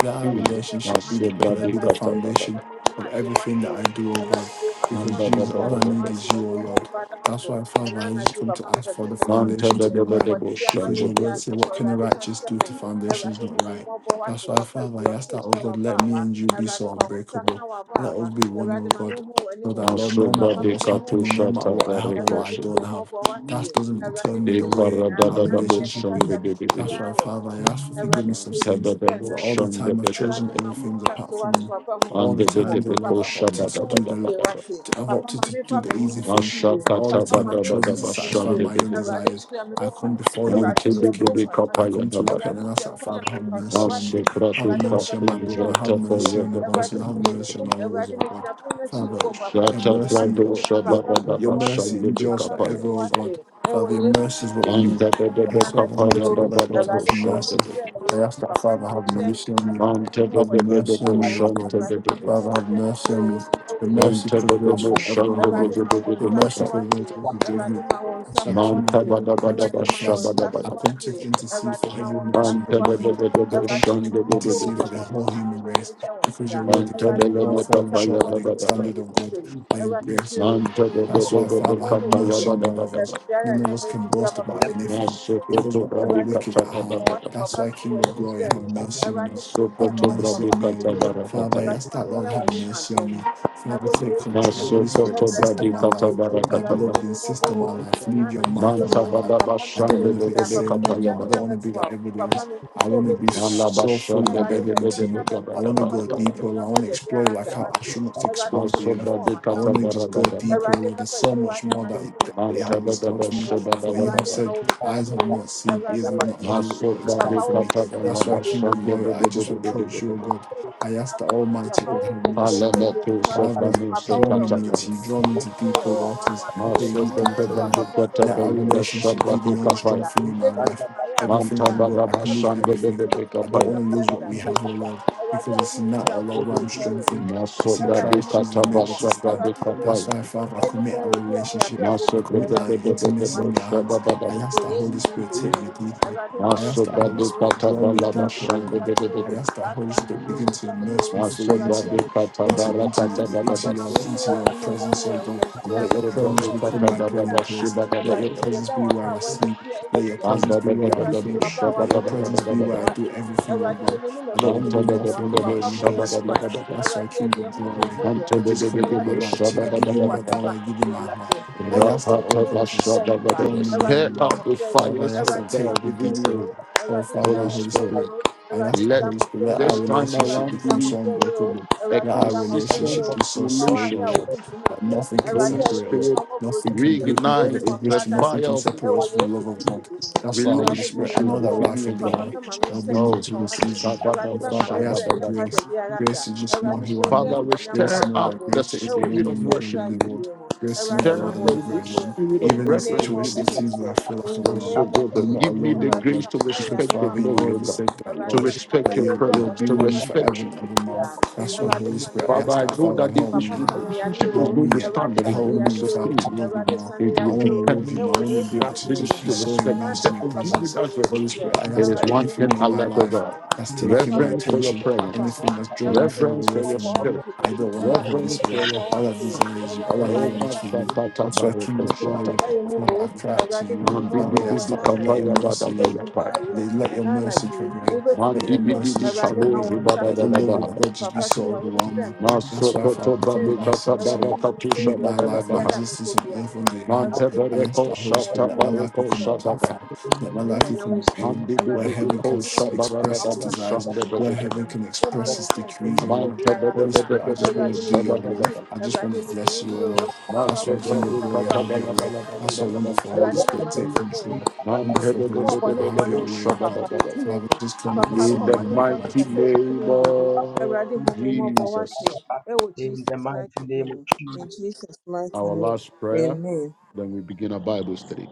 Speaker 4: Let our
Speaker 2: papa
Speaker 1: Hmm.
Speaker 2: kyerɛ me
Speaker 4: relationship be
Speaker 2: kwan
Speaker 1: Maso
Speaker 4: the pillar,
Speaker 1: brande
Speaker 4: be the
Speaker 2: awurade
Speaker 1: kata
Speaker 2: bɔ mu ani
Speaker 1: balada.
Speaker 2: na
Speaker 4: foundation
Speaker 2: me hu
Speaker 4: of
Speaker 2: adeɛ
Speaker 4: everything
Speaker 2: wateɛ
Speaker 4: that I do, oh
Speaker 2: awurade
Speaker 4: God.
Speaker 2: bɔ mu aso
Speaker 4: Because
Speaker 1: Manda
Speaker 4: Jesus, all I need
Speaker 1: bedebe.
Speaker 4: is you, oh Lord. That's why, Father, I found
Speaker 2: ɛna
Speaker 4: like you just
Speaker 2: anadwo
Speaker 4: come
Speaker 2: papa
Speaker 4: to ask for
Speaker 2: mepɛsɛ
Speaker 4: the
Speaker 2: mema wo
Speaker 1: Mante
Speaker 4: foundation to
Speaker 2: nanteɛ
Speaker 4: be
Speaker 1: bedebe
Speaker 4: right
Speaker 2: bɔne
Speaker 1: debo
Speaker 2: biaa mayɛ
Speaker 4: because your
Speaker 2: obiaa
Speaker 4: word say,
Speaker 1: bedebe.
Speaker 2: sɔfo
Speaker 4: What can the
Speaker 2: awurade fa
Speaker 4: righteous do if
Speaker 2: kyerɛ
Speaker 4: the
Speaker 2: me
Speaker 4: foundation
Speaker 2: awurade
Speaker 4: is
Speaker 2: hu
Speaker 4: not
Speaker 2: me
Speaker 4: right?
Speaker 2: mmɔbɔ
Speaker 4: That's
Speaker 2: wahwe
Speaker 4: why,
Speaker 2: papa
Speaker 4: Father,
Speaker 2: bi
Speaker 4: I ask
Speaker 2: ɔsoro
Speaker 4: that, oh
Speaker 2: kyerɛ
Speaker 4: God, let me
Speaker 2: wabaawa
Speaker 4: and you be
Speaker 2: awurade
Speaker 4: so
Speaker 2: fa wo nsa ka
Speaker 4: unbreakable. Let us
Speaker 2: wabaawa
Speaker 4: be one,
Speaker 2: awurade
Speaker 4: oh
Speaker 2: ma
Speaker 4: God,
Speaker 2: mehu
Speaker 4: so that,
Speaker 2: w'animuonyam
Speaker 4: Lord,
Speaker 1: Maso
Speaker 4: no
Speaker 2: papa
Speaker 4: matter
Speaker 2: ma
Speaker 1: brande
Speaker 4: what's
Speaker 2: mehu
Speaker 1: kato
Speaker 2: wo
Speaker 4: happening, no matter
Speaker 1: shata
Speaker 2: kɛseyɛ
Speaker 4: what I have or
Speaker 1: bareko
Speaker 4: what
Speaker 2: awurade
Speaker 4: I
Speaker 2: hu
Speaker 4: don't
Speaker 2: me
Speaker 1: shete.
Speaker 4: have,
Speaker 2: mmɔbɔ wate
Speaker 4: that doesn't
Speaker 2: awurade me
Speaker 4: determine
Speaker 1: E
Speaker 2: ne
Speaker 4: the
Speaker 2: yɛ
Speaker 4: way
Speaker 2: nyinaa
Speaker 1: parada
Speaker 2: me
Speaker 4: our
Speaker 1: da da bo
Speaker 2: nanteɛ me
Speaker 4: relationship
Speaker 1: shande
Speaker 4: is.
Speaker 2: kasa me
Speaker 1: bedebe.
Speaker 4: That's why,
Speaker 2: biribiaa yɛ
Speaker 4: Father, I
Speaker 2: bɔne
Speaker 4: ask for
Speaker 2: awurade
Speaker 4: forgiveness of
Speaker 2: tie me
Speaker 1: Mante
Speaker 4: sins
Speaker 1: bedebe
Speaker 4: for
Speaker 2: sesɛ
Speaker 4: all the
Speaker 1: shande
Speaker 4: time I've chosen
Speaker 2: Awurade
Speaker 1: bedebe.
Speaker 2: ma
Speaker 4: other things
Speaker 2: wotase
Speaker 4: apart from
Speaker 2: wate
Speaker 4: you,
Speaker 2: papa hu
Speaker 4: for
Speaker 2: me
Speaker 4: all the
Speaker 1: Mande
Speaker 4: times, oh
Speaker 1: bedebe
Speaker 4: Lord,
Speaker 1: ko
Speaker 2: papa
Speaker 4: I've
Speaker 2: ma
Speaker 1: shaba
Speaker 4: opted
Speaker 2: mehu
Speaker 1: da
Speaker 4: to
Speaker 2: wo
Speaker 1: ba
Speaker 4: do
Speaker 1: da ba
Speaker 4: the,
Speaker 2: yie
Speaker 1: da ba.
Speaker 2: wate
Speaker 4: I've
Speaker 2: papa ma
Speaker 4: opted to
Speaker 2: memfa
Speaker 4: do the
Speaker 2: me ho
Speaker 4: easy
Speaker 2: nto
Speaker 4: thing
Speaker 2: so
Speaker 4: for all the
Speaker 2: papa
Speaker 4: time
Speaker 2: ma
Speaker 4: I've chosen to
Speaker 2: mensom wo
Speaker 4: satisfy
Speaker 2: yie
Speaker 4: my own
Speaker 2: awurade
Speaker 4: desires,
Speaker 2: me wo
Speaker 4: I
Speaker 2: kwan
Speaker 4: come before you, O
Speaker 2: awurade
Speaker 4: King of
Speaker 2: me wo
Speaker 4: Kings.
Speaker 2: kwan
Speaker 4: I
Speaker 2: wate
Speaker 4: come to repent
Speaker 2: awurade
Speaker 4: and ask
Speaker 2: kyerɛ
Speaker 4: that,
Speaker 2: kwan a
Speaker 4: Father, have
Speaker 2: memfa soɔ
Speaker 4: mercy on
Speaker 2: wate
Speaker 4: me. Have
Speaker 2: awurade mepɛ
Speaker 4: mercy on my
Speaker 2: me ne wo
Speaker 4: bloodline.
Speaker 2: nam
Speaker 4: Have
Speaker 2: seɛ
Speaker 4: mercy on the
Speaker 2: Awurade
Speaker 4: bonsers. Have
Speaker 2: bue me.
Speaker 4: mercy on all of us,
Speaker 2: Awurade
Speaker 4: O God.
Speaker 2: megyina pon n'akyi
Speaker 4: Father,
Speaker 2: bom. Papa
Speaker 4: your
Speaker 2: bue me
Speaker 4: mercy,
Speaker 2: wate.
Speaker 4: oh,
Speaker 2: Papa
Speaker 4: your,
Speaker 2: bue
Speaker 4: your
Speaker 2: me wate.
Speaker 4: mercy endures
Speaker 2: Papa bue
Speaker 4: forever,
Speaker 2: me
Speaker 4: O
Speaker 2: wate.
Speaker 4: God.
Speaker 2: Ɛwɔ
Speaker 4: Father, your
Speaker 2: Yesu
Speaker 4: mercy is what
Speaker 2: Kristo
Speaker 4: we
Speaker 1: Mante
Speaker 2: din
Speaker 4: need.
Speaker 2: mu. Ɛna
Speaker 4: That's what
Speaker 2: anadwo yi o,
Speaker 4: Almighty God, I come to ask
Speaker 2: Awurade
Speaker 4: for
Speaker 2: fi w'anim
Speaker 4: mercy.
Speaker 1: bedebe.
Speaker 2: kyerɛ me
Speaker 4: I
Speaker 2: o.
Speaker 4: ask that,
Speaker 2: Papa
Speaker 4: Father,
Speaker 2: sere
Speaker 4: have
Speaker 2: kyerɛ me
Speaker 4: mercy
Speaker 2: o.
Speaker 4: on
Speaker 2: Papa
Speaker 4: me.
Speaker 2: ma
Speaker 1: Mante
Speaker 2: me hu
Speaker 4: Have mercy
Speaker 2: w'animuonyam
Speaker 4: on me,
Speaker 2: o.
Speaker 4: O God.
Speaker 2: Awurade ma
Speaker 1: bedebe.
Speaker 2: mehu wo
Speaker 4: Father, have mercy
Speaker 2: kɛseɛ
Speaker 4: on me.
Speaker 2: o ɛwɔ
Speaker 4: Your
Speaker 2: Yesu
Speaker 4: mercy
Speaker 2: Kristo
Speaker 4: prevails
Speaker 2: din
Speaker 1: Mantabadaba
Speaker 2: mu.
Speaker 4: forever, O
Speaker 2: Awurade
Speaker 4: Lord.
Speaker 2: ma wɔn
Speaker 4: The
Speaker 2: nsa so
Speaker 1: Shandabadabadabadaba.
Speaker 4: merciful
Speaker 2: wate.
Speaker 4: Lord overgave
Speaker 2: Awurade
Speaker 4: me.
Speaker 2: ma wɔn
Speaker 4: And
Speaker 2: nsa
Speaker 4: so I
Speaker 2: so
Speaker 4: of
Speaker 2: wate.
Speaker 4: Lord, I come to
Speaker 2: Awurade
Speaker 1: Mantabadabadaba
Speaker 2: ma wɔn
Speaker 4: confess.
Speaker 2: nsa so
Speaker 4: I
Speaker 1: Shabadabadaba.
Speaker 4: come to
Speaker 2: wate.
Speaker 4: intercede
Speaker 2: Awurade
Speaker 4: for
Speaker 2: ma wɔn
Speaker 4: everyone
Speaker 2: nsa
Speaker 4: else who
Speaker 2: so
Speaker 4: but
Speaker 2: wate.
Speaker 4: mine. I
Speaker 1: Mantabadabadaba
Speaker 4: come
Speaker 2: Awurade
Speaker 4: to
Speaker 2: hu me mmɔbɔ o
Speaker 4: intercede for the
Speaker 2: papa
Speaker 1: Shandabadabadaba.
Speaker 4: whole
Speaker 2: Ghana
Speaker 4: human
Speaker 2: mede kɔ
Speaker 4: race
Speaker 2: hyɛ wɔn
Speaker 4: because
Speaker 2: nsa.
Speaker 4: your word declares
Speaker 2: Awurade
Speaker 4: we've
Speaker 2: ma
Speaker 4: all
Speaker 2: wɔn
Speaker 4: fallen
Speaker 2: nsa so
Speaker 4: short by the
Speaker 2: wate nneɛma
Speaker 1: Mantabalamatapayabadabadaba.
Speaker 2: a
Speaker 4: standard of
Speaker 2: mede
Speaker 4: God,
Speaker 2: hyɛ mu.
Speaker 4: by your
Speaker 2: Awurade
Speaker 4: grace, O
Speaker 2: kyerɛ wo
Speaker 4: Lord.
Speaker 2: tumi wate
Speaker 4: That's
Speaker 2: mede
Speaker 4: why,
Speaker 1: Mantabadabadaba
Speaker 4: Father, have
Speaker 2: nneɛma ne wo yɛ.
Speaker 4: mercy on all of
Speaker 2: Baabi
Speaker 1: Kapayabadabadaba.
Speaker 4: us.
Speaker 2: biara
Speaker 4: None
Speaker 2: a
Speaker 4: of us
Speaker 2: nneɛma
Speaker 4: can
Speaker 2: bi bia
Speaker 4: boast
Speaker 2: papa
Speaker 4: about
Speaker 2: mede ne wo
Speaker 4: anything
Speaker 2: yɛ.
Speaker 4: because we're all
Speaker 2: Awurade hu
Speaker 4: wicked
Speaker 2: me
Speaker 4: at
Speaker 2: mmɔbɔ
Speaker 4: heart.
Speaker 2: wate
Speaker 1: Masokotobrabikatabadabadaba.
Speaker 4: That's
Speaker 2: papa
Speaker 4: why,
Speaker 2: so
Speaker 4: King of
Speaker 2: w'anim
Speaker 4: Glory,
Speaker 2: kyerɛ
Speaker 4: have
Speaker 2: me.
Speaker 4: mercy on
Speaker 2: Awurade
Speaker 4: us.
Speaker 2: sɛ bi a
Speaker 4: Have
Speaker 2: na wate
Speaker 4: mercy on
Speaker 2: papa
Speaker 4: me,
Speaker 2: ma
Speaker 4: O
Speaker 2: me
Speaker 4: Lord.
Speaker 2: fɛ.
Speaker 4: Father, I
Speaker 1: Masokotobradikatabarakataya.
Speaker 2: Awurade
Speaker 4: ask
Speaker 2: ma
Speaker 4: that, Lord,
Speaker 2: menyɛ
Speaker 4: have
Speaker 2: w'anim
Speaker 4: mercy on
Speaker 2: adom.
Speaker 4: me. Father, take
Speaker 2: Abotiefoɔ
Speaker 4: control.
Speaker 2: de
Speaker 4: Holy Spirit,
Speaker 2: kyɛbrɛ
Speaker 4: insist on
Speaker 2: keka
Speaker 4: my
Speaker 2: fo.
Speaker 4: life. My
Speaker 2: Awurade
Speaker 1: Masokotobradikatabarakataba.
Speaker 2: hu
Speaker 4: beloved,
Speaker 2: me mmɔbɔ
Speaker 4: insist on my
Speaker 2: o,
Speaker 4: life.
Speaker 2: ɛna
Speaker 4: Leave your
Speaker 2: anadwo
Speaker 4: mark
Speaker 2: yi
Speaker 4: on
Speaker 2: o.
Speaker 4: my life.
Speaker 1: Mantabadaba
Speaker 2: Papa me
Speaker 4: I
Speaker 2: ne
Speaker 4: don't want to be
Speaker 2: yɛ
Speaker 4: the
Speaker 1: Shandabadabadaba
Speaker 2: papa
Speaker 4: same no
Speaker 2: matwa
Speaker 4: more. I
Speaker 2: ne
Speaker 4: don't want to
Speaker 1: Kapayabadaba.
Speaker 4: be
Speaker 2: abɛto
Speaker 4: like
Speaker 2: a,
Speaker 4: everybody
Speaker 2: papa
Speaker 4: else.
Speaker 2: me ne
Speaker 4: I
Speaker 2: sɛ
Speaker 4: want to be
Speaker 2: obɛtumi ayɛ.
Speaker 4: so fully
Speaker 1: Malabashande de
Speaker 2: Awurade
Speaker 1: de
Speaker 4: embedded
Speaker 1: de
Speaker 2: matwa
Speaker 4: into
Speaker 1: de
Speaker 2: ne
Speaker 1: de
Speaker 4: you.
Speaker 1: de de
Speaker 2: abɛto
Speaker 4: I
Speaker 2: a,
Speaker 4: want to
Speaker 1: de
Speaker 2: papa
Speaker 1: de
Speaker 4: go
Speaker 2: me ne
Speaker 1: de
Speaker 4: deeper.
Speaker 2: ne
Speaker 1: de.
Speaker 4: Lord. I want to
Speaker 2: hwammɔda
Speaker 4: explore you
Speaker 2: biara
Speaker 4: like
Speaker 2: da
Speaker 4: how
Speaker 2: wate.
Speaker 4: astronauts
Speaker 2: Awurade
Speaker 4: explore
Speaker 2: to me
Speaker 4: the
Speaker 2: so
Speaker 4: earth.
Speaker 1: Masobra
Speaker 2: wɔ
Speaker 1: de
Speaker 4: I want to
Speaker 2: m'atamfo
Speaker 1: katabara
Speaker 4: just
Speaker 2: anim.
Speaker 1: da
Speaker 4: go
Speaker 1: da da.
Speaker 4: deeper.
Speaker 2: Awurade
Speaker 4: Lord. There's so
Speaker 2: mɛbɛgye
Speaker 4: much
Speaker 2: w'anyɛ
Speaker 4: more
Speaker 2: ma ne
Speaker 4: that you,
Speaker 2: ho
Speaker 4: that
Speaker 2: nsu
Speaker 4: you
Speaker 1: Manta
Speaker 4: have in
Speaker 2: bɛbiri
Speaker 1: da da
Speaker 4: store
Speaker 1: da
Speaker 2: Nyankopɔn
Speaker 4: for me.
Speaker 2: o.
Speaker 1: shaba da
Speaker 4: For
Speaker 1: da
Speaker 4: you
Speaker 1: da
Speaker 4: have
Speaker 2: Awurade
Speaker 1: da da.
Speaker 2: ma
Speaker 4: said,
Speaker 2: wo nsa
Speaker 4: eyes
Speaker 2: so
Speaker 4: have
Speaker 2: o.
Speaker 4: not seen,
Speaker 2: Awurade
Speaker 4: ears have
Speaker 2: woyɛ
Speaker 4: not heard what
Speaker 2: kɛseɛ.
Speaker 4: you've got in
Speaker 1: Masobra
Speaker 2: Papa
Speaker 1: de
Speaker 4: store for
Speaker 2: woyɛ
Speaker 4: me.
Speaker 2: kɛseɛ
Speaker 1: katabara
Speaker 4: That's
Speaker 2: sɛ
Speaker 4: why,
Speaker 2: deɛ
Speaker 4: King of
Speaker 2: nipa
Speaker 1: bashande
Speaker 4: Glory,
Speaker 1: de
Speaker 4: I
Speaker 1: de de
Speaker 4: just
Speaker 1: de de de de
Speaker 4: approach you,
Speaker 1: de
Speaker 4: O
Speaker 1: de.
Speaker 4: God. I ask the Almighty
Speaker 2: papa
Speaker 4: God
Speaker 2: woyɛ
Speaker 4: have
Speaker 2: kɛseɛ
Speaker 4: mercy on
Speaker 2: sɛ
Speaker 4: me.
Speaker 1: Alene
Speaker 2: deɛ of
Speaker 1: tu
Speaker 2: ka
Speaker 1: sofra
Speaker 4: Father,
Speaker 2: papa
Speaker 1: muse
Speaker 4: draw
Speaker 2: woyɛ
Speaker 4: me near
Speaker 2: wɔnwanwa
Speaker 1: katabara.
Speaker 4: to
Speaker 2: obi
Speaker 4: you,
Speaker 2: ne
Speaker 4: draw me into
Speaker 2: yɛ
Speaker 4: deeper waters.
Speaker 2: wɔnwanwa obi
Speaker 4: Take me
Speaker 1: Masobra
Speaker 2: biara
Speaker 1: de
Speaker 4: deeper,
Speaker 2: ne
Speaker 1: da
Speaker 2: hɔ a
Speaker 1: de
Speaker 4: Lord.
Speaker 2: papa ɔde ne
Speaker 4: Let
Speaker 2: ho
Speaker 4: our
Speaker 1: katabara
Speaker 2: ato
Speaker 1: da
Speaker 2: so na ɔde
Speaker 4: relationship
Speaker 1: shabra
Speaker 2: ne
Speaker 4: be
Speaker 1: de
Speaker 4: the
Speaker 2: ntam
Speaker 4: only
Speaker 2: hɔ
Speaker 4: strong
Speaker 2: da
Speaker 1: kapaya.
Speaker 4: thing in my
Speaker 2: david
Speaker 4: life.
Speaker 2: sɛ mayɛ
Speaker 4: Everything
Speaker 1: Manta
Speaker 2: abɔfra
Speaker 4: can
Speaker 1: da
Speaker 4: go.
Speaker 1: da
Speaker 4: I
Speaker 2: mayɛ
Speaker 4: can lose
Speaker 2: panyin
Speaker 1: bashande
Speaker 2: na
Speaker 1: de
Speaker 4: everything.
Speaker 1: de
Speaker 2: ne
Speaker 1: de
Speaker 2: ɛkyerɛ
Speaker 4: But I
Speaker 2: ne
Speaker 4: don't want
Speaker 2: nua
Speaker 1: kapaya.
Speaker 4: to lose what
Speaker 2: fɛsa
Speaker 4: we
Speaker 2: deɛ
Speaker 4: have, oh
Speaker 2: bi da
Speaker 4: Lord,
Speaker 2: awurade
Speaker 4: because
Speaker 2: a
Speaker 4: it's in
Speaker 2: woyɛ
Speaker 4: that, oh
Speaker 2: israelfoɔ
Speaker 4: Lord, where I'm
Speaker 2: firi farao
Speaker 4: strengthened.
Speaker 2: nsam
Speaker 4: It's in
Speaker 1: Masobra
Speaker 2: awurade
Speaker 1: de
Speaker 4: Christ
Speaker 2: hu me
Speaker 4: Jesus I'm
Speaker 1: katabara
Speaker 4: able
Speaker 2: mmɔbɔ
Speaker 4: to
Speaker 1: shabra
Speaker 4: stand.
Speaker 1: de
Speaker 2: awurade yɛ m'ani
Speaker 4: That's
Speaker 2: na
Speaker 1: kapaya.
Speaker 4: why, Father, I
Speaker 2: ɛni
Speaker 4: commit our
Speaker 2: fɛrɛ obi a wɔyɛ
Speaker 4: relationship.
Speaker 2: abrabɔ mu
Speaker 4: I
Speaker 2: bi
Speaker 1: Masobra
Speaker 4: commit
Speaker 1: de
Speaker 4: our
Speaker 2: awurade
Speaker 1: de de
Speaker 2: yɛ fi
Speaker 1: de de
Speaker 4: intimacy
Speaker 1: de
Speaker 4: in
Speaker 2: mu
Speaker 4: your
Speaker 1: shabra
Speaker 4: hands.
Speaker 1: da da
Speaker 4: I ask the
Speaker 2: Yesu
Speaker 4: Holy Spirit,
Speaker 2: Kristo
Speaker 4: take me
Speaker 2: dịịrị.
Speaker 4: deeper.
Speaker 2: Ẹgbadị ma
Speaker 4: I
Speaker 2: wo
Speaker 4: ask that
Speaker 1: Masobra
Speaker 2: ìṣáṣú
Speaker 4: Holy
Speaker 1: de
Speaker 2: o,
Speaker 4: Spirit, draw me
Speaker 1: Catabala
Speaker 2: Tìrìbá ma
Speaker 4: deeper,
Speaker 2: wo
Speaker 4: oh
Speaker 1: Bashanda
Speaker 4: God.
Speaker 1: de
Speaker 2: ìṣáṣú
Speaker 1: de
Speaker 2: o,
Speaker 1: de
Speaker 4: I
Speaker 1: de.
Speaker 4: ask that
Speaker 2: Dàtú
Speaker 4: Holy
Speaker 2: Anyá
Speaker 4: Spirit
Speaker 2: ma wo
Speaker 4: begin to
Speaker 2: ìṣáṣú o,
Speaker 4: immerse me fully
Speaker 1: Masobra
Speaker 2: Ẹgbadị
Speaker 4: into
Speaker 1: de
Speaker 4: you
Speaker 2: ẹni kẹ̀sí
Speaker 4: into
Speaker 2: ẹ̀wọ̀n
Speaker 1: Catabara
Speaker 2: mọ́ o,
Speaker 4: into
Speaker 2: Pàpà
Speaker 4: into
Speaker 2: ma
Speaker 4: your
Speaker 2: mi
Speaker 1: Catababas.
Speaker 2: hú
Speaker 4: into your
Speaker 2: ẹni mọ̀ nyọ́
Speaker 4: presence,
Speaker 2: mọ̀
Speaker 4: oh
Speaker 2: ẹ̀ nkọ̀
Speaker 4: God.
Speaker 2: ṣí ya
Speaker 4: Let
Speaker 2: mọ̀
Speaker 4: your
Speaker 2: sí
Speaker 1: Masobra
Speaker 2: ẹni
Speaker 4: presence
Speaker 1: de
Speaker 2: ẹ̀ka
Speaker 4: become
Speaker 2: mi
Speaker 4: my
Speaker 2: hú yá
Speaker 4: dwelling
Speaker 1: Catababa
Speaker 2: nkà.
Speaker 1: Shiba
Speaker 4: place.
Speaker 1: de
Speaker 4: Let your
Speaker 2: Ẹgbadị
Speaker 1: Bababa.
Speaker 2: di
Speaker 4: presence
Speaker 2: ẹ̀dá
Speaker 4: be
Speaker 2: wà bá
Speaker 4: where I
Speaker 2: wẹ́n ní
Speaker 4: sleep.
Speaker 2: sí
Speaker 4: Let your presence
Speaker 1: Banda
Speaker 4: be
Speaker 1: de de
Speaker 4: where
Speaker 1: de
Speaker 4: I
Speaker 1: de
Speaker 2: Awurade yi
Speaker 1: de
Speaker 4: think.
Speaker 2: waba a
Speaker 1: Shaba
Speaker 4: Let
Speaker 2: wama
Speaker 1: de
Speaker 4: your
Speaker 2: ne
Speaker 1: de de
Speaker 2: mɛma
Speaker 4: presence
Speaker 1: de
Speaker 4: be
Speaker 1: de
Speaker 2: firi
Speaker 4: where
Speaker 1: de
Speaker 2: wo
Speaker 4: I
Speaker 1: de.
Speaker 4: do
Speaker 2: ato.
Speaker 4: everything, oh
Speaker 2: Awurade yi
Speaker 4: God.
Speaker 2: me ne
Speaker 4: I don't want to
Speaker 2: m'abusua
Speaker 1: Anta
Speaker 4: do
Speaker 1: de
Speaker 2: firi
Speaker 1: de
Speaker 2: wo
Speaker 4: nothing
Speaker 2: ato.
Speaker 1: de de de
Speaker 4: without
Speaker 2: Papa
Speaker 4: you,
Speaker 2: bɔ
Speaker 4: Holy
Speaker 1: Shaba
Speaker 2: yɛn ho
Speaker 1: de de
Speaker 2: ban.
Speaker 4: Spirit.
Speaker 1: de de de de.
Speaker 4: That's why
Speaker 2: Awurade
Speaker 4: King
Speaker 2: yɛde
Speaker 4: of
Speaker 2: yɛn ho ne wo
Speaker 4: Glory.
Speaker 2: mogya
Speaker 1: Anta
Speaker 4: I
Speaker 2: mu.
Speaker 1: de de
Speaker 4: just
Speaker 1: de de
Speaker 4: commit my
Speaker 2: Awurade
Speaker 1: de
Speaker 2: mede
Speaker 4: life to you.
Speaker 1: Shaba
Speaker 4: I
Speaker 2: mmɔfra
Speaker 1: de
Speaker 4: give
Speaker 1: de
Speaker 2: sie
Speaker 4: you
Speaker 1: de
Speaker 4: my
Speaker 1: de de
Speaker 4: all,
Speaker 2: w'asaba
Speaker 1: de.
Speaker 4: I give you
Speaker 2: akɛseɛ
Speaker 4: my
Speaker 2: no
Speaker 4: heart.
Speaker 2: ase. Wɔn
Speaker 4: I ask
Speaker 2: nyinaa
Speaker 4: that, oh
Speaker 1: Rapata
Speaker 2: agya wo na
Speaker 4: God,
Speaker 1: Basha
Speaker 2: wohyia
Speaker 4: just
Speaker 1: de de
Speaker 2: nnipa.
Speaker 1: de
Speaker 4: draw
Speaker 1: de.
Speaker 4: me near, oh
Speaker 2: Awurade
Speaker 1: Stir
Speaker 2: hyia
Speaker 4: Lord.
Speaker 1: up the
Speaker 2: mmɔfra yi.
Speaker 4: Father, I
Speaker 1: fires
Speaker 4: ask
Speaker 1: of
Speaker 4: that
Speaker 2: Ẹwurade hyira
Speaker 4: take
Speaker 1: God
Speaker 4: me
Speaker 2: mmɔfra
Speaker 1: within
Speaker 2: yi
Speaker 4: deeper.
Speaker 2: o.
Speaker 1: you,
Speaker 4: Oh
Speaker 2: Ẹwurade hyira
Speaker 4: Father,
Speaker 1: Holy
Speaker 4: Holy
Speaker 2: mmɔfra
Speaker 1: Spirit.
Speaker 2: yi
Speaker 4: Spirit.
Speaker 2: o.
Speaker 4: I
Speaker 2: Ẹwurade
Speaker 4: ask the
Speaker 1: Let
Speaker 2: hyira
Speaker 4: Holy
Speaker 2: mmɔfra
Speaker 4: Spirit, let
Speaker 2: yi
Speaker 4: our
Speaker 1: this
Speaker 2: o.
Speaker 1: time
Speaker 4: relationship
Speaker 2: Ẹwurade
Speaker 1: around
Speaker 2: hyira
Speaker 4: become
Speaker 1: be
Speaker 4: so
Speaker 2: mmɔfra yi o.
Speaker 4: unbreakable.
Speaker 1: a
Speaker 2: Ẹwurade
Speaker 4: Let our
Speaker 2: hyira mmɔfra yi
Speaker 4: relationship
Speaker 2: o.
Speaker 1: consistent
Speaker 4: be so
Speaker 2: Papa wa
Speaker 4: solid, oh
Speaker 2: ahịa a
Speaker 1: relationship.
Speaker 4: Lord,
Speaker 2: obi ntumi
Speaker 4: that
Speaker 2: nyɛ.
Speaker 4: nothing can
Speaker 2: Ẹwurade
Speaker 1: Holy
Speaker 2: a
Speaker 4: separate
Speaker 2: wodi ne
Speaker 4: us.
Speaker 1: Spirit,
Speaker 2: kɔn bɔbɔ
Speaker 4: Nothing
Speaker 2: ti
Speaker 4: can
Speaker 2: yie.
Speaker 4: break me because
Speaker 2: Yesu
Speaker 4: it
Speaker 1: reignite
Speaker 4: is
Speaker 2: mmɔfra
Speaker 1: the
Speaker 4: written, nothing
Speaker 1: fire
Speaker 2: adanfo.
Speaker 4: can
Speaker 1: of
Speaker 4: separate
Speaker 2: Ɛwɔ
Speaker 4: us from the
Speaker 2: Yesu
Speaker 4: love of
Speaker 2: Kristo
Speaker 4: God.
Speaker 2: din mu.
Speaker 4: That's why Holy
Speaker 2: Ẹwurade hu
Speaker 4: Spirit,
Speaker 2: mi
Speaker 4: I
Speaker 1: relationship
Speaker 4: know
Speaker 2: mmɔbɔ
Speaker 4: that
Speaker 2: o.
Speaker 1: between
Speaker 4: life
Speaker 1: me
Speaker 4: will
Speaker 1: and
Speaker 4: be
Speaker 2: Papa
Speaker 4: life.
Speaker 1: God.
Speaker 2: mɛma me
Speaker 4: There'll
Speaker 2: nsa
Speaker 4: be
Speaker 1: Oh,
Speaker 2: nsi ka
Speaker 4: multiple
Speaker 2: wate.
Speaker 1: Jesus. ba
Speaker 4: seasons.
Speaker 2: Ẹwurade
Speaker 4: But
Speaker 2: mɛma
Speaker 4: Father,
Speaker 2: me
Speaker 4: I ask
Speaker 2: brɛ
Speaker 4: for
Speaker 2: nyɛ
Speaker 1: ba
Speaker 2: kwa da
Speaker 4: grace.
Speaker 2: biara
Speaker 4: Grace
Speaker 2: da.
Speaker 4: to just know
Speaker 2: Ẹwurade
Speaker 4: who
Speaker 2: hyɛ
Speaker 4: I
Speaker 2: wo den
Speaker 4: am.
Speaker 1: Father, we
Speaker 2: animuonyam wɔ
Speaker 4: Grace
Speaker 1: stir
Speaker 4: to know
Speaker 1: up
Speaker 2: m'abrabɔ
Speaker 4: that
Speaker 2: mu.
Speaker 1: the
Speaker 4: greater is the
Speaker 2: Ɛwɔ
Speaker 1: spirit
Speaker 4: one
Speaker 1: of
Speaker 4: in me
Speaker 2: Jesus
Speaker 4: than
Speaker 1: worship
Speaker 4: one in the
Speaker 2: Christ
Speaker 1: in me.
Speaker 4: world.
Speaker 2: din
Speaker 4: Grace to know
Speaker 2: Erade
Speaker 4: that
Speaker 1: Stir
Speaker 4: Lord,
Speaker 1: up
Speaker 4: I'm never
Speaker 1: the
Speaker 2: Mawasaso,
Speaker 4: alone.
Speaker 1: spirit of
Speaker 2: in
Speaker 4: Even
Speaker 2: the
Speaker 4: in
Speaker 1: reverence
Speaker 2: name of
Speaker 1: within
Speaker 4: situations,
Speaker 1: me.
Speaker 4: seems where I
Speaker 2: Jesus,
Speaker 4: feel like
Speaker 2: in
Speaker 4: I'm
Speaker 2: the
Speaker 1: I'm
Speaker 4: alone.
Speaker 1: so
Speaker 3: that
Speaker 2: name of
Speaker 1: grateful.
Speaker 4: I'm not
Speaker 1: Give
Speaker 2: Jesus,
Speaker 1: me
Speaker 4: alone,
Speaker 1: the
Speaker 4: Lord
Speaker 2: Erade
Speaker 1: grace
Speaker 4: God,
Speaker 1: to
Speaker 2: Sangaya
Speaker 4: because
Speaker 1: respect the
Speaker 2: Lema
Speaker 4: Father, you've
Speaker 1: glory of
Speaker 4: already
Speaker 2: Mewati,
Speaker 1: God,
Speaker 4: said that,
Speaker 1: to
Speaker 4: Lord,
Speaker 2: Erade Kumaya
Speaker 1: respect
Speaker 4: that
Speaker 1: your
Speaker 4: you'll,
Speaker 2: Lebro
Speaker 4: you'll
Speaker 1: presence,
Speaker 2: Boni
Speaker 4: be
Speaker 1: to
Speaker 4: with me
Speaker 2: Fokas for the
Speaker 1: respect
Speaker 4: forever
Speaker 1: you
Speaker 4: and evermore.
Speaker 2: Tunisian,
Speaker 4: That's why, Holy
Speaker 2: Erade
Speaker 4: Spirit, I
Speaker 2: Sanayali
Speaker 1: Father,
Speaker 4: ask
Speaker 1: I
Speaker 4: that,
Speaker 1: know
Speaker 2: Mati,
Speaker 4: Father,
Speaker 1: that this
Speaker 4: help me,
Speaker 2: Papa
Speaker 4: oh God.
Speaker 1: relationship is
Speaker 4: help
Speaker 2: Sanayalio,
Speaker 1: going to
Speaker 4: me, and
Speaker 1: stand
Speaker 2: Erade
Speaker 1: and it's
Speaker 4: help
Speaker 1: going to be
Speaker 4: me,
Speaker 2: Sanayalio,
Speaker 4: Father, to
Speaker 1: sustained.
Speaker 4: love you
Speaker 2: Erade
Speaker 4: more.
Speaker 1: It
Speaker 4: I
Speaker 1: will
Speaker 4: want
Speaker 2: Sanayalio,
Speaker 4: to love you
Speaker 1: depend
Speaker 4: more. I
Speaker 2: Ewo
Speaker 4: want to be
Speaker 2: Yesu
Speaker 3: grab
Speaker 4: able to
Speaker 1: on
Speaker 2: Kristo
Speaker 1: this
Speaker 4: just be
Speaker 1: to
Speaker 2: Dimo,
Speaker 4: so
Speaker 1: respect.
Speaker 2: Enana
Speaker 4: immersed in your
Speaker 2: Di
Speaker 1: Therefore, give
Speaker 2: Papa
Speaker 1: it
Speaker 4: presence.
Speaker 2: Fie
Speaker 1: as well.
Speaker 4: Holy
Speaker 2: Mekifre,
Speaker 4: Spirit, I
Speaker 1: It
Speaker 4: ask
Speaker 1: is
Speaker 4: that
Speaker 2: Erade
Speaker 1: one
Speaker 2: Yomla
Speaker 1: thing
Speaker 4: anything
Speaker 1: I
Speaker 4: in my
Speaker 2: Mishre
Speaker 1: lack of
Speaker 4: life
Speaker 1: God.
Speaker 2: Wabawa,
Speaker 4: that's taking
Speaker 2: papa
Speaker 4: my
Speaker 1: Reverence
Speaker 2: you
Speaker 1: for
Speaker 2: sit
Speaker 1: your
Speaker 4: attention,
Speaker 2: there, Papa.
Speaker 1: presence.
Speaker 4: anything that's
Speaker 2: I wabaawa
Speaker 4: drawing me
Speaker 2: awurade
Speaker 4: further
Speaker 2: hu
Speaker 1: Reverence
Speaker 2: me
Speaker 4: away
Speaker 1: for your
Speaker 2: mmɔbɔ
Speaker 4: from you,
Speaker 1: spirit.
Speaker 2: ate
Speaker 4: I don't want that,
Speaker 2: awurade
Speaker 4: Holy
Speaker 2: hu me
Speaker 1: Reverence for
Speaker 4: Spirit.
Speaker 2: mmɔbɔ
Speaker 1: your
Speaker 4: All I
Speaker 2: ate
Speaker 4: desire is you. All
Speaker 2: awurade
Speaker 4: I
Speaker 1: oh
Speaker 2: bae ne
Speaker 4: yearn
Speaker 1: my
Speaker 4: is for
Speaker 2: dae
Speaker 4: you.
Speaker 1: fatata
Speaker 4: That's why, King
Speaker 1: baroko
Speaker 4: of
Speaker 2: pepa me
Speaker 1: shata.
Speaker 4: glory,
Speaker 2: dae mu
Speaker 4: Father, I
Speaker 2: o
Speaker 4: cry out to
Speaker 2: awurade hu
Speaker 4: you.
Speaker 2: me
Speaker 1: Man bi
Speaker 2: mmɔbɔ
Speaker 4: Father,
Speaker 1: bi
Speaker 4: I
Speaker 1: bi
Speaker 2: o
Speaker 4: ask
Speaker 1: bi
Speaker 2: ɛna
Speaker 4: that, Lord, let
Speaker 2: anadwo
Speaker 4: your
Speaker 2: yi
Speaker 1: kapaya bada
Speaker 4: mercy,
Speaker 1: baya
Speaker 2: wobɛtumi
Speaker 1: paya.
Speaker 2: ayɛ
Speaker 4: let your
Speaker 2: ɛna
Speaker 4: mercy
Speaker 2: anadwo yi
Speaker 4: prevail.
Speaker 2: wobɛtumi
Speaker 1: Man
Speaker 4: Let
Speaker 1: di
Speaker 4: your
Speaker 1: bi
Speaker 2: ayɛ
Speaker 1: bi
Speaker 4: mercy
Speaker 1: bi
Speaker 2: awurade
Speaker 4: destroy
Speaker 2: ma
Speaker 4: me.
Speaker 2: wɔn
Speaker 1: kabozi
Speaker 2: nsa
Speaker 1: bada
Speaker 4: Let the
Speaker 2: so
Speaker 1: bada
Speaker 4: love
Speaker 2: wate
Speaker 4: of
Speaker 1: baha.
Speaker 4: God just be
Speaker 2: papa si
Speaker 4: so
Speaker 2: wɔne nkyerɛ
Speaker 4: overwhelming.
Speaker 2: me wate
Speaker 4: That's why,
Speaker 2: papa ma
Speaker 1: Masokoto
Speaker 4: Father, I
Speaker 2: me
Speaker 1: brado
Speaker 4: commit
Speaker 2: favor
Speaker 1: kata
Speaker 4: myself to
Speaker 2: awurade
Speaker 4: you.
Speaker 2: ma me
Speaker 4: I
Speaker 1: barakatu
Speaker 4: commit
Speaker 2: favor
Speaker 1: shada
Speaker 4: my
Speaker 2: baabi
Speaker 4: life, my
Speaker 1: baha.
Speaker 2: biara a mɛkɔ
Speaker 4: existence on
Speaker 2: biara
Speaker 4: earth
Speaker 2: no
Speaker 4: under your
Speaker 2: I ma
Speaker 4: hands.
Speaker 1: Mante
Speaker 2: me
Speaker 4: I ask
Speaker 1: bereko
Speaker 4: that
Speaker 2: favor ma
Speaker 4: Holy Spirit,
Speaker 2: wɔne
Speaker 1: shata
Speaker 2: mo
Speaker 4: let my life
Speaker 1: bareko
Speaker 4: become a
Speaker 1: shadaba.
Speaker 4: platform. Let my
Speaker 2: when you.
Speaker 4: life
Speaker 2: Ɔno na
Speaker 4: become
Speaker 2: ɔnam
Speaker 4: a
Speaker 2: nhyira yi.
Speaker 4: pillar
Speaker 1: Mandi
Speaker 4: where
Speaker 2: Awurade ma
Speaker 4: heaven
Speaker 2: onipa
Speaker 4: can
Speaker 1: bibiko
Speaker 2: bi
Speaker 4: s-
Speaker 2: ahohyɛ papa a
Speaker 4: express its
Speaker 1: shabarabadaba
Speaker 2: ɔka ne ho
Speaker 4: desires,
Speaker 1: shande
Speaker 2: na me ne
Speaker 4: where
Speaker 1: bebebe.
Speaker 4: heaven
Speaker 2: ɔnam.
Speaker 4: can
Speaker 2: Woma
Speaker 4: express
Speaker 2: me
Speaker 4: its
Speaker 2: nsa nsi
Speaker 4: decrees, oh
Speaker 2: fam da
Speaker 4: Lord.
Speaker 1: Mante
Speaker 2: biara
Speaker 4: Holy
Speaker 2: da.
Speaker 4: Spirit, I just want
Speaker 1: bebebebebebe
Speaker 4: to
Speaker 2: Awurade
Speaker 4: do
Speaker 2: megye
Speaker 4: your
Speaker 2: wo
Speaker 4: will.
Speaker 2: di.
Speaker 1: shabadababa.
Speaker 4: I just want
Speaker 2: Awurade
Speaker 4: to
Speaker 2: megye
Speaker 4: bless
Speaker 2: wo
Speaker 4: you,
Speaker 2: di
Speaker 4: O
Speaker 2: oo.
Speaker 4: Lord.
Speaker 2: Papa
Speaker 4: That's
Speaker 1: Mashe
Speaker 4: why,
Speaker 2: woyɛ
Speaker 4: King of
Speaker 1: bradu
Speaker 4: Glory,
Speaker 2: mmedaso a
Speaker 4: have your
Speaker 2: wonhyi
Speaker 4: way.
Speaker 2: wo mma
Speaker 4: That's
Speaker 2: i
Speaker 4: why,
Speaker 2: oo.
Speaker 1: katabalabalabalabalabala.
Speaker 4: wonderful
Speaker 3: let
Speaker 4: Holy
Speaker 2: Awurade
Speaker 3: your
Speaker 4: Spirit,
Speaker 2: mɛmma
Speaker 4: take
Speaker 2: m'anim
Speaker 3: presence
Speaker 2: nwo
Speaker 4: control.
Speaker 2: asewasew.
Speaker 1: Mante
Speaker 4: Wonderful Holy
Speaker 2: Ma
Speaker 4: Spirit, have
Speaker 2: ɔbɔnefoɔ no
Speaker 1: bebebebebebe
Speaker 4: your way, O
Speaker 2: nkasɛ papa
Speaker 4: God.
Speaker 2: yɛ
Speaker 1: shabadababa.
Speaker 2: tumi
Speaker 4: Father,
Speaker 2: nni.
Speaker 4: just come
Speaker 3: and
Speaker 4: and
Speaker 3: let
Speaker 2: Papa
Speaker 3: us
Speaker 1: In
Speaker 4: listen
Speaker 2: ma
Speaker 4: in
Speaker 1: the
Speaker 4: your
Speaker 3: be
Speaker 4: holy
Speaker 2: ɔbɔnefoɔ no
Speaker 1: mighty
Speaker 4: mind.
Speaker 2: nkasɛ you.
Speaker 1: name
Speaker 2: tumi nni oo. Awurade
Speaker 1: of
Speaker 2: hu me
Speaker 3: in
Speaker 2: mmɔbɔ wate
Speaker 1: Jesus,
Speaker 2: me. Ɛwɔ
Speaker 3: in the
Speaker 2: Jesus Christ
Speaker 3: mighty
Speaker 2: din
Speaker 3: name of
Speaker 2: mu.
Speaker 3: Jesus.
Speaker 2: In Jesus mighty
Speaker 1: our
Speaker 2: name.
Speaker 1: last prayer,
Speaker 2: Amen.
Speaker 1: then we begin our Bible study.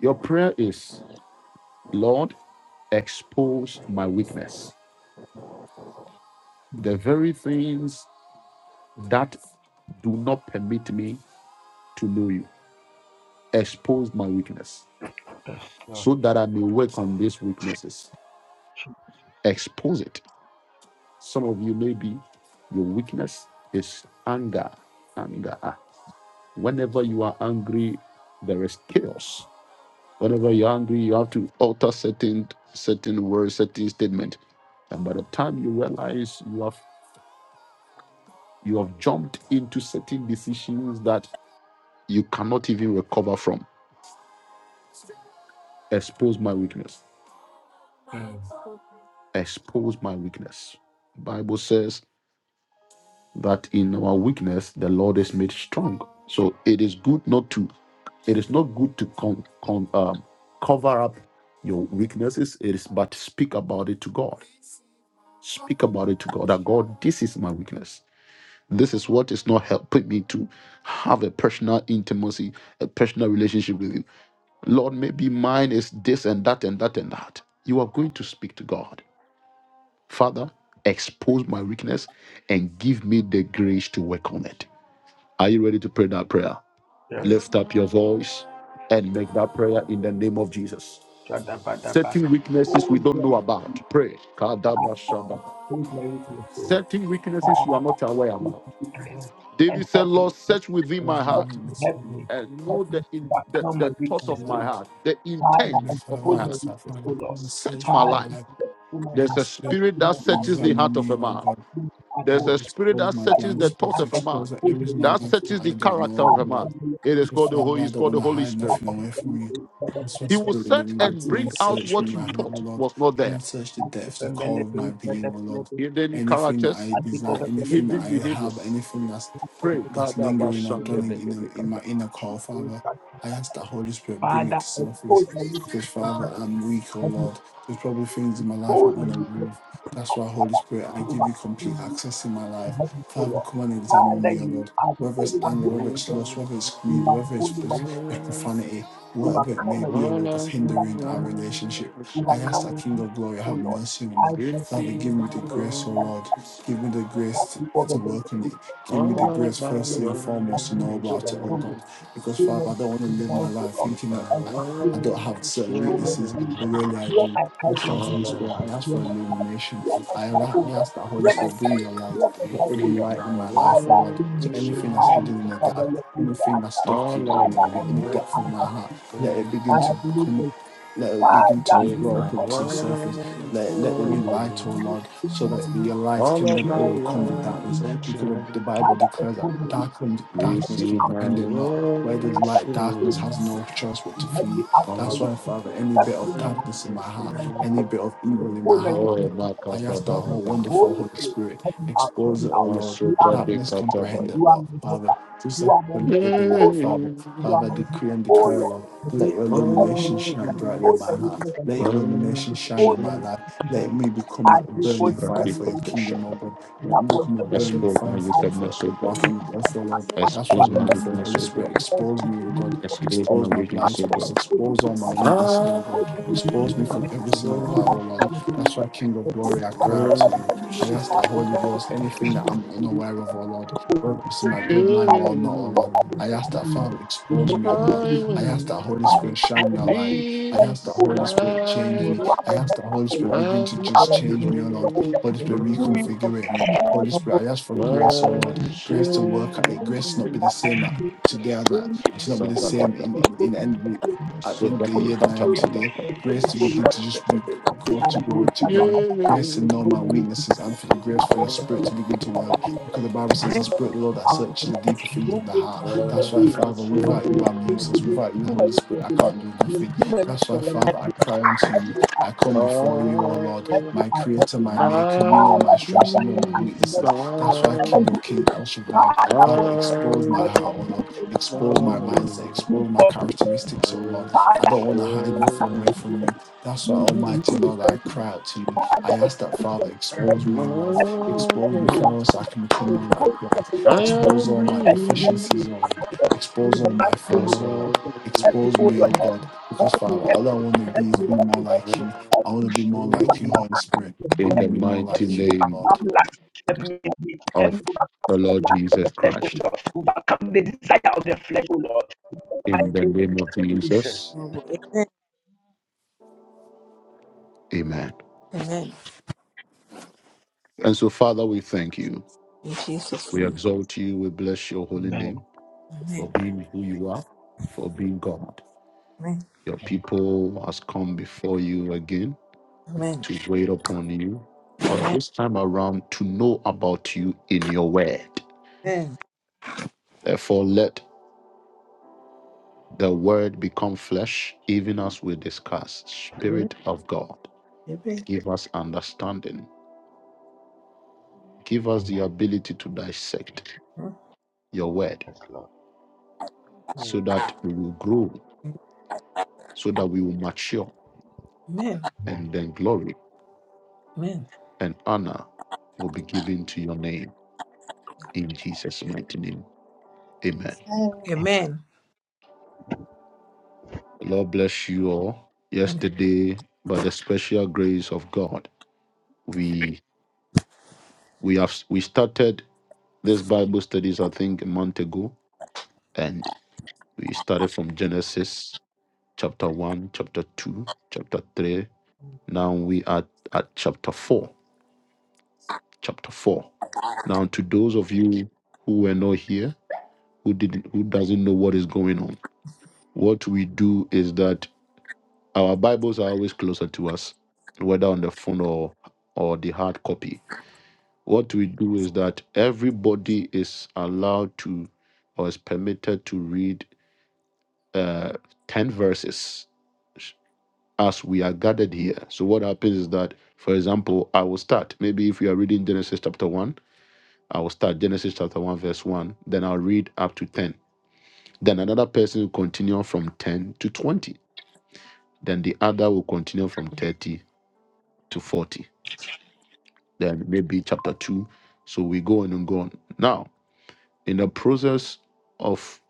Speaker 1: Your prayer is, Lord, expose my weakness. The very things that do not permit me to know you. Expose my weakness
Speaker 3: Yes, Lord
Speaker 1: so that I may work on these weaknesses.
Speaker 3: Jesus.
Speaker 1: Expose it. Some of you, maybe your weakness is anger. Anger. Whenever you are angry, there is chaos. Whenever you're angry, you have to alter certain certain words, certain statement. And by the time you realize you have you have jumped into certain decisions that you cannot even recover from. Expose my weakness
Speaker 3: Mm.
Speaker 1: expose my weakness. Bible says that in our weakness the Lord is made strong. So it is good not to it is not good to con, con, um, cover up your weaknesses it is but speak about it to god speak about it to god that god this is my weakness this is what is not helping me to have a personal intimacy a personal relationship with you lord maybe mine is this and that and that and that you are going to speak to god Father, expose my weakness and give me the grace to work on it. Are you ready to pray that prayer?
Speaker 3: Yes.
Speaker 2: Yes.
Speaker 1: Lift up your voice and make that prayer in the name of Jesus.
Speaker 3: Shadabadaba.
Speaker 1: Certain weaknesses
Speaker 3: Oh,
Speaker 1: we don't
Speaker 3: Lord,
Speaker 1: know about.
Speaker 3: I
Speaker 1: Pray. Kadabashaba.
Speaker 3: thank you for your
Speaker 1: Certain weaknesses you are
Speaker 3: power,
Speaker 1: not aware
Speaker 3: this
Speaker 1: about.
Speaker 3: weakness,
Speaker 4: Father,
Speaker 3: and
Speaker 1: David said,
Speaker 3: help me,
Speaker 1: Lord,
Speaker 3: help
Speaker 1: search within
Speaker 4: I
Speaker 1: my
Speaker 3: help
Speaker 1: heart
Speaker 3: me, help me,
Speaker 1: and
Speaker 3: help
Speaker 1: know
Speaker 3: me
Speaker 1: the,
Speaker 3: to
Speaker 1: in, the,
Speaker 3: overcome my
Speaker 1: the thoughts
Speaker 3: weakness.
Speaker 1: of
Speaker 3: O
Speaker 1: my
Speaker 3: Lord.
Speaker 1: heart, the
Speaker 3: Father, I
Speaker 1: intent of
Speaker 3: expose
Speaker 1: my
Speaker 3: my
Speaker 4: ask
Speaker 1: heart.
Speaker 4: that,
Speaker 3: weakness,
Speaker 4: Father, come
Speaker 3: O Lord.
Speaker 4: and
Speaker 1: Search
Speaker 4: Search
Speaker 1: my
Speaker 4: my
Speaker 3: Father,
Speaker 1: life.
Speaker 4: life
Speaker 3: expose my
Speaker 1: There's
Speaker 4: and
Speaker 3: heart,
Speaker 1: a
Speaker 4: speak.
Speaker 1: spirit
Speaker 3: expose my
Speaker 1: that
Speaker 4: to
Speaker 3: heart,
Speaker 1: searches
Speaker 3: O
Speaker 1: the
Speaker 3: Lord.
Speaker 1: heart
Speaker 4: Examine
Speaker 1: of
Speaker 4: me,
Speaker 1: a
Speaker 4: O
Speaker 1: man.
Speaker 4: God.
Speaker 3: Please, O
Speaker 1: There's
Speaker 3: Lord.
Speaker 4: Father,
Speaker 1: a spirit
Speaker 4: expose
Speaker 1: that
Speaker 4: my
Speaker 3: I
Speaker 1: searches
Speaker 4: blind
Speaker 3: think
Speaker 1: the
Speaker 3: I
Speaker 1: thought
Speaker 4: spots,
Speaker 1: of a
Speaker 3: can
Speaker 4: expose
Speaker 1: man,
Speaker 4: the
Speaker 3: put
Speaker 4: areas
Speaker 3: the
Speaker 4: in my
Speaker 1: that
Speaker 4: life
Speaker 3: weaknesses.
Speaker 1: searches
Speaker 4: that I
Speaker 1: the
Speaker 4: don't
Speaker 1: character
Speaker 4: know
Speaker 3: I
Speaker 1: of a
Speaker 4: of,
Speaker 1: man.
Speaker 3: can
Speaker 4: Lord.
Speaker 3: be a
Speaker 1: It is
Speaker 4: Because
Speaker 1: called the
Speaker 4: Father,
Speaker 1: Holy,
Speaker 4: I
Speaker 1: it's
Speaker 4: don't
Speaker 1: called
Speaker 4: want
Speaker 1: the
Speaker 4: to
Speaker 1: Holy
Speaker 4: hide
Speaker 3: lot
Speaker 1: Spirit.
Speaker 4: nothing
Speaker 3: of
Speaker 4: away
Speaker 3: things
Speaker 4: from you.
Speaker 3: better
Speaker 4: That's
Speaker 3: than
Speaker 4: why
Speaker 1: He will
Speaker 3: this.
Speaker 4: Spirit of the
Speaker 1: search
Speaker 4: Living
Speaker 3: I
Speaker 4: God,
Speaker 1: and
Speaker 4: come
Speaker 3: think
Speaker 1: bring
Speaker 4: and
Speaker 3: of the
Speaker 1: out
Speaker 4: search me
Speaker 1: what you
Speaker 4: right
Speaker 3: statement,
Speaker 4: now, O
Speaker 1: thought
Speaker 4: Lord.
Speaker 1: was not
Speaker 4: Come
Speaker 1: there.
Speaker 4: and search the
Speaker 3: not to
Speaker 4: depths,
Speaker 3: the
Speaker 4: the core
Speaker 3: melody
Speaker 4: of
Speaker 3: who
Speaker 4: my
Speaker 3: set up
Speaker 4: being, O Lord.
Speaker 3: level.
Speaker 1: Hidden
Speaker 4: Anything that
Speaker 1: characters,
Speaker 4: I
Speaker 3: I think of
Speaker 4: desire,
Speaker 3: the
Speaker 4: anything that
Speaker 3: melody,
Speaker 1: hidden
Speaker 4: I have,
Speaker 1: behaviors.
Speaker 4: anything that's
Speaker 3: not of
Speaker 1: Pray.
Speaker 4: that's
Speaker 3: the
Speaker 4: lingering or dwelling in in my
Speaker 1: Kadabashandebekebekata.
Speaker 4: inner core, Father.
Speaker 3: statement.
Speaker 4: I ask that Holy Spirit bring
Speaker 3: Father,
Speaker 4: it to surface.
Speaker 3: expose my
Speaker 4: Because
Speaker 3: weakness and
Speaker 4: Father,
Speaker 3: help me.
Speaker 4: I'm weak, O
Speaker 3: Help me
Speaker 4: Lord. There's probably things in my life
Speaker 3: expose
Speaker 4: I'm
Speaker 3: my
Speaker 4: unaware
Speaker 3: weakness
Speaker 4: of.
Speaker 3: and
Speaker 4: That's
Speaker 3: help
Speaker 4: why,
Speaker 3: me,
Speaker 4: Holy
Speaker 3: Father,
Speaker 4: Spirit, I
Speaker 3: to
Speaker 4: give you
Speaker 3: overcome
Speaker 4: complete
Speaker 3: me
Speaker 4: access in my
Speaker 3: and
Speaker 4: life.
Speaker 3: help me
Speaker 4: Father,
Speaker 3: forward.
Speaker 4: come and examine
Speaker 3: Father,
Speaker 4: me, O
Speaker 3: you
Speaker 4: Lord.
Speaker 3: are the
Speaker 4: Whether it's
Speaker 3: only one
Speaker 4: anger,
Speaker 3: who can
Speaker 4: whether it's
Speaker 3: help
Speaker 4: lust, whether it's
Speaker 3: me. You
Speaker 4: greed,
Speaker 3: are
Speaker 4: whether
Speaker 3: the
Speaker 4: it's,
Speaker 3: only
Speaker 4: it's,
Speaker 3: one
Speaker 4: it's profanity,
Speaker 3: who
Speaker 4: whatever it
Speaker 3: overcome
Speaker 4: may
Speaker 3: my
Speaker 4: be, O Lord, that's hindering our
Speaker 3: weakness
Speaker 4: relationship.
Speaker 3: You have
Speaker 4: I ask
Speaker 3: come
Speaker 4: that
Speaker 3: and
Speaker 4: King
Speaker 3: give,
Speaker 4: of Glory,
Speaker 3: O
Speaker 4: have
Speaker 3: Lord.
Speaker 4: mercy on
Speaker 3: I
Speaker 4: me.
Speaker 3: bless the
Speaker 4: Father, give
Speaker 3: name of
Speaker 4: me
Speaker 3: the
Speaker 4: the
Speaker 3: Lord.
Speaker 4: grace, O Lord. Give me the grace
Speaker 3: Thank
Speaker 4: to,
Speaker 3: you the
Speaker 4: to
Speaker 3: benefit
Speaker 4: work on
Speaker 3: of the Lord.
Speaker 4: it. Give me
Speaker 1: All
Speaker 4: the
Speaker 3: Thank you
Speaker 4: grace,
Speaker 1: of
Speaker 3: for the
Speaker 4: firstly and
Speaker 3: blessing. And
Speaker 4: foremost, to
Speaker 3: this
Speaker 4: know
Speaker 3: day, the
Speaker 4: about it,
Speaker 1: my
Speaker 4: oh
Speaker 3: Son of
Speaker 1: life,
Speaker 4: God. Because,
Speaker 3: the
Speaker 4: Father, I don't want to live my
Speaker 3: Lord, O
Speaker 4: life
Speaker 3: Lord.
Speaker 1: If
Speaker 4: thinking
Speaker 1: I
Speaker 4: that
Speaker 3: And
Speaker 1: was
Speaker 4: I,
Speaker 3: to
Speaker 4: I
Speaker 3: Spirit of
Speaker 4: don't have certain
Speaker 3: true love,
Speaker 4: weaknesses,
Speaker 3: O
Speaker 4: but
Speaker 3: Lord.
Speaker 1: young,
Speaker 4: really I
Speaker 3: Hear
Speaker 4: do.
Speaker 3: my cry, O
Speaker 4: Extra
Speaker 1: all of
Speaker 4: Holy
Speaker 1: my
Speaker 3: Lord.
Speaker 4: Spirit, I ask
Speaker 3: Hear
Speaker 4: for
Speaker 3: my cry.
Speaker 4: illumination.
Speaker 3: Hear my
Speaker 4: I,
Speaker 3: cry, O
Speaker 4: I
Speaker 3: Lord.
Speaker 4: ask that Holy
Speaker 3: Hear my
Speaker 4: Spirit,
Speaker 3: cry.
Speaker 4: bring your light.
Speaker 3: Hear my
Speaker 4: Let
Speaker 3: cry,
Speaker 4: there
Speaker 3: O
Speaker 4: be
Speaker 1: receive
Speaker 3: Lord.
Speaker 4: light in
Speaker 1: my
Speaker 4: my life, oh
Speaker 3: Father,
Speaker 4: Lord.
Speaker 3: in
Speaker 4: So
Speaker 1: worship,
Speaker 3: you,
Speaker 4: anything
Speaker 3: I
Speaker 4: that's
Speaker 3: am
Speaker 4: hidden in
Speaker 3: the
Speaker 4: the dark,
Speaker 3: Lord.
Speaker 4: anything that's
Speaker 3: Father,
Speaker 4: stuck
Speaker 1: all
Speaker 4: in, in,
Speaker 1: of
Speaker 3: Father,
Speaker 1: my
Speaker 4: in,
Speaker 3: on
Speaker 4: in the
Speaker 3: you,
Speaker 4: depth
Speaker 3: I
Speaker 4: of my
Speaker 1: worship
Speaker 3: have,
Speaker 4: heart, let it
Speaker 3: I
Speaker 4: begin to
Speaker 3: have lived
Speaker 4: become,
Speaker 3: a
Speaker 4: let it begin to be
Speaker 3: Father,
Speaker 1: is
Speaker 3: do
Speaker 4: brought
Speaker 1: my
Speaker 4: up
Speaker 3: not
Speaker 4: into the
Speaker 3: leave,
Speaker 1: worship.
Speaker 4: surface. Let, let there
Speaker 3: do
Speaker 4: be
Speaker 3: not
Speaker 4: light, oh
Speaker 3: leave
Speaker 4: Lord,
Speaker 3: in
Speaker 4: so
Speaker 3: my
Speaker 4: that your
Speaker 3: life.
Speaker 4: light
Speaker 1: All
Speaker 4: can
Speaker 1: of
Speaker 4: then
Speaker 1: my
Speaker 4: overcome the darkness.
Speaker 1: worship,
Speaker 3: Father,
Speaker 4: Because the the Bible declares that
Speaker 3: uphold me
Speaker 4: darkness,
Speaker 3: and help
Speaker 4: darkness
Speaker 3: me
Speaker 1: receive
Speaker 3: out
Speaker 1: my
Speaker 4: comprehend it not. Where there's light, darkness
Speaker 1: worship,
Speaker 4: has
Speaker 3: children
Speaker 4: no choice but to
Speaker 3: and help me
Speaker 4: flee.
Speaker 3: out
Speaker 1: all of
Speaker 4: That's
Speaker 1: my
Speaker 3: lady.
Speaker 1: worship.
Speaker 4: why, Father, any
Speaker 3: That's
Speaker 4: bit
Speaker 3: me
Speaker 4: of
Speaker 3: and help
Speaker 4: darkness in my heart,
Speaker 3: me on that
Speaker 4: any
Speaker 3: day.
Speaker 4: bit of evil in
Speaker 3: Expose
Speaker 4: my
Speaker 3: my
Speaker 4: heart, oh
Speaker 1: Oh,
Speaker 3: weakness
Speaker 4: Lord.
Speaker 3: to
Speaker 1: my
Speaker 4: I
Speaker 1: kata
Speaker 4: ask
Speaker 3: God.
Speaker 4: that
Speaker 3: Help me
Speaker 4: whole
Speaker 1: barata,
Speaker 3: out.
Speaker 4: wonderful
Speaker 3: Holy
Speaker 4: Holy
Speaker 3: Spirit,
Speaker 4: Spirit
Speaker 3: help me out, help
Speaker 4: expose
Speaker 3: me
Speaker 4: it, oh
Speaker 3: out.
Speaker 4: Lord.
Speaker 3: You are
Speaker 1: masuta
Speaker 3: me,
Speaker 1: de
Speaker 4: Darkness
Speaker 1: kata
Speaker 4: comprehend it,
Speaker 3: you are
Speaker 1: baya.
Speaker 4: Lord.
Speaker 3: my
Speaker 4: Father,
Speaker 3: helper.
Speaker 4: just
Speaker 3: You
Speaker 4: like
Speaker 3: are my
Speaker 4: you let there
Speaker 3: helper,
Speaker 4: be
Speaker 3: oh
Speaker 4: light,
Speaker 3: Lord.
Speaker 4: Father.
Speaker 3: You are
Speaker 4: Father,
Speaker 3: my
Speaker 4: decree
Speaker 3: helper,
Speaker 4: and
Speaker 3: oh
Speaker 4: declare,
Speaker 3: Lord.
Speaker 4: Lord.
Speaker 3: Help me,
Speaker 4: Let your
Speaker 3: help me.
Speaker 4: illumination shine brightly on
Speaker 3: Expose my
Speaker 4: my heart.
Speaker 3: weakness and
Speaker 4: Let
Speaker 3: help.
Speaker 4: your illumination shine
Speaker 3: Expose
Speaker 4: on
Speaker 3: my
Speaker 4: my life.
Speaker 1: Sovereignty
Speaker 3: weakness and help
Speaker 4: Let
Speaker 3: me.
Speaker 4: me become a
Speaker 3: I pray for
Speaker 4: burning
Speaker 3: you,
Speaker 4: fire
Speaker 3: God, you
Speaker 4: for your
Speaker 1: protection.
Speaker 4: kingdom, oh God. Let
Speaker 3: will
Speaker 4: me
Speaker 3: help us
Speaker 4: become a
Speaker 3: again.
Speaker 4: burning
Speaker 1: Expose my
Speaker 4: fire for,
Speaker 3: And
Speaker 4: for,
Speaker 1: wickedness, O
Speaker 4: for,
Speaker 1: God.
Speaker 3: we-
Speaker 4: for, for Lord.
Speaker 3: and
Speaker 4: That's why
Speaker 1: Expose
Speaker 3: the
Speaker 1: my
Speaker 3: enemy
Speaker 4: wonderful
Speaker 1: weakness,
Speaker 4: Holy
Speaker 3: is
Speaker 1: O God.
Speaker 3: not
Speaker 4: Spirit
Speaker 3: supposed
Speaker 4: expose me,
Speaker 3: to
Speaker 4: oh God.
Speaker 3: be in
Speaker 1: Expose my
Speaker 4: Expose my blind
Speaker 1: weakness, O
Speaker 4: spots.
Speaker 1: God.
Speaker 3: the
Speaker 4: Expose all my weaknesses,
Speaker 1: I
Speaker 4: oh
Speaker 3: You are my
Speaker 4: God.
Speaker 3: helper,
Speaker 4: Expose me from every single part,
Speaker 1: will,
Speaker 4: oh Lord.
Speaker 3: O
Speaker 4: That's
Speaker 3: Lord.
Speaker 4: why, King of Glory, I
Speaker 1: worship
Speaker 4: cry out to you. I ask the Holy Ghost, anything that I'm unaware of, oh Lord, whether it's in my bloodline or not, oh
Speaker 1: you.
Speaker 4: Lord. I ask that Father, expose
Speaker 1: I
Speaker 4: me, oh Lord. I ask that
Speaker 1: will
Speaker 4: Holy Spirit, shine your light. I
Speaker 1: be
Speaker 4: ask that Holy Spirit, change me.
Speaker 3: You
Speaker 1: silent.
Speaker 4: I ask that Holy Spirit, begin
Speaker 1: I
Speaker 4: to
Speaker 3: are my
Speaker 4: just
Speaker 2: Amen.
Speaker 4: change me, oh
Speaker 3: redeemer,
Speaker 4: Lord.
Speaker 3: O Lord.
Speaker 4: Holy Spirit,
Speaker 1: will
Speaker 3: Free me from
Speaker 4: reconfigure me. Holy
Speaker 3: everything
Speaker 4: Spirit, I ask for
Speaker 3: that
Speaker 4: grace,
Speaker 3: I
Speaker 4: oh Lord. Grace to
Speaker 1: worship.
Speaker 4: work at it. Grace to not be
Speaker 1: you.
Speaker 4: the same at today as I to not be the same in
Speaker 1: Sabbath,
Speaker 4: in,
Speaker 3: so
Speaker 4: in end the, at the end of the
Speaker 3: so
Speaker 1: Somebody
Speaker 4: year than I
Speaker 1: cut
Speaker 4: am
Speaker 1: up a lot
Speaker 4: today.
Speaker 1: of
Speaker 3: so
Speaker 4: Grace to
Speaker 1: shit.
Speaker 4: begin to just be, go to glory to glory.
Speaker 1: Yeah.
Speaker 4: Grace to know my weaknesses and for the
Speaker 3: Father, I can
Speaker 4: grace for your
Speaker 3: do
Speaker 4: spirit to begin to work. Because the Bible
Speaker 1: I
Speaker 4: says the spirit of the Lord
Speaker 1: shall
Speaker 4: that searches the deeper things of the heart. That's why, Father, without you I'm useless.
Speaker 1: be
Speaker 4: Without you, Holy Spirit, I can't do nothing. That's why, Father, I cry unto you. I come before you, O
Speaker 1: I
Speaker 4: Lord, my creator, my maker. You know
Speaker 1: my
Speaker 4: my strengths, you know my
Speaker 1: be
Speaker 4: weaknesses. That's why,
Speaker 1: strong.
Speaker 4: King of Kings, El Shaddai.
Speaker 1: I
Speaker 4: Father, expose my
Speaker 1: will
Speaker 4: heart, oh Lord. Expose my mindset, expose my characteristics, oh Lord. I don't want to hide nothing
Speaker 1: worship
Speaker 4: away from you. That's why,
Speaker 3: anything. I can
Speaker 4: Almighty
Speaker 3: do
Speaker 4: Lord, I
Speaker 3: anything
Speaker 4: cry out to you.
Speaker 3: ada
Speaker 4: I ask that,
Speaker 3: upungufu wa
Speaker 4: Father,
Speaker 1: as
Speaker 4: expose
Speaker 3: maji
Speaker 4: me, oh Lord.
Speaker 3: hadi
Speaker 1: long
Speaker 4: Expose me,
Speaker 3: mtu
Speaker 1: as
Speaker 4: Father, so I can become more like
Speaker 3: Overcome
Speaker 4: Christ.
Speaker 1: I
Speaker 4: Expose
Speaker 1: am
Speaker 4: all my
Speaker 1: breathing.
Speaker 4: deficiencies, oh Lord. Expose all my
Speaker 3: the
Speaker 1: I
Speaker 4: faults, oh Lord. Expose
Speaker 1: will
Speaker 4: me, oh God, because Father, all I want to be is be more like you. I want to be more like you,
Speaker 1: in
Speaker 4: Holy Spirit. I want to
Speaker 1: the
Speaker 4: be more
Speaker 1: mighty
Speaker 4: like you,
Speaker 1: name
Speaker 4: Lord.
Speaker 1: of the Lord
Speaker 3: lust of
Speaker 1: Jesus
Speaker 3: the flesh, O
Speaker 1: Christ.
Speaker 3: Lord, to overcome the desire of the flesh, O Lord. I
Speaker 1: In the
Speaker 3: say,
Speaker 1: name of
Speaker 3: Jesus.
Speaker 1: Jesus, amen.
Speaker 2: Amen.
Speaker 1: And so, Father, we thank you.
Speaker 2: In Jesus'
Speaker 1: We
Speaker 2: name.
Speaker 1: exalt you. We bless your holy
Speaker 3: Amen.
Speaker 1: name for
Speaker 2: Amen.
Speaker 1: being who you are, for being God. Your people has come before you again
Speaker 2: Amen.
Speaker 1: to wait upon you, but
Speaker 2: Amen.
Speaker 1: this time around to know about you in your word. Therefore, let the word become flesh, even as we discuss,
Speaker 2: Amen. Amen.
Speaker 1: Spirit of God.
Speaker 2: Amen.
Speaker 1: Give us understanding. Give us the
Speaker 3: Amen.
Speaker 1: ability to dissect your word
Speaker 3: Yes, Lord.
Speaker 1: so
Speaker 3: Mm.
Speaker 1: that we will grow, so that we will mature,
Speaker 3: Amen.
Speaker 1: and then glory
Speaker 2: Amen. Amen.
Speaker 1: and honor will be given to your name in Jesus' mighty name.
Speaker 4: Mhm.
Speaker 1: Amen.
Speaker 2: Amen.
Speaker 1: Lord bless you all.
Speaker 2: Amen.
Speaker 1: Yesterday, by the special grace of God, we we have we started this Bible studies, I think, a month ago, and we started from Genesis chapter 1, chapter 2, chapter 3, Now we are at chapter 4. Chapter 4. Now to those of you who were not here, who didn't who doesn't know what is going on, what we do is that our Bibles are always closer to us, whether on the phone or or the hard copy. What we do is that everybody is allowed to or is permitted to read uh, 10 verses as we are gathered here. So, what happens is that, for example, I will start. Maybe if you are reading Genesis chapter 1, I will start Genesis chapter 1, verse 1. Then I'll read up to 10. Then another person will continue from 10 to 20. Then the other will continue from 30 to 40. Then maybe chapter 2. So we go on and go on. Now, in the process of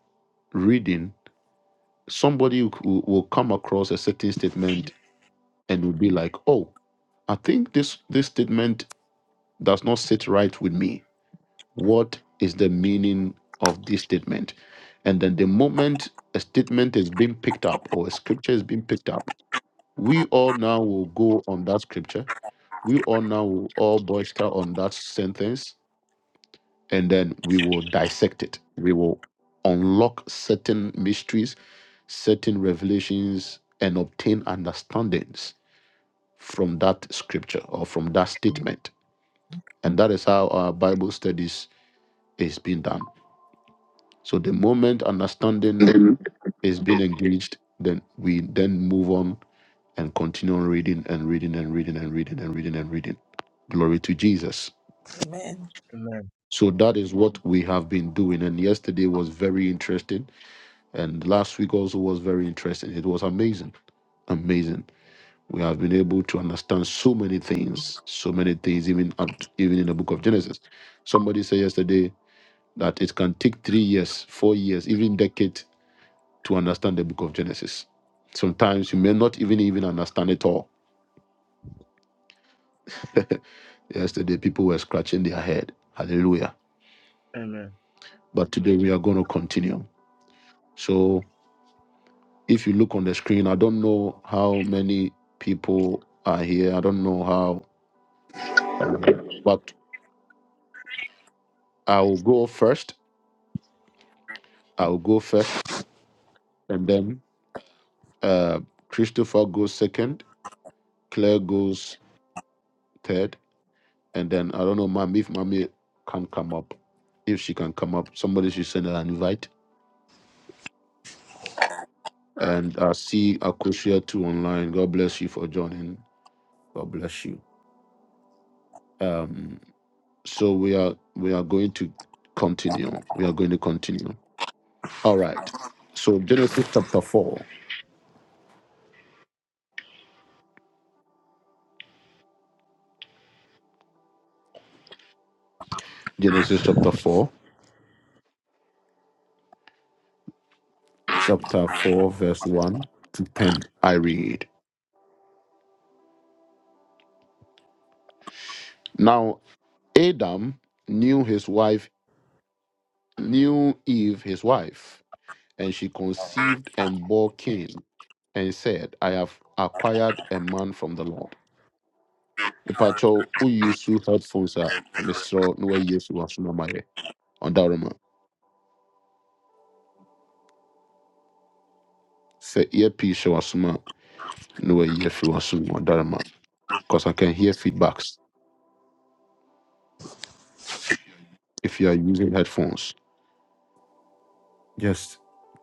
Speaker 1: reading, somebody will will come across a certain statement and will be like, oh, I think this this statement does not sit right with me. What is the meaning of this statement? And then the moment a statement is being picked up or a scripture is being picked up, we all now will go on that scripture. We all now will all boister on that sentence and then we will dissect it. We will unlock certain mysteries, certain revelations, and obtain understandings from that scripture or from that statement. And that is how our Bible studies It's been done. So the moment understanding is being engaged, then we then move on and continue on reading and reading and reading and reading and reading and reading. Glory to Jesus.
Speaker 2: Amen.
Speaker 3: Amen.
Speaker 1: So that is what we have been doing. And yesterday was very interesting. And last week also was very interesting. It was amazing. Amazing. We have been able to understand so many things, so many things, even up, even in the book of Genesis. Somebody said yesterday that it can take three years, four years, even decade to understand the book of Genesis. Sometimes you may not even even understand it all. Yesterday people were scratching their head. Hallelujah.
Speaker 3: Amen.
Speaker 1: But today we are going to continue. So if you look on the screen, I don't know how many people are here. I don't know how um, but I'll go first. I'll go first and then uh Christopher goes second, Claire goes third, and then I don't know, Mami if mommy can come up. If she can come up, somebody should send her an invite And I see Akosia too online. God bless you for joining. God bless you. Um, so we are we are going to continue. We are going to continue. All right. So Genesis chapter four. Genesis chapter four. Chapter four, verse one to ten. I read. Now Adam knew his wife, knew Eve his wife, and she conceived and bore Cain, and said, I have acquired a man from the Lord. mepakyɛw use two headphones a meserɛ na wayi afiri wasom ama yɛ ɔdarema sɛ earpiece hyɛ no way na wayi afiri wasom ɔdarema because i can hear feedbacks if you are using headphones just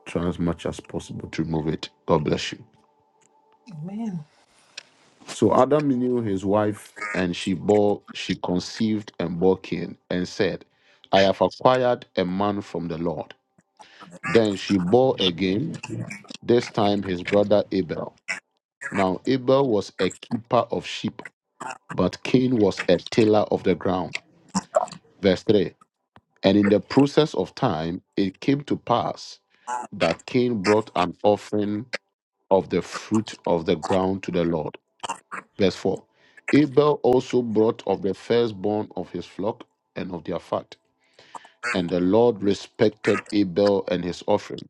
Speaker 1: try as much as possible to remove it god bless you
Speaker 2: Amen.
Speaker 1: so adam knew his wife and she bore she conceived and bore cain and said i have acquired a man from the lord then she bore again this time his brother abel Now Abel was a keeper of sheep, but Cain was a tiller of the ground. Verse 3 And in the process of time, it came to pass that Cain brought an offering of the fruit of the ground to the Lord. Verse 4 Abel also brought of the firstborn of his flock and of their fat. And the Lord respected Abel and his offering,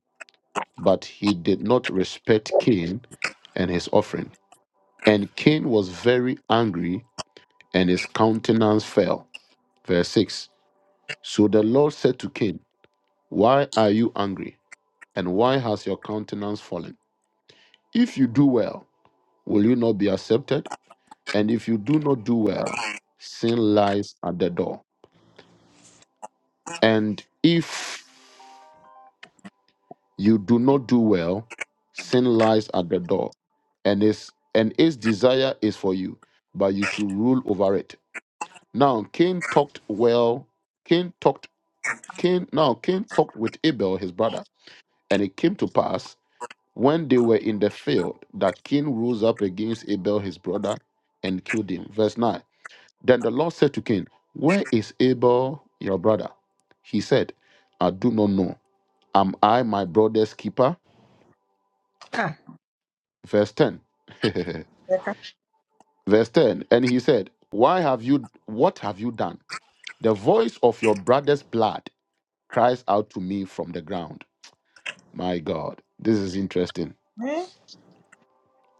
Speaker 1: but he did not respect Cain and his offering. And Cain was very angry and his countenance fell. Verse 6 So the Lord said to Cain, Why are you angry? And why has your countenance fallen? If you do well, will you not be accepted? And if you do not do well, sin lies at the door. And if you do not do well, sin lies at the door, and its and its desire is for you, but you should rule over it. Now Cain talked well. Cain talked Cain now Cain talked with Abel, his brother And it came to pass when they were in the field that Cain rose up against Abel his brother and killed him. Verse 9. Then the Lord said to Cain, Where is Abel your brother? He said, I do not know. Am I my brother's keeper?
Speaker 2: Ah.
Speaker 1: Verse 10.
Speaker 2: yaka-
Speaker 1: Verse 10. And he said, Why have you what have you done? The voice of your brother's blood cries out to me from the ground. My God. This is interesting.
Speaker 2: Amen.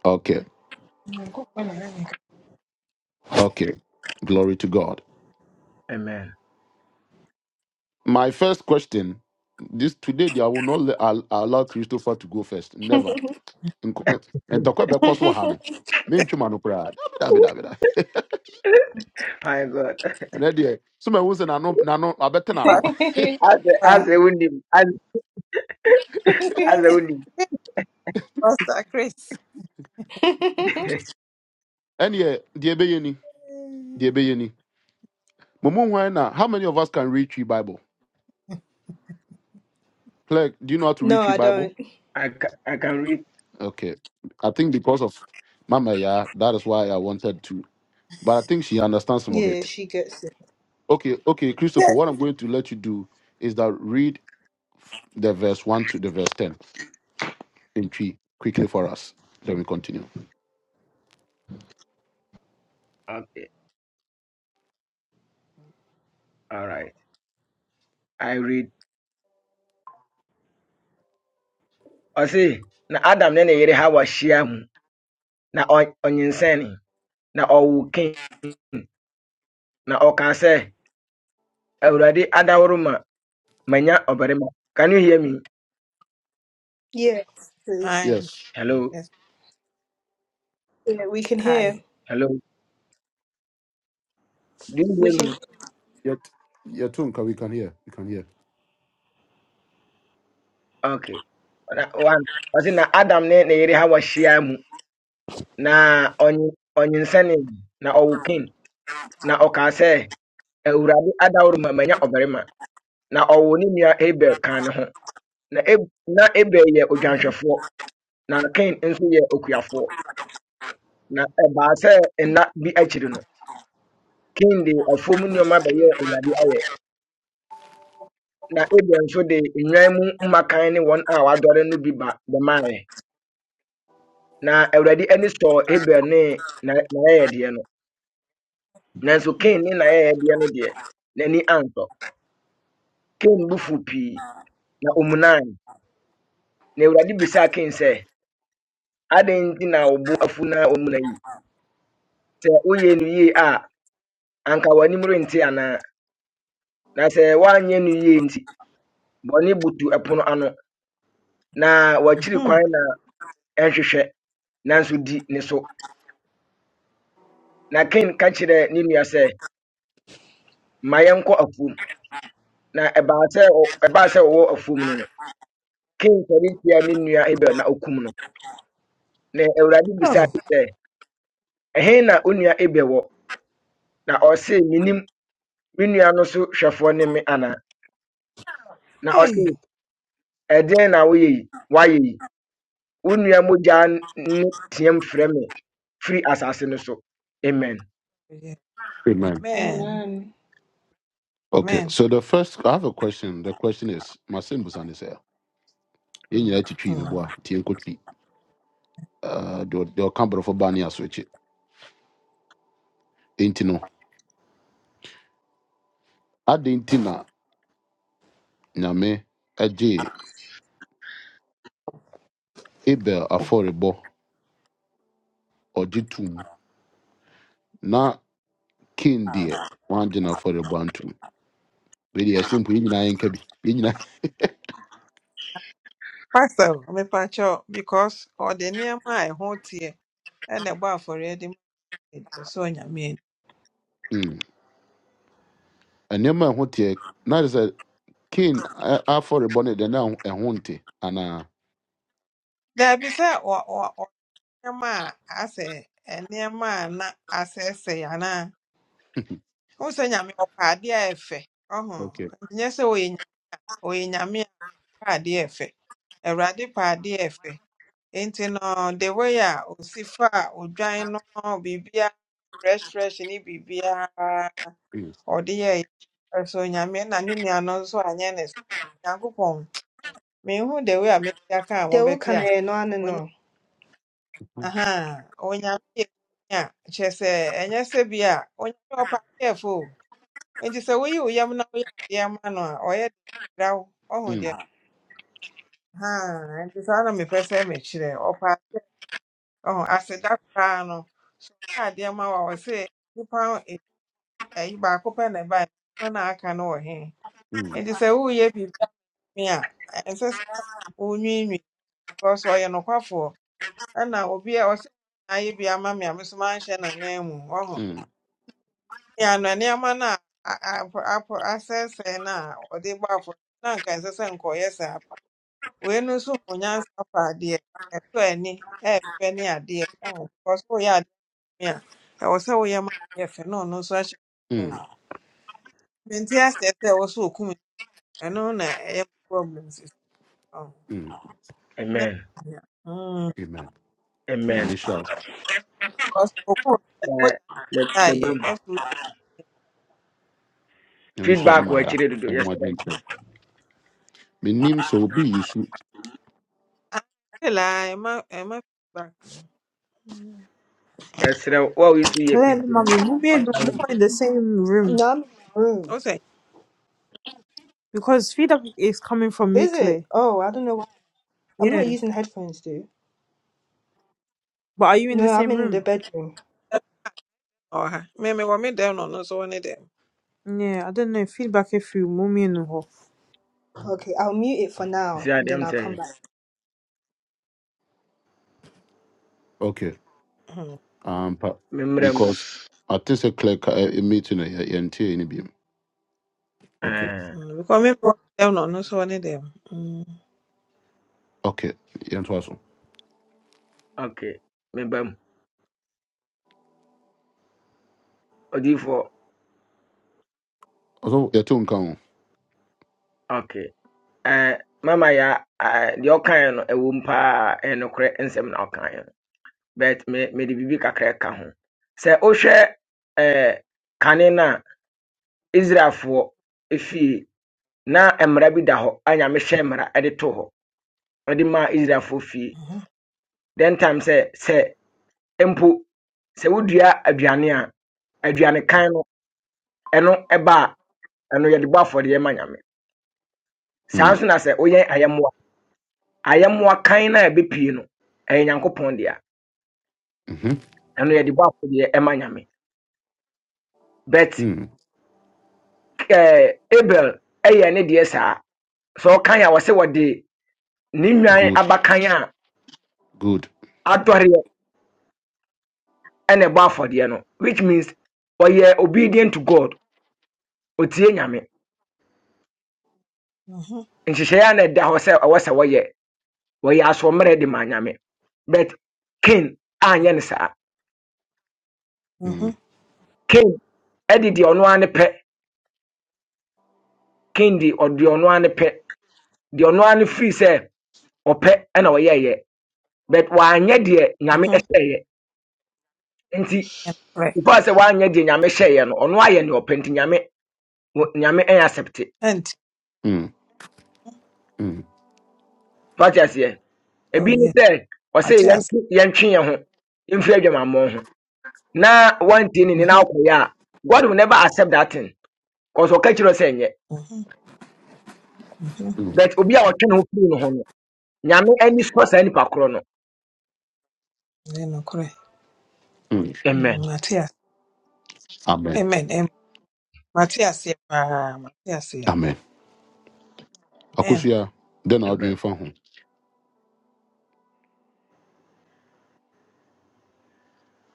Speaker 1: Okay.
Speaker 2: Mungu bwana nani
Speaker 1: Okay. Glory to God.
Speaker 3: Amen.
Speaker 1: My first question this today, they will not let, al- allow Christopher to go first. Never. Nko- And talk about cost for Hano. Mean Chumano Pra.
Speaker 3: My God.
Speaker 1: And then, dear, some of us and I know, na know, I better I know.
Speaker 3: As a, as
Speaker 2: kapata.
Speaker 3: a windy, as, as a
Speaker 2: Eh,
Speaker 3: windy.
Speaker 2: eh, Pastor Chris.
Speaker 1: And yeah, dear Bayani, dear
Speaker 2: Mm.
Speaker 1: Bayani. Mumu, why na? how many of us can read three Bible? Clerk, do you know how to
Speaker 5: No,
Speaker 1: read three
Speaker 5: I
Speaker 1: Bible?
Speaker 5: don't.
Speaker 3: I, ca- I can read.
Speaker 1: Okay. I think because of Mama, yeah, that is why I wanted to. But I think she understands some of
Speaker 5: Yeah,
Speaker 1: it.
Speaker 5: she gets
Speaker 1: Okay, okay, Christopher,
Speaker 2: Yes.
Speaker 1: what I'm going to let you do is that read the verse 1 to the verse 10 in three quickly for us then we continue
Speaker 3: Okay. All right. I read. I see. Na Adam ne ne yere hawa shia mu. Na on- onyinsɛne. Na ɔwo Na ɔka sɛ, Awurade adaworo ma manya ɔbarima. Can you hear me?
Speaker 5: Yes, please.
Speaker 2: Hi.
Speaker 1: yes
Speaker 3: Hello.
Speaker 2: Yes.
Speaker 5: Yeah, we can hear.
Speaker 2: Hi.
Speaker 3: Hello. Do you
Speaker 5: We
Speaker 3: hear me?
Speaker 5: can.
Speaker 1: yet your tunka we can hear we can hear
Speaker 3: Okay. Na one. I see. na Adam ne ne yere hawa shia mu. Na onyi onyinsɛne. Na ɔwo Na ɔka Awurade adaworo mu manya ɔbarima na ɔwoo ne nua Abel kaa ne ho. Na Ab- na Abel yɛ
Speaker 2: Mhm.
Speaker 3: odwanhwɛfoɔ na Kain nso yɛ okuafoɔ. Na ɛbaa sɛ
Speaker 2: Mm.
Speaker 3: nna bi akyiri no, Kain de afuom nneɛma bɛyɛɛ Awurade ayɛ. Na Abel nso de nnwan mu mmakan ne wɔn a wɔadɔre no bi ba bɛmaeɛ. Na Awurade ani sɔɔ Abel ne na- n'ayɛyɛdeɛ no. Nanso
Speaker 2: Mhm.
Speaker 3: Kain ne n'ayɛyɛdeɛ no deɛ, n'ani ansɔ. Kain bo fuw pii na omunae. Na Awurade bisaa Kain sɛ, adɛn nti na wo afuna afu na ɔmu na yi sɛ woyɛ no a anka w'anim rente ana na se woanyɛ no yie nti bɔne butu ɛpono ano na wakyiri
Speaker 2: Mhm.
Speaker 3: kwan na ɛnhwehwɛ nanso di ne so na ken ka kyerɛɛ ne nua se ma yɛnkɔ na ɛbaa sɛ ɔ- ɛbaa sɛ ɔwɔ afuom no no ken sɔre tia ne nua abel na ɔkum no na awurade bisaa
Speaker 2: Oh,
Speaker 3: no ehe na wo nua wo na ɔse minim me nua no so hwɛfoɔ ne me ana na ɔse
Speaker 2: hey.
Speaker 3: ɛdeɛn na woyɛ yi yi wo nua mogya ne team asase no so amen
Speaker 2: Yeah.
Speaker 1: amen
Speaker 2: Amen.
Speaker 1: okay
Speaker 2: Amen.
Speaker 1: so the first i have a question the question is my sin was on this air in your tree me boy
Speaker 2: Hmm.
Speaker 1: tien kotri uh do do camber for bani aswechi intino adentina nyame aje ebel aforebo ojitum na kin de wan jina aforebo antum we simple Yini na yen Yini
Speaker 2: Pastor, me pacho because ọ dị nneɛma a ɛho teɛ for ready. So ɛde ma
Speaker 1: na. nneɛma a ɛho teɛ na de sɛ kin afɔrebɔ no deɛ na ɛho ɛho nte anaa
Speaker 2: There be ani. or or ɔ ɔ ɔ nneɛma a asɛ nneɛma a na asɛesɛe anaa wohu sɛ nyame ɔpɛ adeɛ a ɛfɛ ɔho
Speaker 1: okay
Speaker 2: nyɛ sɛ ɔyɛ nya- ɔyɛ nyame a ɔpɛ adeɛ a ɛfɛ Awurade pɛ adeɛ no the way a osi fa odwan no biribiara fresh fresh ne bibia. ɔde yɛeɛ. Ɛso Onyame na ne nua no nso anyɛ ne saa. Nyankopɔn, menhu the way a mesi aka a
Speaker 5: they all
Speaker 2: mobɛte
Speaker 5: can
Speaker 2: ase.
Speaker 5: hear. No, no,
Speaker 2: Onya,
Speaker 5: no.
Speaker 2: aha, Onyame yɛ Nyame a, kyerɛ sɛ ɛnyɛ sɛ bi a Onyame ɔpɛ adeɛfo o. Nti sɛ woyi wo yam na woyɛ adeɛ ma no a, ɔyɛ de dra wo. Ɔhu deɛ
Speaker 1: mm,
Speaker 2: haa, nti saa na mepɛ sɛ mekyerɛ. Ɔpɛ adeɛ, ɔhu aseda koraa no, ɔyɛ adeɛ ma wo a, ɔse nipa ayi baako pɛ na ɛbae, nipa na aka no wɔ he?
Speaker 1: mm,
Speaker 2: Nti sɛ woyɛ biribi me a ɛnsɛ sɛ onwiinwii because ɔyɛ nokwafoɔ ɛna obi a ɔsɛ ayɛ bi ama me a me so manhyɛ n'anan mu ɔho
Speaker 1: mm,
Speaker 2: yɛ ano nneɛma no a a- a- apɔ asɛesɛe no a ɔde bɔ afɔ na anka ɛnsɛ sɛ nkɔyɛ saa wei no nso ho nyansa fa adeɛ ɛtɔ ani ɛɛfɛ ne adeɛ ɔho because woyɛ adeɛ me a ɛwɔ sɛ woyɛ ma yɛ fɛ na ɔno nso ahyɛ ɔho
Speaker 1: mm,
Speaker 2: menti asɛ sɛ ɛwɔ sɛ okum ɛno na ɛyɛ me problem sisi ɔho
Speaker 1: mm.
Speaker 2: na
Speaker 3: amen
Speaker 2: ɛyɛ. mm.
Speaker 1: amen nyame
Speaker 3: amen
Speaker 1: nhyira wo.
Speaker 2: Because
Speaker 3: Eh, me- meba
Speaker 2: die.
Speaker 3: mu
Speaker 2: Every
Speaker 1: nyame nhyira
Speaker 3: feedback
Speaker 1: mama
Speaker 3: wa
Speaker 1: yɛ a
Speaker 3: chire dodo yesterday
Speaker 1: ɛnoaden kyerɛ menim sɛ obi yi su
Speaker 2: I am a back.
Speaker 3: yesterday wa wo wo a woyi so yɛ
Speaker 6: Claire,
Speaker 3: president,
Speaker 6: mommy, we'll be
Speaker 3: me
Speaker 6: no
Speaker 3: wo mu.
Speaker 6: more in the same room
Speaker 5: No, I'm in the room.
Speaker 2: O say
Speaker 6: because feedback is coming from you,
Speaker 5: Is it?
Speaker 6: Claire.
Speaker 5: Oh, I don't know. Why. I'm not
Speaker 6: Yeah,
Speaker 5: using headphones, dude.
Speaker 6: but are you in the
Speaker 5: No, I'm
Speaker 6: same
Speaker 5: in the
Speaker 6: room?
Speaker 5: bedroom.
Speaker 2: or ha. Me me wa me down on no so one them.
Speaker 6: Yeah, I don't know. Feedback if you mommy and her.
Speaker 5: Okay, I'll mute it for
Speaker 3: si
Speaker 5: now. Then I'll come back.
Speaker 1: okay
Speaker 2: Mhm.
Speaker 1: ampa because ate sɛ clear ka ɛ- ɛ- meeting no yɛ- yɛntee no biom okay
Speaker 3: Eh,
Speaker 2: Mm, Because me wa me down on no so one them. Mm.
Speaker 1: okay yɛntoa so
Speaker 3: okay meba mu odiyifoɔ
Speaker 1: ɔsɛ yɛto wo nka ho
Speaker 3: okay Eh, mama ya ah, deɛ ɔkaeɛ no ɛwɔ mu paa ɛyɛ nokorɛ nsɛm na ɔkaeɛ no but me- mede biribi kakra ka ho sɛ wohwɛ eh, kane no Israelfoɔ fie na mmara bi da hɔ a Nyame hyɛɛ mmara de too hɔ de Then time sɛ sɛ empu se wodua aduane a aduanekan no ɛno ɛba a ɛno yɛde bɔ afɔdeɛ ma Nyame. Saa
Speaker 1: Mm,
Speaker 3: nso na sɛ woyɛn ayɛmmoa, ayɛmmoa kan na ebe pii no e nyankopon de a
Speaker 1: mhm,
Speaker 3: ɛbɛpue no ɛyɛ Nyankopɔn dea. Ɛno yɛde bɔ afɔdeɛ ɛma Nyame. But
Speaker 1: mm.
Speaker 3: ɛɛ Abel ɛyɛ ne deɛ saa. Sɛ ɔkan a wɔsɛ wɔde ne nnwan
Speaker 1: good
Speaker 3: abakan a
Speaker 1: good
Speaker 3: adɔre ɛna ɛbɔ afɔdeɛ no which means ɔyɛ obedient to god ɔtie nyame
Speaker 2: Mm-hmm.
Speaker 3: nhyehyɛeɛ a na ɛda hɔ sɛ ɛwɔ sɛ wɔyɛ wɔyɛ asɔmmerɛ de are so but Cain anyɛ But
Speaker 2: Mm-hmm.
Speaker 1: Mm,
Speaker 3: king, I ɛde deɛ ɔno ara ne pɛ Cain de the ɔno ara the pɛ deɛ ɔno ara ne firi sɛ ɔpɛ ɛna ɔyɛɛyɛ but wanyɛ deɛ nyame
Speaker 2: Mm-hmm.
Speaker 3: ɛhyɛeɛ nti
Speaker 2: And correct.
Speaker 3: before sɛ wanyɛ deɛ nyame hyɛeɛ no ɔno ayɛ deɛ ɔpɛ nti nyame wɔ- nyame ɛyɛ asɛpte
Speaker 2: And
Speaker 1: mm, mm,
Speaker 3: fati aseɛ
Speaker 2: oh
Speaker 3: ebi ne
Speaker 2: yes,
Speaker 3: sɛ ɔse
Speaker 2: Matthias.
Speaker 3: yɛntwe yɛntwe yɛn ho mfiri adwamammɔ ho na one thing in na
Speaker 2: Mm-hmm.
Speaker 3: akoya a god will never accept that thing cause we catch us enye
Speaker 2: Mm-hmm. Mm-hmm.
Speaker 3: but obi a ɔtwe ne ho firi ne ho no nyame ani so saa nipa korɔ no
Speaker 2: Then okay.
Speaker 1: mm.
Speaker 3: amen
Speaker 2: Matthias.
Speaker 1: amen
Speaker 2: Amen. Amen. Mate aseɛ ah, mate aseɛ.
Speaker 1: Amen.
Speaker 2: Man.
Speaker 1: Akusua, then I'll adwene
Speaker 3: amen
Speaker 1: fa ho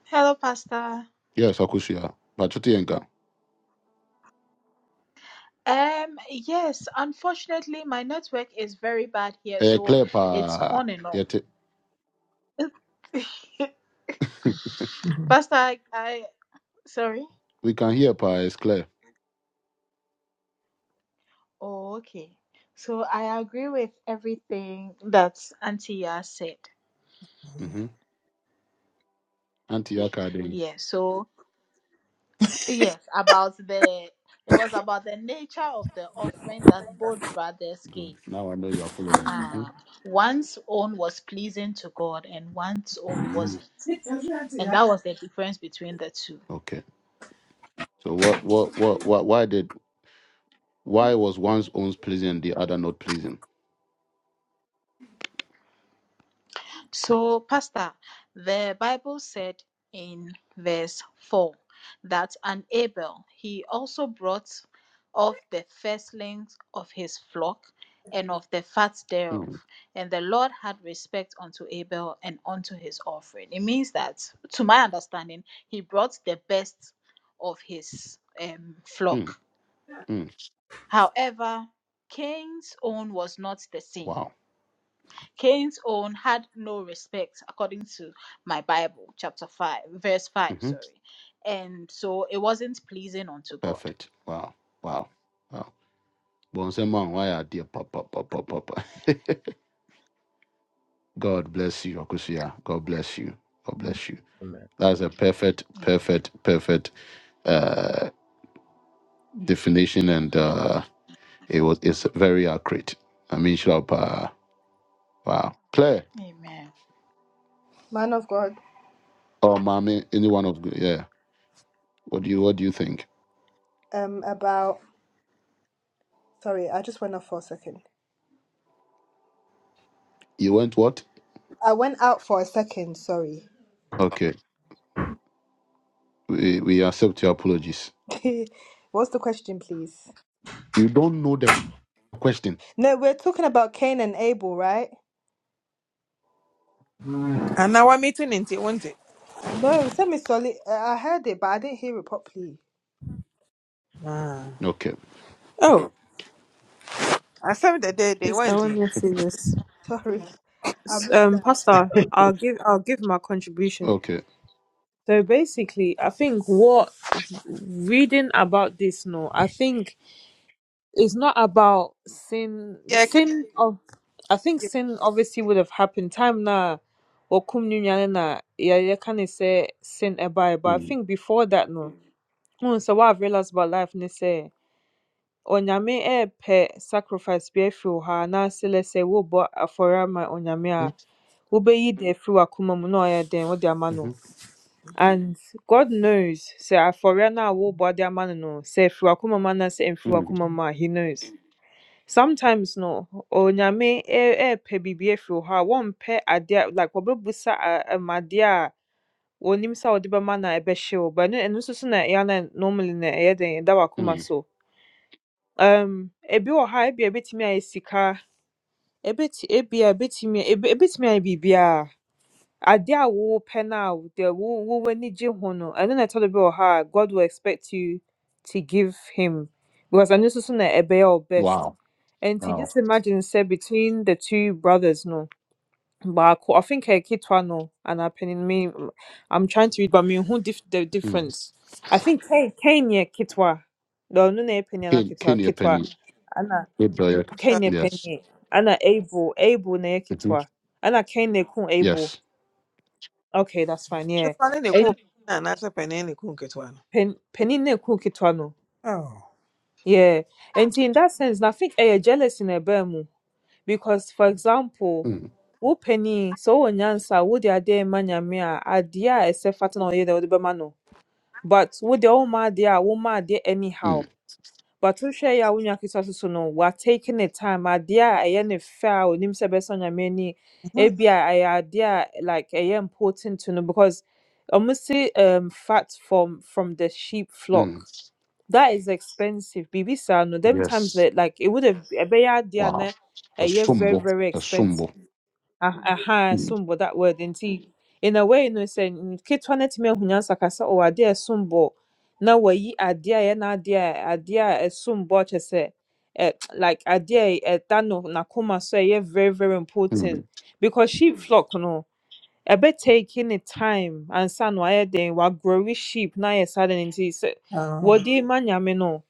Speaker 7: Hello, Pastor.
Speaker 1: yes akosua But yɛn ka
Speaker 7: Um, yes, unfortunately, my network is very bad here,
Speaker 1: ɛyɛ
Speaker 7: so
Speaker 1: clear
Speaker 7: it's
Speaker 1: paa
Speaker 7: on and off.
Speaker 1: yet
Speaker 7: Pastor, I, I sorry.
Speaker 1: we can hear paa it's clear
Speaker 7: Oh, okay. So I agree with everything that Auntie Yah said.
Speaker 1: mm-hmm. auntie yaka den
Speaker 7: Yeah, so yes, about the it was about the nature of the offering that both brothers
Speaker 1: good
Speaker 7: gave.
Speaker 1: now i know you are following hmm
Speaker 7: Uh-huh. One's own was pleasing to God and one's own wasn't. And that was the difference between the two.
Speaker 1: okay so what, what what what why did why was one's own pleasing and the other not pleasing
Speaker 7: So, Pastor, the Bible said in verse 4 that an Abel, he also brought of the firstlings of his flock and of the fat thereof.
Speaker 1: mm,
Speaker 7: And the Lord had respect unto Abel and unto his offering. It means that, to my understanding, he brought the best of his um, flock.
Speaker 1: mm, mm.
Speaker 7: However, Cain's own was not the same
Speaker 1: wow
Speaker 7: Cain's own had no respect, according to my Bible, chapter 5, verse 5,
Speaker 1: mm-hmm.
Speaker 7: sorry. And so it wasn't pleasing unto God.
Speaker 1: perfect wow wow wow Bonsema, why are dear papa papa papa god bless you akosua god bless you god bless you
Speaker 3: amen
Speaker 1: That's a perfect,
Speaker 7: Amen.
Speaker 1: perfect, perfect uh, definition, and uh, it was it's very accurate. I mean, Shlop, uh, wow, Claire
Speaker 7: Amen.
Speaker 5: Man of God.
Speaker 1: or Mami, any one of the- yeah. What do you what do you think?
Speaker 5: Um, about. Sorry, I just went off for a second.
Speaker 1: You went what?
Speaker 5: I went out for a second. Sorry.
Speaker 1: Okay, we we accept your apologies.
Speaker 5: What's the question, please?
Speaker 1: You don't know the question.
Speaker 5: No, we're talking about Cain and Abel, right?
Speaker 2: Anaa wamete ne nti, wonte.
Speaker 5: No, semi solid. I I heard it, but I didn't hear it properly.
Speaker 2: Ah.
Speaker 1: Okay,
Speaker 2: Oh, asɛm dɛdɛɛdɛ,
Speaker 6: Just I
Speaker 2: woante.
Speaker 6: want to say this.
Speaker 5: Sorry, I
Speaker 6: S-
Speaker 5: missed
Speaker 6: Um,
Speaker 5: that.
Speaker 6: Pastor, I'll give I'll give my contribution.
Speaker 1: okay.
Speaker 6: So basically, I think what reading about this, no, I think it's not about sin
Speaker 2: Yɛka
Speaker 6: sin
Speaker 2: hwee-
Speaker 6: of I think sin obviously would have happened time na wakum ne nuane na yɛyɛ ka ne sɛ sin eba. but I
Speaker 1: Mhm,
Speaker 6: think before that no hu sɛ what I've realised about life ne sɛ onyame ɛɛpɛ sacrifice bi afiri wo ha anaasɛ lɛ sɛ wobɔ afɔre my onyame a wobɛyi de afiri w'akoma mu na ɔyɛ dɛn wode ama no
Speaker 1: mhm,
Speaker 6: and God knows sɛ afɔre no a wobɔ de ama no no sɛ ɛfiri w'akoma mu anaasɛ ɛmfiri
Speaker 1: mhm,
Speaker 6: w'akoma mu a he knows sometimes no onyame ɛ- ɛɛpɛ biribi afiri hɔ a wɔmpɛ adeɛ a- like wɔbɛbusa a- ɛm adeɛ a wɔnim sɛ wɔde bɛma na ɛbɛhye wo but no. ɛno nso so na ɛyɛ na normally na ɛyɛ den ɛda wakoma
Speaker 1: mhm.
Speaker 6: so um ebi wɔ ha ebi ebetimi a ebia ebɛtumi ayɛ sika ebɛti ebia Ebetimi. eb- ebɛtumi ayɛ biribiara ade a wopɛ no a wo- deɛ wo- wo w'ani gye ho no ɛno na ɛtɔ do bi wɔ hɔ a god will expect you to give him because ɛno nso so na ɛbɛyɛ wo best
Speaker 1: Wow,
Speaker 6: And to
Speaker 1: wow.
Speaker 6: just imagine sɛ between the two brothers no baako i think ɛyɛ ketewa no anaa panin me i'm trying to read but menhu dif the
Speaker 1: Mm.
Speaker 6: difference i think Cain Cain yɛ ketewa na ɔno na yɛ panin anaa
Speaker 1: Can
Speaker 6: ketewa
Speaker 1: can you
Speaker 6: ketewa
Speaker 1: penny?
Speaker 6: ana
Speaker 1: Yes.
Speaker 2: Ah,
Speaker 6: Cain yɛ
Speaker 1: Yes.
Speaker 6: panin ana abel abel na yɛ
Speaker 1: Mhm.
Speaker 6: ketewa ana Cain na ɛkum abel
Speaker 1: Yes.
Speaker 6: Okay, that's fine. Yeah.
Speaker 2: Ketewa ne ne kum
Speaker 6: And
Speaker 2: na anaasɛ panin ne kum ketewa no.
Speaker 6: pen penin ne ku kitwano.
Speaker 2: Oh,
Speaker 6: Yeah. And in that sense, na think eh jealous in a bemu because for example,
Speaker 1: Mm,
Speaker 6: wo penny so wo nyansa wo dia de manyame a adia ese fata na oye de wo de no. But wo de oma dia de a wo ma de
Speaker 1: mm,
Speaker 6: anyhow. But to share your own ketewa so no we are taking the time. ɛyɛ I am a fair. sɛ ɛbɛsɔ nyame ani
Speaker 2: Uh huh.
Speaker 6: ebi a ɛyɛ adeɛ a like ɛyɛ important to know because ɔmo um, fat from from the sheep flock
Speaker 1: mm.
Speaker 6: that is expensive biribi sa no them times
Speaker 1: Yes.
Speaker 6: that like it would have ɛbɛyɛ adeɛ a
Speaker 1: Wow.
Speaker 6: na very
Speaker 1: Ɛsombo.
Speaker 6: very expensive
Speaker 1: Ɛsombo.
Speaker 6: Ah, aha, ɛsom bo that word nti in a way no sɛ nketewa no atumi ahunya nsaka sɛ ɔwɔ adeɛ a ɛsom bo na wayi adeɛ a ɛyɛ n'adeɛ a adeɛ a ɛsom bo a like adeɛ a ɛda no n'akoma so a very very
Speaker 1: Mm,
Speaker 6: important because sheep flock no Ebe taking the time and ansa no ayɛ den wagrɔwe sheep na ayɛ saa den nti sɛ
Speaker 2: oh,
Speaker 6: wɔde ma nyame no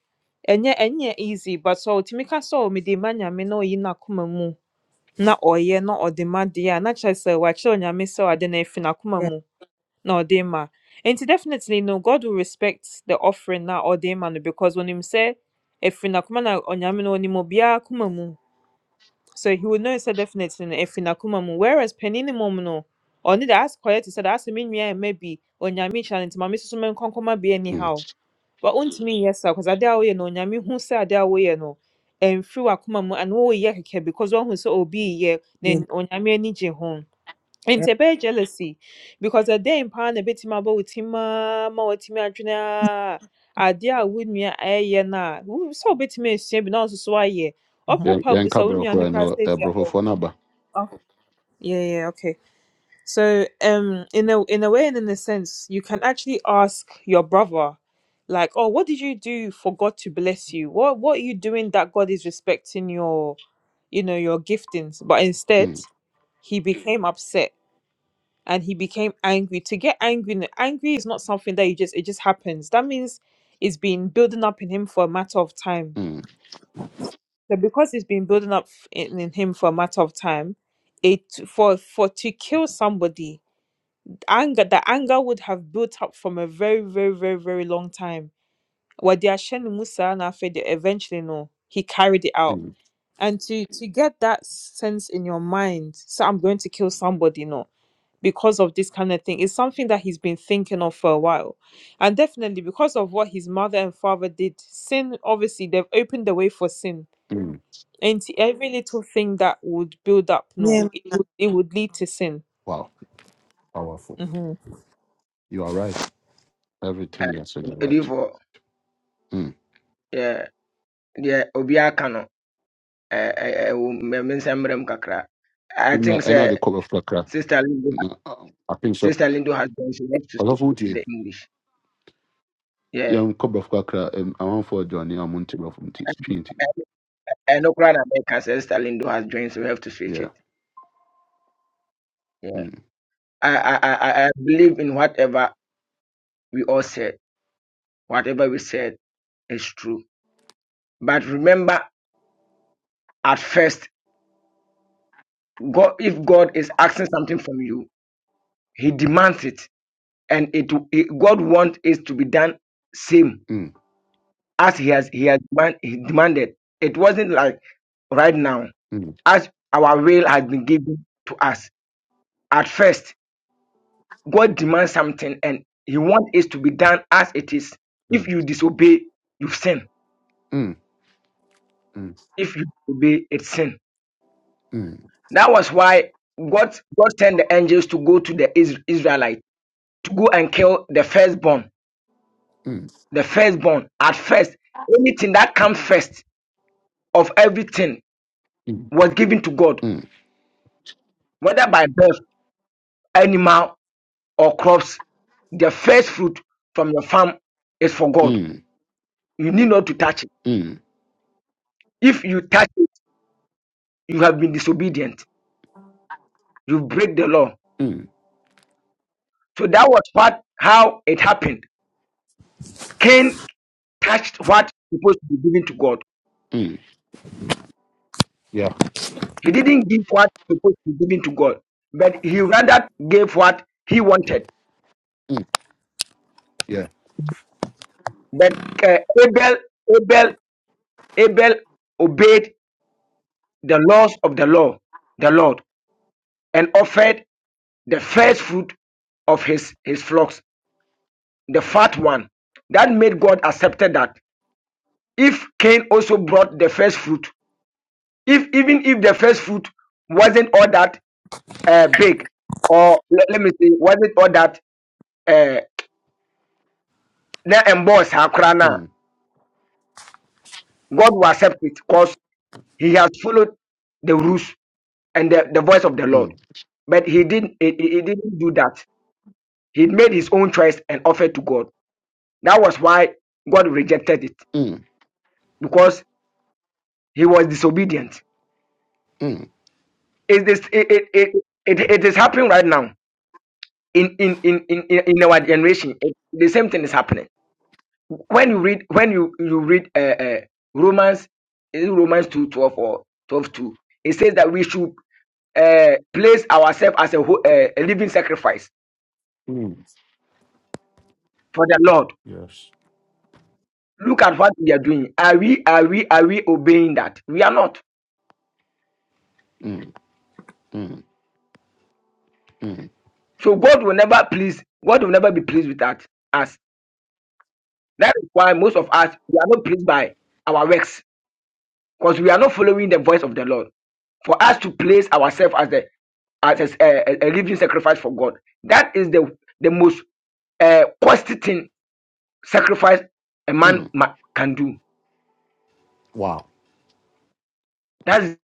Speaker 6: ɛnyɛ ɛnyɛ easy but sɛ ɔtumi ka sɛ ɔ mede ma nyame na ɔyi n'akoma mu na ɔyɛ na ɔde ma deɛ a na kyerɛ sɛ wakyerɛ onyame sɛ ɔade no afi n'akoma
Speaker 2: yes,
Speaker 6: mu na ɔde ma nti definitely no god will respect the offering na ɔde ma no because onim sɛ ɛfiri n'akoma na onyame no onim obiara akoma mu so he will know sɛ definitely no ɛfiri n'akoma mu whereas panin no mmom no ɔne de asɛ kɔyɛ te sɛ de asɛ me nua ɛma bi onyame kyerɛ no nti ma me soso menkɔ nkɔma bi
Speaker 1: mm.
Speaker 6: anyhow but wontumi yes, sir. because ade a woyɛ no onyame hu sɛ ade a woyɛ no ɛmfiri w'akoma mu anaa woyɛ kɛkɛ because woahu sɛ obi yɛ na
Speaker 2: yes,
Speaker 6: n- onyame ani gye ho nti ɛbɛyɛ jealousy because ɛdɛn paa na ɛbɛtumi abɔ wo bo aa ma woatumi adwene a ade a wo nua ɛyɛ no a wo- sɛ wobɛtumi asua bi na wo nso so ayɛ
Speaker 2: yes.
Speaker 6: ɔpo
Speaker 1: Yɛn-
Speaker 6: pa gu sɛ
Speaker 1: Yɛnka
Speaker 6: wo no
Speaker 1: brɛfoɔ
Speaker 6: koraa
Speaker 1: no
Speaker 6: sɛ oh,
Speaker 1: ɛbrɛfofoɔ no aba.
Speaker 6: oh, yeah, yeah, okay. So, um, in a in a way and in a sense, you can actually ask your brother, like, "Oh, what did you do for God to bless you? What what are you doing that God is respecting your, you know, your giftings?" But instead,
Speaker 1: Mm,
Speaker 6: he became upset and he became angry. To get angry, angry is not something that you just it just happens. That means it's been building up in him for a matter of time.
Speaker 1: mm,
Speaker 6: So because it's been building up in, in him for a matter of time, it for for to kill somebody anger the anger would have built up from a very very very very long time wadi asheni musa na afede eventually no he carried it out
Speaker 1: mm,
Speaker 6: and to to get that sense in your mind so i'm going to kill somebody no because of this kind of thing is something that he's been thinking of for a while and definitely because of what his mother and father did sin obviously they've opened the way for sin
Speaker 1: mm.
Speaker 6: and to every little thing that would build up
Speaker 2: Me
Speaker 6: no it would it would lead to sin
Speaker 1: Wow. Powerful.
Speaker 6: hmm
Speaker 1: You are right. Everything you are saying, you are right.
Speaker 3: edifo
Speaker 1: Mm.
Speaker 3: yeah yeah obi aka no eh eh eh, wo- me me nsɛm mmerɛ mu kakra i
Speaker 1: Nya-
Speaker 3: think
Speaker 1: Ɛna de
Speaker 3: sɛ
Speaker 1: kɔ brɛfo kakra.
Speaker 3: sister lindo
Speaker 1: Na uh, I think so.
Speaker 3: sister lindo has joined. she left to speak
Speaker 1: Ɔsɔfo
Speaker 3: to
Speaker 1: wotie.
Speaker 3: the english yeah
Speaker 1: Yɛn kɔ brɛfo kakra. ɛm, Amanfoɔ adwane a monte brɛfo nti. Twi nti.
Speaker 3: and Okra America says sister Lindo has joined, so we have to switch
Speaker 1: Yeah.
Speaker 3: it. Yeah.
Speaker 1: Mm,
Speaker 3: I, I, I, I I believe in whatever we all said. Whatever we said is true. But remember, at first, God, if God is asking something from you, He demands it, and it, it God wants it to be done same
Speaker 1: mm,
Speaker 3: as He has He has demand, he demanded. It wasn't like right now,
Speaker 1: mm,
Speaker 3: as our will has been given to us. At first, God demands something, and He wants it to be done as it is. If
Speaker 1: mm,
Speaker 3: you disobey, you sin.
Speaker 1: mm,
Speaker 3: If you obey, it's sin.
Speaker 1: mm, mm,
Speaker 3: That was why God, God sent the angels to go to the Is- Israelites to go and kill the firstborn. The firstborn at first, anything that comes first of everything was given to God,
Speaker 1: mm, mm,
Speaker 3: whether by birth, animal, or crops. The first fruit from your farm is for God.
Speaker 1: mm,
Speaker 3: You need not to touch it.
Speaker 1: mm,
Speaker 3: If you touch it, you have been disobedient. You break the law.
Speaker 1: mm,
Speaker 3: So that was what how it happened. Cain touched what was supposed to be given to God
Speaker 1: mm. Yeah.
Speaker 3: He didn't give what he supposed to be giving to God, but he rather gave what he wanted.
Speaker 1: Mm, yeah.
Speaker 3: But uh, Abel, Abel, Abel obeyed the laws of the law, the Lord, and offered the first fruit of his his flocks, the fat one. That made God accepted that. If Cain also brought the first fruit, if even if the first fruit wasn't all that uh, big, or le- let, me say, wasn't all that uh, na emboss saa koraa no
Speaker 1: Mm,
Speaker 3: God will accept it because he has followed the rules and the, the voice of the Lord.
Speaker 1: mm.
Speaker 3: But he didn't he, he- he didn't do that. He made his own choice and offered to God. That was why God rejected it
Speaker 1: mm.
Speaker 3: because he was disobedient.
Speaker 1: Mm,
Speaker 3: It is it it, it, it, it is happening right now in in, in, in, in our generation. It- the same thing is happening. When you read when you, you read uh, uh, Romans is it Romans two twelve or twelve two, it says that we should uh, place ourselves as a, ho- uh, a living sacrifice
Speaker 1: mm,
Speaker 3: for the Lord. Look at what we are doing. Are we are we are we obeying that? We are not.
Speaker 1: mm, mm, mm,
Speaker 3: So God will never please. God will never be pleased with that us. That is why most of us we are not pleased by our works because we are not following the voice of the Lord. For us to place ourselves as the as a, a- a living sacrifice for God. That is the the most uh, costly thing sacrifice a man
Speaker 1: mm.
Speaker 3: ma- can do.
Speaker 1: Wow.
Speaker 3: That's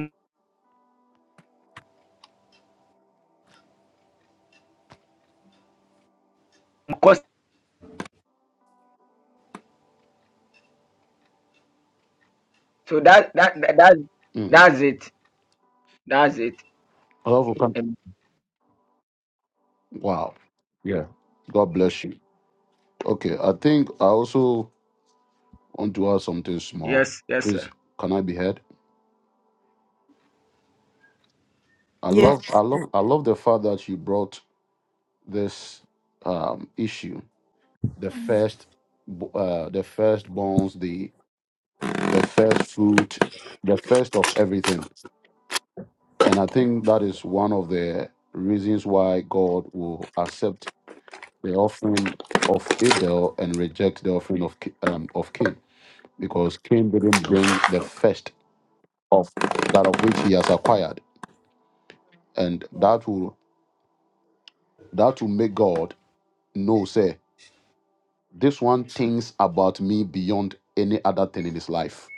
Speaker 3: the So that that that, that
Speaker 1: Mm.
Speaker 3: that's it. That's it.
Speaker 1: Powerful con-
Speaker 3: Um,
Speaker 1: Wow. Yeah. God bless you. Okay. I think I also want to add something small.
Speaker 3: yes, yes, sir.
Speaker 1: Please, can I be heard? I
Speaker 6: yes
Speaker 1: love, I love, I love the fact that you brought this um, issue, the first, bo- uh, the first bones, the the first fruit, the first of everything, and I think that is one of the reasons why God will accept the offering of Abel and reject the offering of Ca- um, of Cain, because Cain didn't bring the first of that of which he has acquired, and that will that will make God know say this one thinks about me beyond any other thing in his life.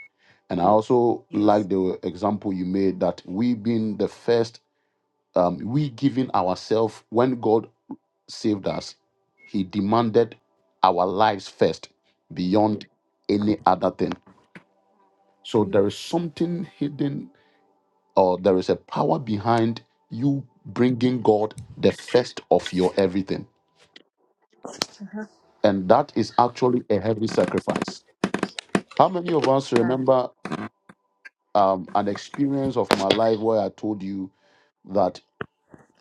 Speaker 1: And I also like
Speaker 6: yes
Speaker 1: the example you made that we being the first, um, we giving ourselves when God saved us, He demanded our lives first beyond any other thing So there is something hidden, or there is a power behind you bringing God the first of your everything. And that is actually a heavy sacrifice. How many of us
Speaker 6: Huh.
Speaker 1: remember um, an experience of my life where I told you that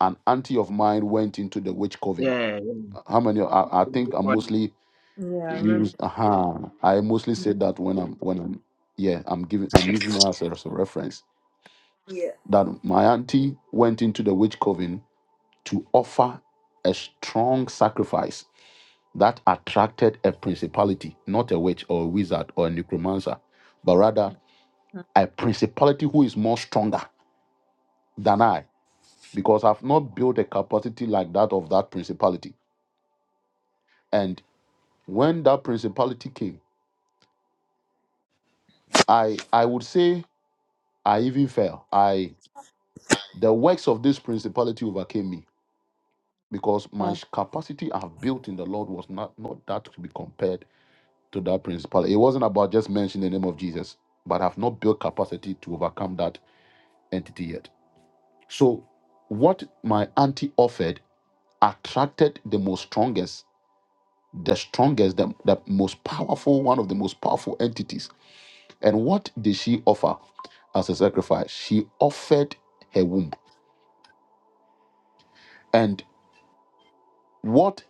Speaker 1: an auntie of mine went into the witch coven?
Speaker 3: Yeah. yeah.
Speaker 1: How many? I, I think I
Speaker 3: God,
Speaker 1: mostly
Speaker 6: Yeah, I remember.
Speaker 1: use. Uh-huh, I mostly said that when I'm when I'm yeah I'm giving I'm using her as a as a reference
Speaker 6: Yeah.
Speaker 1: that my auntie went into the witch coven to offer a strong sacrifice that attracted a principality, not a witch or a wizard or a necromancer, but rather a principality who is more stronger than I, because I've not built a capacity like that of that principality. And when that principality came, I I would say I even fell. I the works of this principality overcame me because
Speaker 6: Huh.
Speaker 1: my capacity I've built in the Lord was not, not that to be compared to that principle. It wasn't about just mentioning the name of Jesus, but I've not built capacity to overcome that entity yet. So, what my auntie offered attracted the most strongest, the strongest, the, the most powerful, one of the most powerful entities. And what did she offer as a sacrifice? She offered her womb. And what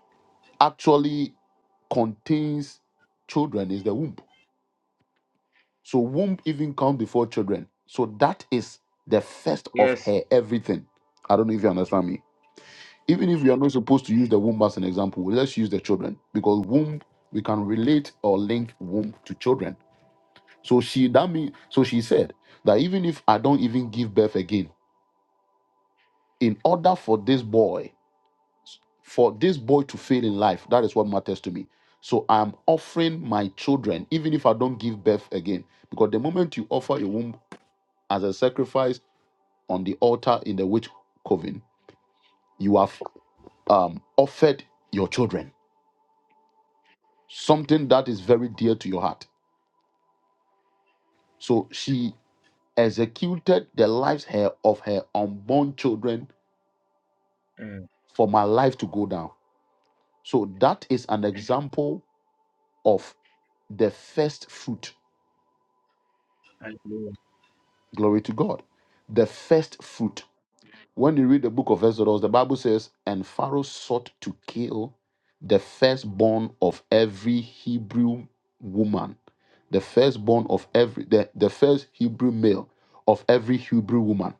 Speaker 1: actually contains children is the womb. So womb even come before children. So that is the first of
Speaker 3: Yes.
Speaker 1: her everything. I don't know if you understand me. Even if we are not supposed to use the womb as an example, let's use the children because womb we can relate or link womb to children. So she that mean so she said that even if I don't even give birth again, in order for this boy, for this boy to fail in life, that is what matters to me. So I'm offering my children, even if I don't give birth again, because the moment you offer your womb as a sacrifice on the altar in the witch coven, you have um, offered your children something that is very dear to your heart. So she executed the lives her of her unborn children
Speaker 3: Mm,
Speaker 1: for my life to go down. So that is an example of the first fruit.
Speaker 3: hallelujah.
Speaker 1: Glory to God. The first fruit. When you read the book of Exodus, the Bible says, And Pharaoh sought to kill the firstborn of every Hebrew woman, the firstborn of every, the, the first Hebrew male of every Hebrew woman.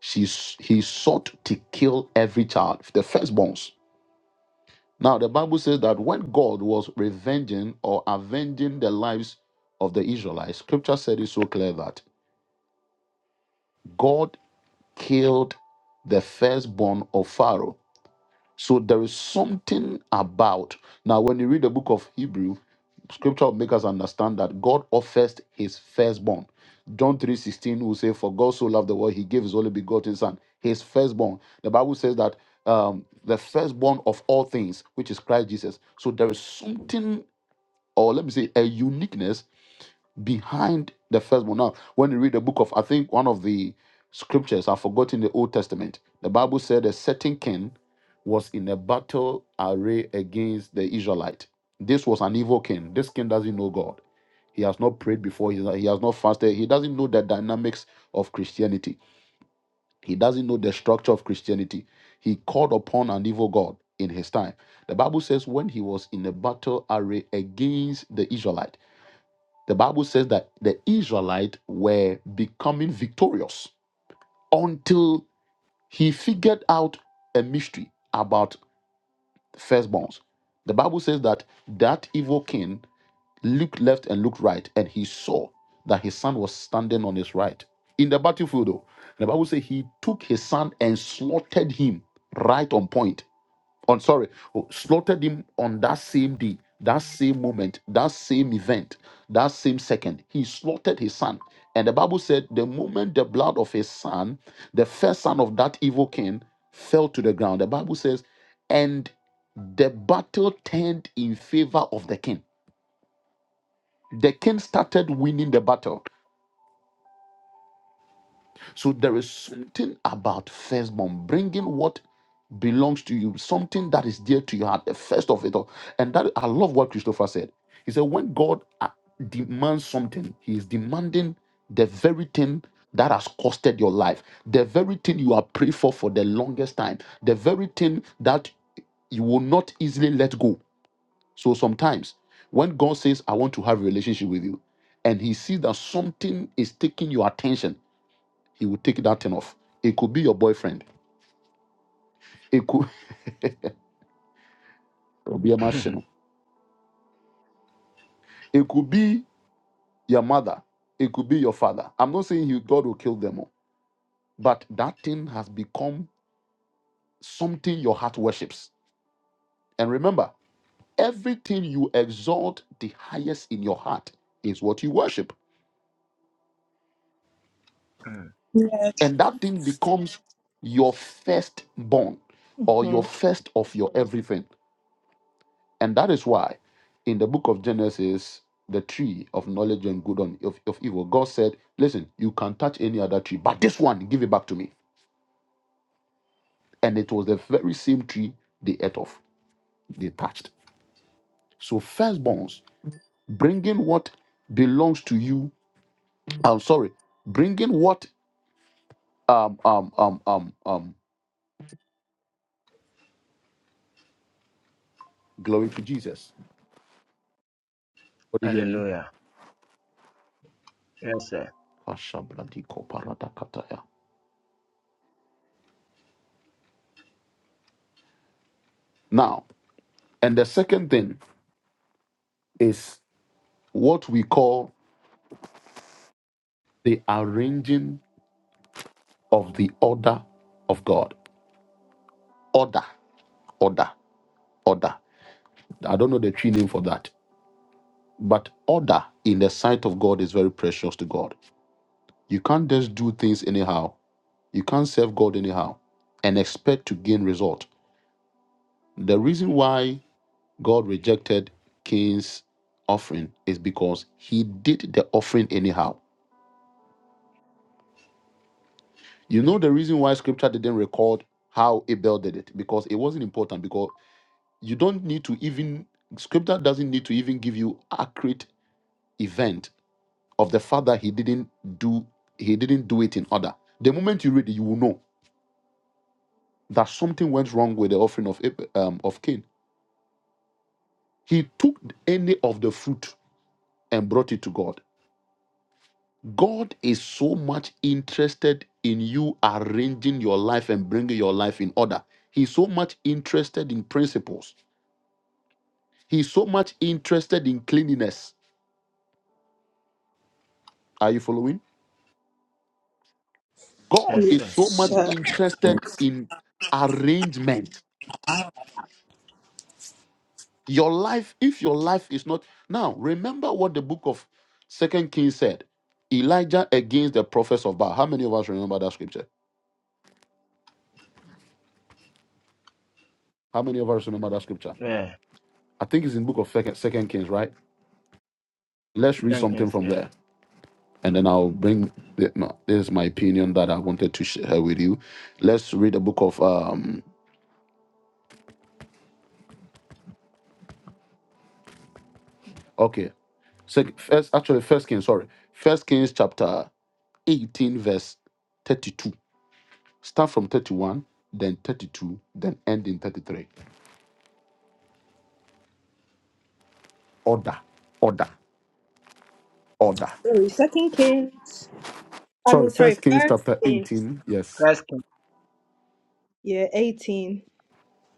Speaker 1: She, s- he sought to kill every child, the firstborns. Now, the Bible says that when God was revenging or avenging the lives of the Israelites, scripture said it so clear that God killed the firstborn of Pharaoh So there is something about. Now, when you read the book of Hebrew, scripture will make us understand that God offers his firstborn. John 3:16 will say, For God so loved the world, he gave his only begotten son, his firstborn. The Bible says that um, the firstborn of all things, which is Christ Jesus. So there is something, or let me say, a uniqueness behind the firstborn. Now, when you read the book of, I think one of the scriptures, I've forgotten the Old Testament. The Bible said a certain king was in a battle array against the Israelite. This was an evil king. This king doesn't know God. He has not prayed before. He he has not fasted. He doesn't know the dynamics of Christianity. He doesn't know the structure of Christianity. He called upon an evil God in his time. The Bible says when he was in a battle array against the Israelite the Bible says that the Israelites were becoming victorious until he figured out a mystery about firstborns. The Bible says that that evil king looked left and looked right, and he saw that his son was standing on his right in the battlefield. Though the Bible says he took his son and slaughtered him right on point on sorry, oh, slaughtered him on that same day, that same moment, that same event, that same second. He slaughtered his son. And the Bible said, the moment the blood of his son, the first son of that evil king, fell to the ground, the Bible says, and the battle turned in favor of the king. The king started winning the battle So there is something about firstborn, bringing what belongs to you, something that is dear to your heart, the first of it all. And that I love what Christopher said. He said, when God uh, demands something, He is demanding the very thing that has costed your life, the very thing you have prayed for for the longest time, the very thing that you will not easily let go. So sometimes when God says, I want to have a relationship with you, and He sees that something is taking your attention he will take that thing off. It could be your boyfriend. It could it could be a machine. It could be your mother. It could be your father. I'm not saying you God will kill them all, but that thing has become something your heart worships. And remember, everything you exalt the highest in your heart is what you worship.
Speaker 3: Mm,
Speaker 5: Yeah.
Speaker 1: And that thing becomes your firstborn or your first of your everything. And that is why in the book of Genesis, the tree of knowledge and good and of, of evil, God said, Listen, you can touch any other tree, but this one, give it back to me. And it was the very same tree they ate of, they touched. So, firstborns, bringing what belongs to you, I'm sorry, bringing what, um, um, um, um, um, glory to Jesus. What do you hear me?
Speaker 3: hallelujah. Yes, sir.
Speaker 1: Ashabradikoparadakataya. Now, and the second thing is what we call the arranging of the order of God. Order, order, order. I don't know the tree name for that, but order in the sight of God is very precious to God. You can't just do things anyhow. You can't serve God anyhow and expect to gain result. The reason why God rejected Cain's offering is because he did the offering anyhow. You know the reason why scripture didn't record how Abel did it because it wasn't important because. you don't need to even scripture doesn't need to even give you accurate event of the fact that he didn't do he didn't do it in order the moment you read it you will know that something went wrong with the offering of Ab- um, of cain he took any of the fruit and brought it to god god is so much interested in you arranging your life and bringing your life in order he's so much interested in principles he's so much interested in cleanliness are you following God
Speaker 3: Yes,
Speaker 1: is
Speaker 3: sir.
Speaker 1: so
Speaker 5: Yes.
Speaker 1: much
Speaker 5: uh,
Speaker 1: interested in arrangement. Your life, if your life is not now, remember what the book of Second Kings said. Elijah against the prophets of Baal. How many of us remember that scripture? How many of us remember that scripture?
Speaker 3: Yeah.
Speaker 1: I think it's in book of Second, Second Kings, right? Let's read
Speaker 3: Thank you,
Speaker 1: something from
Speaker 3: sir.
Speaker 1: there, and then I'll bring. The, no, this is my opinion that I wanted to share with you. Let's read the book of um. Okay, Sec, first actually First Kings. Sorry, First Kings chapter 18, verse 32. Start from 31, then 32, then end in 33. Order, order, order.
Speaker 5: Sorry, second Kings. I
Speaker 1: Sorry,
Speaker 5: mean, sorry,
Speaker 1: First Kings
Speaker 5: first
Speaker 1: chapter
Speaker 5: Kings.
Speaker 1: 18. Yes,
Speaker 3: First Kings
Speaker 5: Yeah, 18.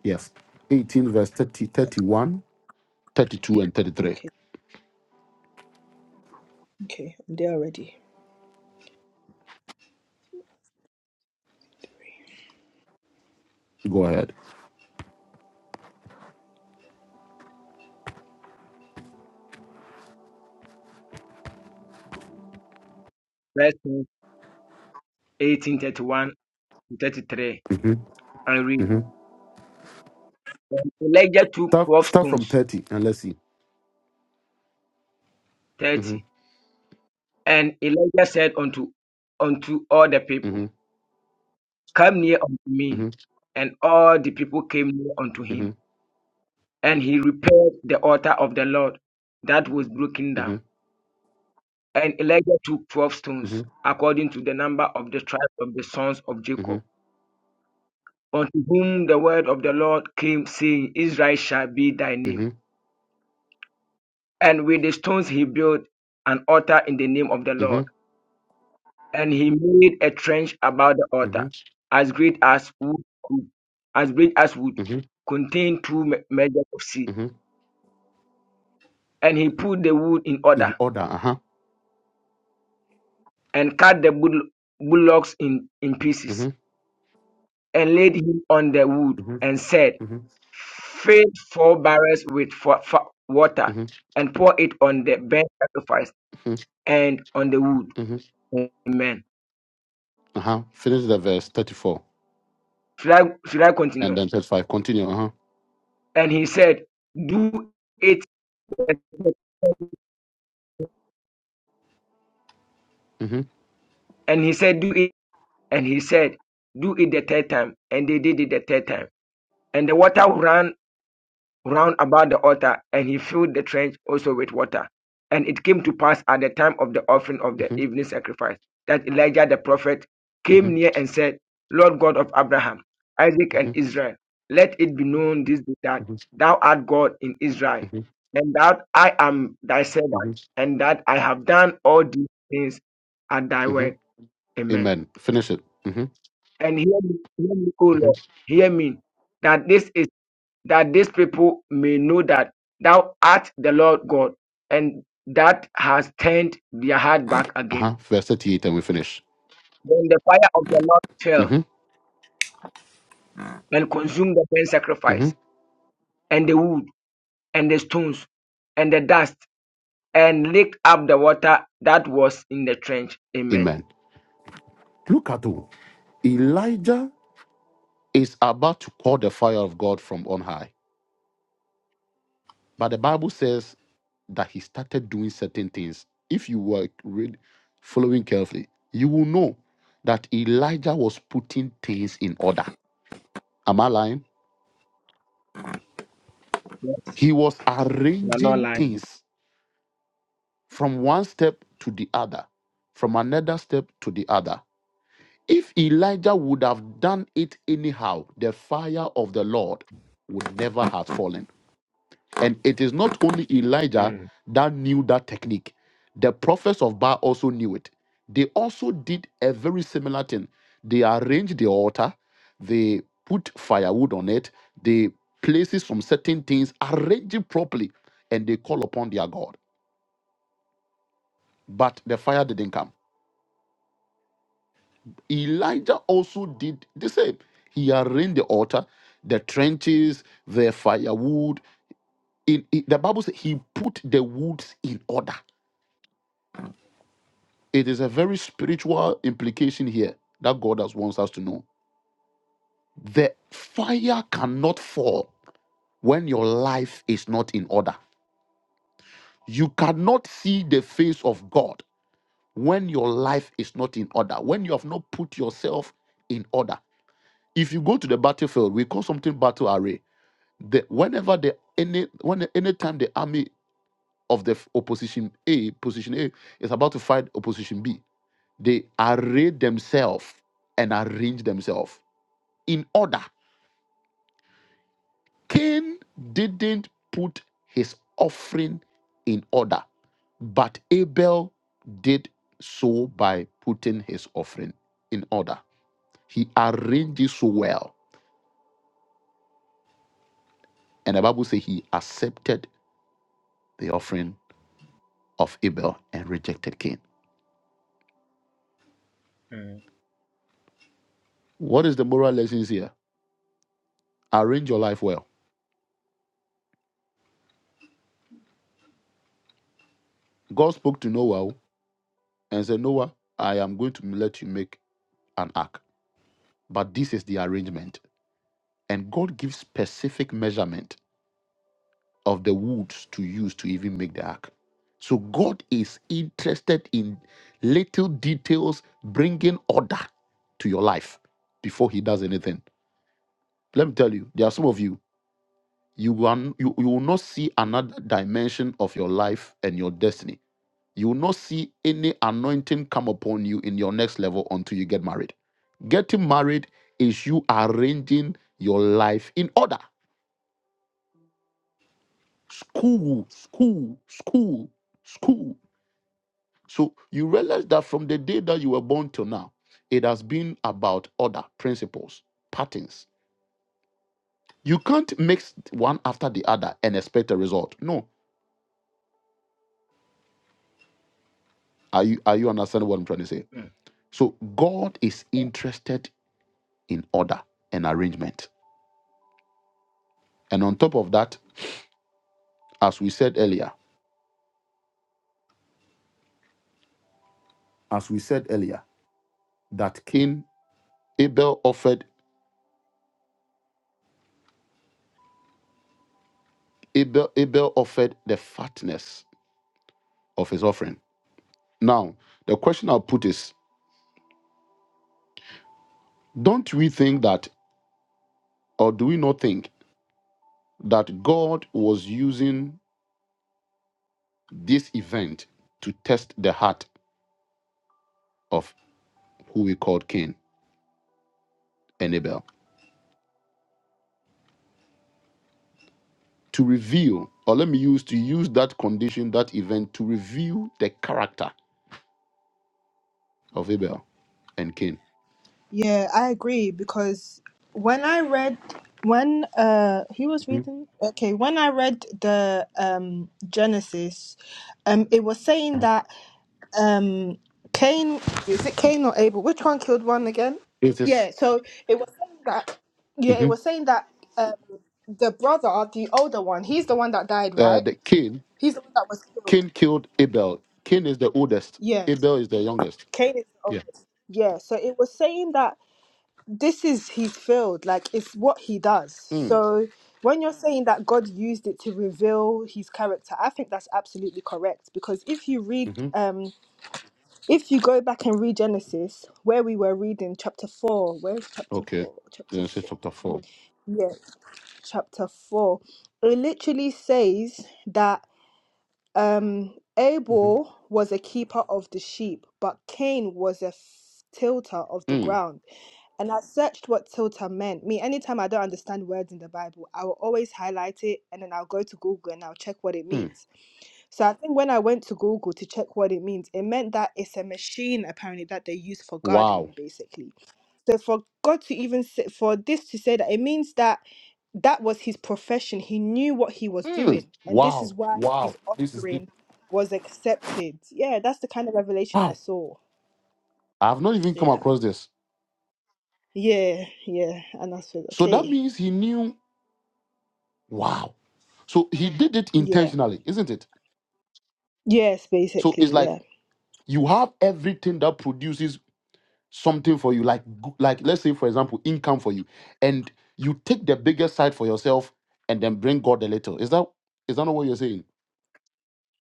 Speaker 1: yes. 18, verse 30, 31, 32, and
Speaker 5: Okay, okay, I'm there already.
Speaker 1: 33. Go ahead.
Speaker 3: First King, eighteen thirty-one to thirty-three.
Speaker 1: hmm
Speaker 3: I read.
Speaker 1: hmm
Speaker 3: Elijah took
Speaker 1: Start,
Speaker 3: twelve
Speaker 1: start from
Speaker 3: stones,
Speaker 1: 30 and let's see. Mhm,
Speaker 3: thirty, and Elijah said unto unto all the people,
Speaker 1: mhm,
Speaker 3: Come near unto me.
Speaker 1: mhm,
Speaker 3: And all the people came near unto him.
Speaker 1: mhm,
Speaker 3: And he repaired the altar of the Lord that was broken down.
Speaker 1: mhm,
Speaker 3: And Elijah took twelve stones,
Speaker 1: mhm,
Speaker 3: according to the number of the tribes of the sons of Jacob,
Speaker 1: mhm,
Speaker 3: unto whom the word of the Lord came, saying, Israel shall be thy name.
Speaker 1: mhm,
Speaker 3: And with the stones he built an altar in the name of the
Speaker 1: mhm,
Speaker 3: Lord. And he made a trench about the altar,
Speaker 1: mhm,
Speaker 3: as great as wood could, as great as wood,
Speaker 1: mhm,
Speaker 3: contained two me- measures of seed.
Speaker 1: mhm.
Speaker 3: And he put the wood in order
Speaker 1: In order, uh huh.
Speaker 3: and cut the bull- bullocks in, in pieces,
Speaker 1: Mm-hmm,
Speaker 3: and laid him on the wood,
Speaker 1: mm-hmm,
Speaker 3: and said,
Speaker 1: mm-hmm,
Speaker 3: Fill four barrels with fa- fa- water,
Speaker 1: mm-hmm,
Speaker 3: and pour it on the burnt sacrifice and on the wood.
Speaker 1: mm-hmm.
Speaker 3: Amen.
Speaker 1: Uh-huh. Finish the verse 34.
Speaker 3: Should I, should I
Speaker 1: And
Speaker 3: continue?
Speaker 1: then verse 5, continue. Uh-huh.
Speaker 3: And he said, Do it.
Speaker 1: hmm
Speaker 3: And he said, Do it. And he said, Do it the third time. And they did it the third time. And the water ran round about the altar, and he filled the trench also with water. And it came to pass at the time of the offering of the
Speaker 1: hmm
Speaker 3: evening sacrifice that Elijah the prophet
Speaker 1: hmm
Speaker 3: came near and said, Lord God of Abraham, Isaac, and
Speaker 1: hmm
Speaker 3: Israel, let it be known this day that thou art God in Israel,
Speaker 1: hmm
Speaker 3: and that I am thy servant,
Speaker 1: hmm
Speaker 3: and that I have done all these things at thy
Speaker 1: hmm
Speaker 3: word. Amen.
Speaker 1: Amen. Finish it. hmm
Speaker 3: And hear me, hear me, O
Speaker 1: hmm
Speaker 3: Lord, hear me, that this is that these people may know that thou art the Lord God, and that has turned their heart back again.
Speaker 1: Uh-huh. Verse 38, and we finish.
Speaker 3: Then the fire of the Lord fell
Speaker 1: hmm
Speaker 3: and consumed the burnt
Speaker 1: hmm
Speaker 3: sacrifice, and the wood, and the stones, and the dust, and licked up the water that was in the trench. Amen.
Speaker 1: Amen. Look at who. Elijah is about to call the fire of God from on high. But the Bible says that he started doing certain things. If you were read, following carefully, you will know that Elijah was putting things in order. Am I lying?
Speaker 3: Yeah,
Speaker 1: He was
Speaker 3: You are not
Speaker 1: arranging
Speaker 3: lying.
Speaker 1: things from one step to the other, from another step to the other. If Elijah would have done it anyhow, the fire of the Lord would never have fallen. And it is not only Elijah
Speaker 3: Mm.
Speaker 1: that knew that technique, the prophets of Baal also knew it. They also did a very similar thing. They arranged the altar, they put firewood on it, they places from certain things, arrange it properly, and they call upon their God. But the fire didn't come Elijah also did the same. He arranged the altar, the trenches, the firewood. In, in- the Bible says he put the woods in order. It is a very spiritual implication here that God has wants us to know. The fire cannot fall when your life is not in order. You cannot see the face of God when your life is not in order, when you have not put yourself in order. If you go to the battlefield, we call something battle array the whenever the any when anytime the army of the opposition A position A is about to fight opposition B, they array themselves and arrange themselves in order. Cain didn't put his offering in order, but Abel did so by putting his offering in order. He arranged it so well, and the Bible says he accepted the offering of Abel and rejected Cain. What is the moral lessons here? Arrange your life well. God spoke to Noah and said, Noah, I am going to let you make an ark. But this is the arrangement. And God gives specific measurement of the woods to use to even make the ark. So God is interested in little details bringing order to your life before he does anything. Let me tell you, there are some of you, you, are, you, you will not see another dimension of your life and your destiny You will not see any anointing come upon you in your next level until you get married. Getting married is you arranging your life in order. School, school, school, school. So you realize that from the day that you were born till now, it has been about order, principles, patterns. You can't mix one after the other and expect a result. No. Are you are you understanding what I'm trying to say?
Speaker 3: Mm.
Speaker 1: So God is interested in order and arrangement. And on top of that, as we said earlier, as we said earlier, that Cain Abel offered Abel Abel offered the fatness of his offering. Now, the question I'll put is, don't we think that, or do we not think that God was using this event to test the heart of who we called Cain and Abel? To reveal, or let me use to use that condition, that event to reveal the character of Abel and Cain.
Speaker 5: Yeah, I agree because when I read, when uh he was
Speaker 1: Mhm.
Speaker 5: reading, okay, when I read the um Genesis, um it was saying that um Cain, is it Cain or Abel? Which one killed one again?
Speaker 1: It
Speaker 5: Yeah,
Speaker 1: is-
Speaker 5: so it was saying that, yeah, it
Speaker 1: Mhm.
Speaker 5: was saying that um the brother, the older one, he's the one that died,
Speaker 1: uh,
Speaker 5: right?
Speaker 1: the Cain
Speaker 5: He's the one that was killed.
Speaker 1: Cain killed Abel. Cain is the oldest.
Speaker 5: Yeah.
Speaker 1: Abel is the youngest.
Speaker 5: Cain is the
Speaker 1: Yeah.
Speaker 5: oldest. Yeah. So it was saying that this is his field, like it's what he does.
Speaker 1: Mm.
Speaker 5: So when you're saying that God used it to reveal his character, I think that's absolutely correct. Because if you
Speaker 1: hmm
Speaker 5: read
Speaker 1: Mm-hmm.
Speaker 5: um if you go back and read Genesis, where we were reading chapter four, where's chapter
Speaker 1: Okay.
Speaker 5: four? Chapter
Speaker 1: Then say
Speaker 5: four.
Speaker 1: chapter 4
Speaker 5: Yeah, chapter four. It literally says that Um,
Speaker 1: hmm
Speaker 5: Abel was a keeper of the sheep, but Cain was a f- tilter of the
Speaker 1: Mm.
Speaker 5: ground. And I searched what tilter meant. Me, anytime I don't understand words in the Bible, I will always highlight it and then I'll go to Google and I'll check what it
Speaker 1: Mm.
Speaker 5: means. So I think when I went to Google to check what it means, it meant that it's a machine apparently that they use for
Speaker 1: Wow.
Speaker 5: gardening, basically so for God to even say, for this to say that it means that that was his profession. He knew what he was
Speaker 1: Mm.
Speaker 5: doing, and this is
Speaker 1: Wow.
Speaker 5: why
Speaker 1: Wow.
Speaker 5: his
Speaker 1: This is deep.
Speaker 5: offering was accepted. Yeah, that's the kind of revelation I
Speaker 1: Wow.
Speaker 5: saw.
Speaker 1: I have not even come
Speaker 5: Yeah.
Speaker 1: across this.
Speaker 5: Yeah, yeah, and I said,
Speaker 1: So that
Speaker 5: okay,
Speaker 1: means he knew. Wow. So he did it
Speaker 5: yeah,
Speaker 1: intentionally, isn't it?
Speaker 5: yes,
Speaker 1: So it's
Speaker 5: basically,
Speaker 1: like
Speaker 5: yeah.
Speaker 1: you have everything that produces something for you like go- like let's say for example income for you and you take the biggest side for yourself and then bring god a little is that is that not what you're saying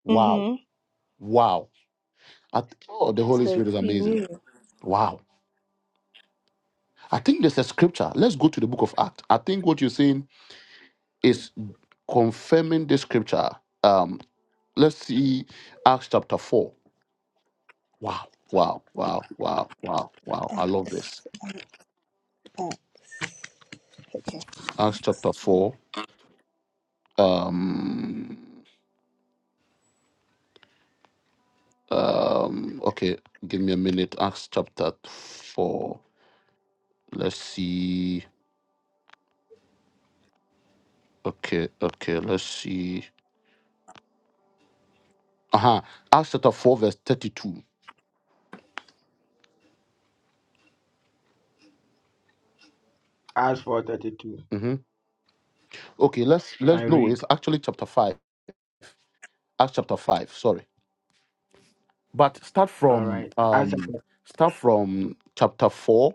Speaker 1: wow
Speaker 5: Mm-hmm.
Speaker 1: wow I th- oh the holy
Speaker 5: So
Speaker 1: spirit is
Speaker 5: he
Speaker 1: amazing
Speaker 5: knew.
Speaker 1: wow i think there's a scripture let's go to the book of acts i think what you're saying is confirming the scripture um let's see acts chapter 4 wow wow wow wow wow wow i love
Speaker 5: Thanks.
Speaker 1: this
Speaker 5: Uh, okay.
Speaker 1: acts chapter 4 um Um, okay, give me a minute. Acts chapter 4. Let's see. Okay, okay, let's see. Uh-huh. Acts chapter 4, verse 32.
Speaker 3: Acts 432.
Speaker 1: Mm-hmm. Okay, let's
Speaker 3: I
Speaker 1: let's no,
Speaker 3: read.
Speaker 1: it's actually chapter 5. Acts chapter 5, sorry. But start
Speaker 3: All
Speaker 1: from
Speaker 3: right. Acts
Speaker 1: um
Speaker 3: chapter,
Speaker 1: start from chapter 4,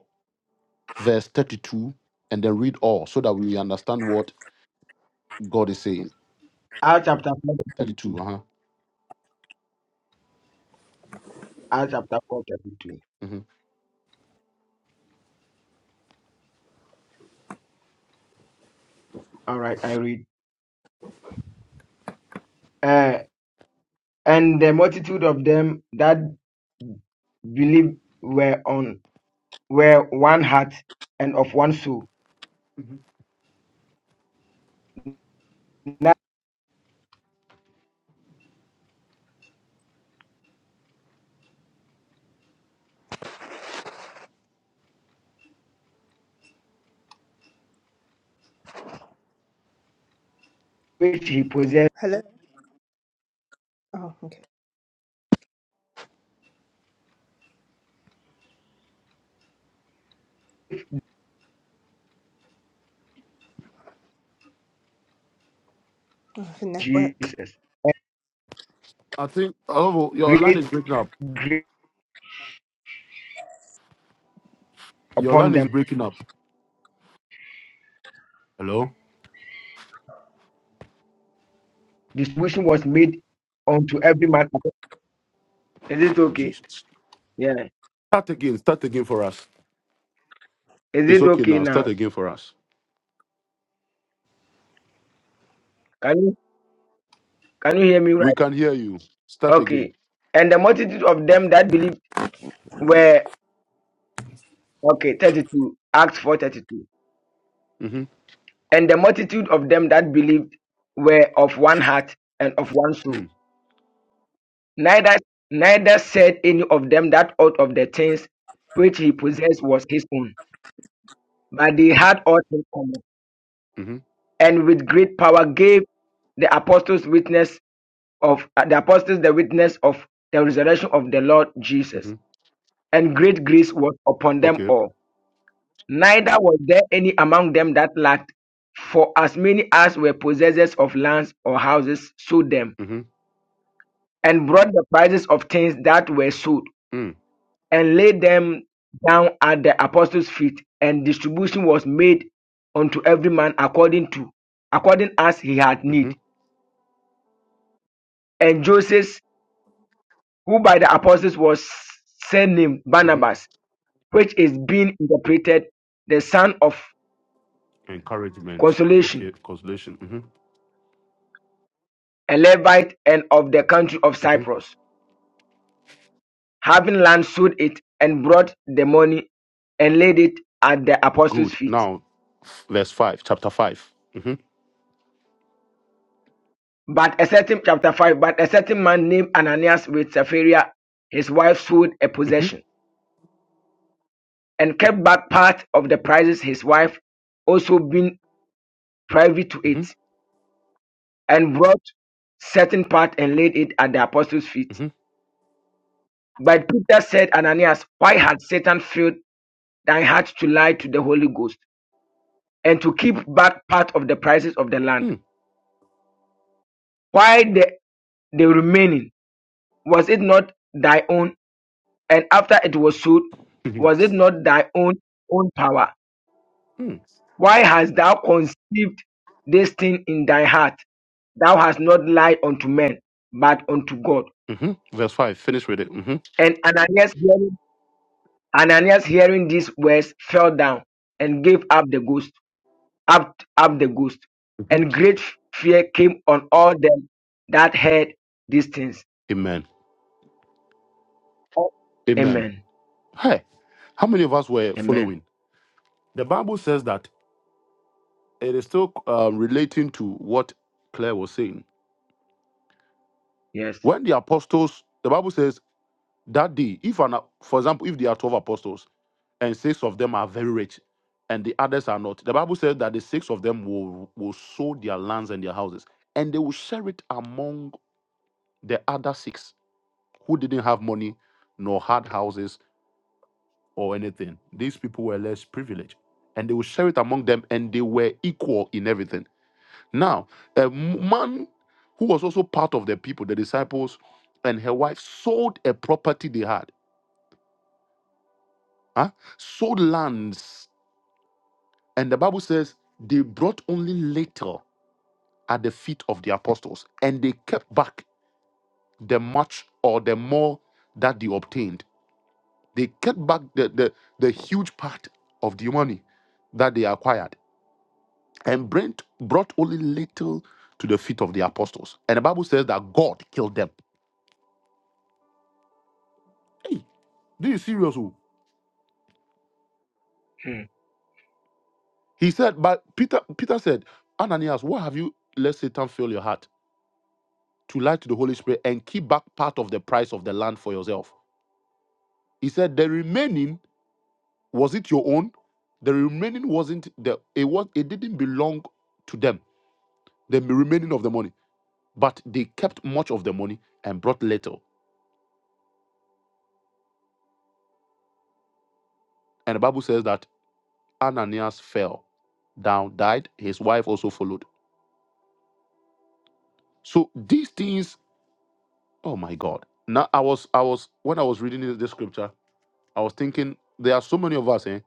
Speaker 1: verse 32, and then read all so that we understand what God is saying.
Speaker 3: Acts chapter
Speaker 1: 32,
Speaker 3: 432.
Speaker 1: uh-huh.
Speaker 3: Acts chapter 432.
Speaker 1: hmm
Speaker 3: All right. I read. Uh, And the multitude of them that believed were on were one heart and of one soul, that which he possessed
Speaker 5: Hello. Oh, okay. Oh, the network.
Speaker 3: Jesus. And
Speaker 1: I think oh your line is
Speaker 3: great
Speaker 1: breaking up.
Speaker 3: grace
Speaker 1: Your
Speaker 3: upon
Speaker 1: line is
Speaker 3: them.
Speaker 1: breaking up. Hello?
Speaker 3: Distribution was made unto every man. Is it
Speaker 1: Oh
Speaker 3: okay?
Speaker 1: jeez.
Speaker 3: Yeah.
Speaker 1: Start again. Start again for us.
Speaker 3: Is
Speaker 1: It's
Speaker 3: it
Speaker 1: okay
Speaker 3: okay
Speaker 1: now. Start
Speaker 3: now?
Speaker 1: again for us.
Speaker 3: Can you can you hear me
Speaker 1: We
Speaker 3: right?
Speaker 1: can hear you. Start again.
Speaker 3: Okay. And the multitude of them that believed were okay, 32, Acts 4 32.
Speaker 1: Mm-hmm.
Speaker 3: And the multitude of them that believed were of one heart and of one soul
Speaker 1: Mm.
Speaker 3: Neither, neither said any of them that aught of the things which he possessed was his own, but they had all things common,
Speaker 1: hmm
Speaker 3: and with great power gave the apostles witness of uh, the apostles the witness of the resurrection of the Lord Jesus,
Speaker 1: Mm-hmm.
Speaker 3: and great grace was upon them
Speaker 1: Okay.
Speaker 3: all. Neither was there any among them that lacked, for as many as were possessors of lands or houses sold them,
Speaker 1: Mm-hmm.
Speaker 3: and brought the prices of things that were sold
Speaker 1: Mm.
Speaker 3: and laid them down at the apostles' feet, and distribution was made unto every man according to according as he had
Speaker 1: hmm
Speaker 3: need. And Joseph, who by the apostles was surnamed
Speaker 1: hmm
Speaker 3: Barnabas, which is being interpreted the son of
Speaker 1: Encouragement.
Speaker 3: consolation,
Speaker 1: Okay. Consolation. Mm-hmm.
Speaker 3: a Levite and of the country of
Speaker 1: hmm
Speaker 3: Cyprus, having land sold it and brought the money and laid it at the apostles'
Speaker 1: Good.
Speaker 3: feet.
Speaker 1: Now, verse 5, chapter 5. Mm-hmm.
Speaker 3: But a certain chapter five, but a certain man named Ananias with Sapphira, his wife, sold a
Speaker 1: Mm-hmm.
Speaker 3: possession and kept back part of the prizes his wife also being privy to
Speaker 1: Mm-hmm.
Speaker 3: it, and brought certain part and laid it at the apostles' feet.
Speaker 1: Mm-hmm.
Speaker 3: But Peter said, Ananias, why had Satan filled thy heart to lie to the Holy Ghost and to keep back part of the prizes of the land?
Speaker 1: Mm.
Speaker 3: Why the, the remaining? Was it not thy own? and after it was sowed,
Speaker 1: Mhm.
Speaker 3: was it not thy own own power?
Speaker 1: Mm.
Speaker 3: Why hast thou conceived this thing in thy heart? Thou hast not lied unto men, but unto God.
Speaker 1: hmm Verse 5. Finish with it. Mm-hmm.
Speaker 3: And Ananias hearing, Ananias hearing these words fell down and gave up the ghost, up, up the ghost.
Speaker 1: hmm
Speaker 3: And great fear came on all them that heard these things.
Speaker 1: Amen. Amen.
Speaker 3: Amen.
Speaker 1: Hey, how many of us were
Speaker 3: Amen.
Speaker 1: following? The Bible says that it is still um, relating to what Claire was saying.
Speaker 3: Yes.
Speaker 1: When the apostles, the Bible says that day, if an, for example, if there are 12 apostles and six of them are very rich and the others are not, the Bible says that the six of them will, will sow their lands and their houses and they will share it among the other six who didn't have money nor had houses or anything. These people were less privileged and they will share it among them and they were equal in everything. Now, a man who was also part of the people, the disciples, and her wife sold a property they had, huh? sold lands. And the Bible says they brought only little at the feet of the apostles and they kept back the much or the more that they obtained. They kept back the, the, the huge part of the money that they acquired and Brent brought only little to the feet of the apostles. And the Bible says that God killed them. Hey, this is serious. oh.
Speaker 3: Mm,
Speaker 1: He said, but Peter, Peter said, Ananias, why have you let Satan fill your heart to lie to the Holy Spirit and keep back part of the price of the land for yourself? He said, the remaining was it your own? The remaining wasn't the it was it didn't belong to them. The remaining of the money, but they kept much of the money and brought little. And the Bible says that Ananias fell down, died. His wife also followed. So these things, oh my God! Now I was I was when I was reading this scripture. I was thinking there are so many of us, eh?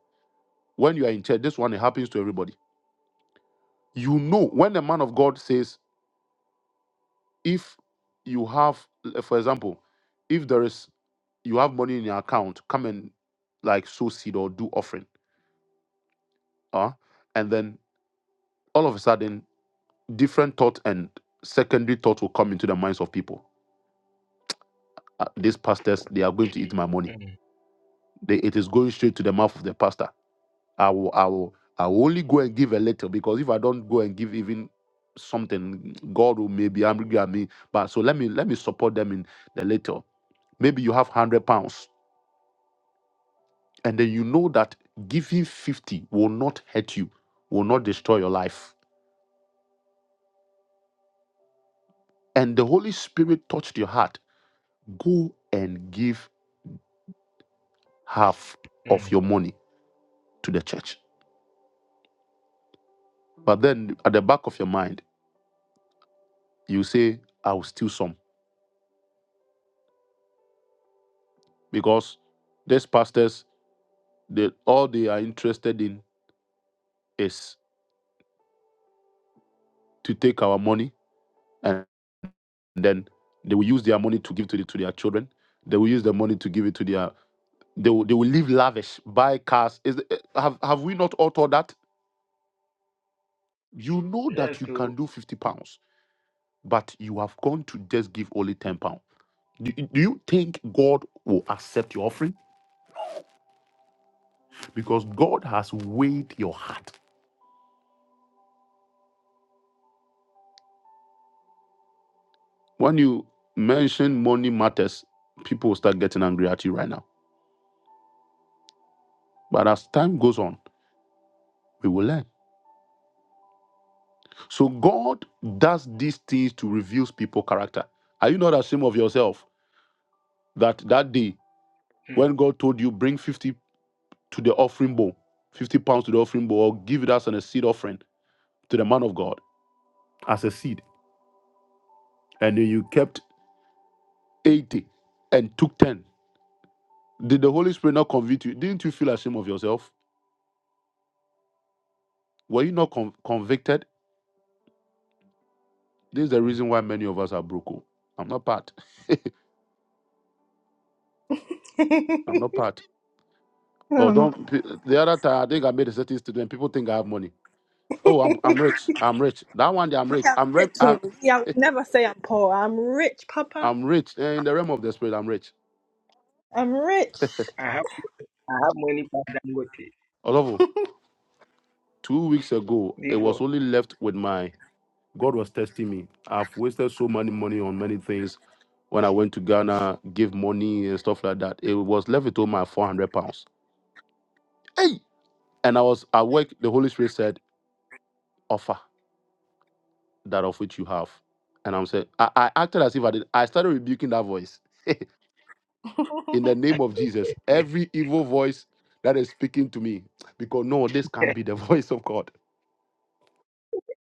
Speaker 1: When you are in church, this one it happens to everybody. You know, when the man of God says, if you have, eh, for example, if there is you have money in your account, come and like sow seed or do offering. Uh, and then all of a sudden, different thought and secondary thoughts will come into the minds of people. Uh, these pastors, they are going to eat my money.
Speaker 3: mm,
Speaker 1: They, it is going straight to the mouth of the pastor I will, I will, I will only go and give a little because if I don't go and give even something, God will maybe angry at me. But so let me let me support them in the little. Maybe you have hundred pounds, and then you know that giving fifty will not hurt you, will not destroy your life. And the Holy Spirit touched your heart. Go and give half of
Speaker 3: mm.
Speaker 1: your money to the church. But then at the back of your mind, you say, I will steal some because these pastors They, all they are interested in is to take our money and then they will use their money to give to, the, to their children. They will use their money to give it to their. They will, they will live lavish, buy cars. Is, eh, have, have we not all thought that? You know
Speaker 3: Yes.
Speaker 1: that you can
Speaker 3: So.
Speaker 1: do 50 pounds, but you have gone to just give only 10 pounds. Do, do you think God will accept your offering? Because God has weighed your heart. When you mention money matters, people will start getting angry at you right now. But as time goes on, we will learn. So God does these things to reveal people character. Are you not ashamed of yourself that that day
Speaker 3: mm,
Speaker 1: when God told you bring 50 to the offering bowl, 50 pounds to the offering bowl, or give it as a seed offering to the man of God as a seed, and then you kept 80 and took 10. Did the Holy Spirit not convict you? Didn't you feel ashamed of yourself? Were you not con- convicted? This is the
Speaker 3: mm.
Speaker 1: reason why many of us are broken. I'm not part.
Speaker 5: I
Speaker 1: I'm not part. Oh,
Speaker 5: don't know.
Speaker 1: don't. p- The other time, I think I made a certain statement. People think I have money. Oh, I'm I'm rich. I'm rich. That one, day I'm rich.
Speaker 5: I'm
Speaker 1: I'm rem,
Speaker 5: rich.
Speaker 1: I'm,
Speaker 5: oh. Yeah, I would never say I'm poor. I'm rich, Papa.
Speaker 1: I'm rich Eh, in the realm of the spirit. I'm rich.
Speaker 5: I'm rich.
Speaker 3: I I have money for Dangote.
Speaker 1: Olavo, two weeks ago, it was
Speaker 3: Therefore,
Speaker 1: only left with my God was testing me. I've wasted so many money on many things. When I went to Ghana, give money and stuff like that, it was left with all my four hundred pounds. Hey, and I was at work. The Holy Spirit said, "Offer that of which you have." And I'm saying, I, I acted as if I did. I started rebuking that voice. in the name of Jesus, every evil voice that is speaking to me, because no, this can't be the voice of God.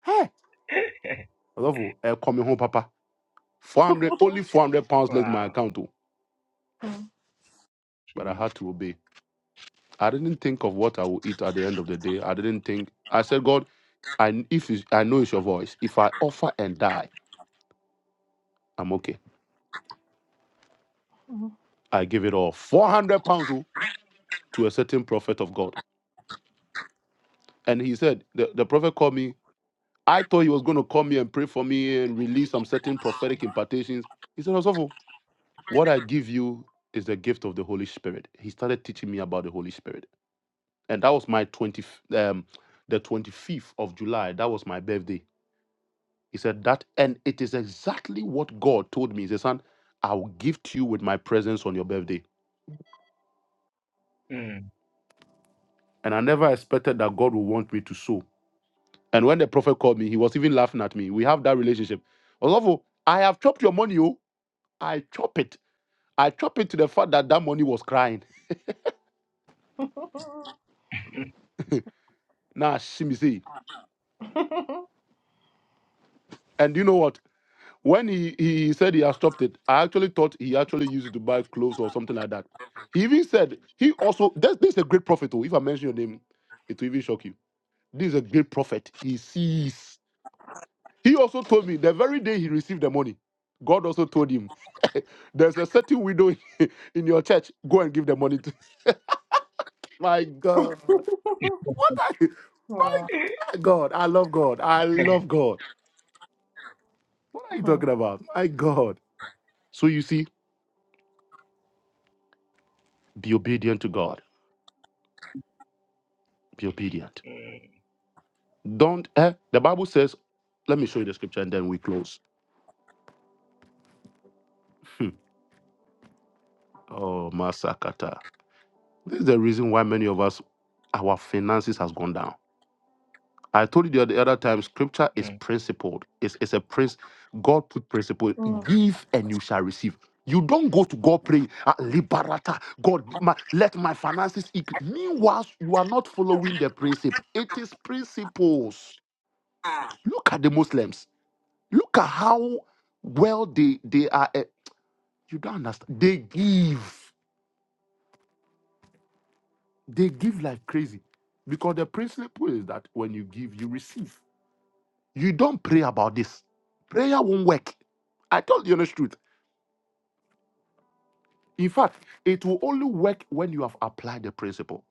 Speaker 1: Eh, I love you. Eh, coming home, Papa. 400, only 400 pounds left in my
Speaker 3: wow,
Speaker 1: account, too. but I
Speaker 3: jeez.
Speaker 1: had to obey. I didn't think of what I will eat at the end of the day. I didn't think. I said, God, I, if it's, I know it's your voice, if I offer and die, I'm okay. I give it all. 400 pounds oh, to a certain prophet of God. And he said, the, the prophet called me I thought he was going to call me and pray for me and release some certain prophetic impartations. He said, Osofo, what I give you is the gift of the Holy Spirit. He started teaching me about the Holy Spirit. And that was my 20, um, the 25th of July. That was my birthday. He said that, and it is exactly what God told me. He said, son, I will gift you with my presence on your birthday.
Speaker 3: Mm.
Speaker 1: And I never expected that God would want me to sow. And when the prophet called me, he was even laughing at me. We have that relationship. Osofo, I have chopped your money, oh. I chop it. I chop it to the fact that that money was crying. Now, shimmy see. And you know what? When he, he said he has stopped it, I actually thought he actually used it to buy clothes or something like that. He even said he also this, this is a great prophet. Oh, if I mention your name, it will even shock you. This is a great prophet. He sees. He also told me the very day he received the money, God also told him, "There's a certain widow in your church. Go and give the money to." My God, what? Are, my
Speaker 5: Oh.
Speaker 1: God, I love God. I love God. What are you
Speaker 5: Mhm.
Speaker 1: talking about? My God. So you see, be obedient to God. Be obedient.
Speaker 3: mm,
Speaker 1: Don't, eh? The Bible says, let me show you the scripture and then we close. Hmm. oh, Masakata. This is the reason why many of us, our finances has gone down. I told you the other, the other time, scripture is
Speaker 3: mm.
Speaker 1: principled. It's, it's a prince. God put principle.
Speaker 5: Mm.
Speaker 1: Give and you shall receive. You don't go to God pray, "Ah, liberata, God, my, let my finances increase. Meanwhile, you are not following the principle. It is principles. Look at the Muslims. Look at how well they, they are. eh, you don't understand. They give. They give like crazy. Because the principle is that when you give, you receive. You don't pray about this. Prayer won't work. I told you the honest truth. In fact, it will only work when you have applied the principle.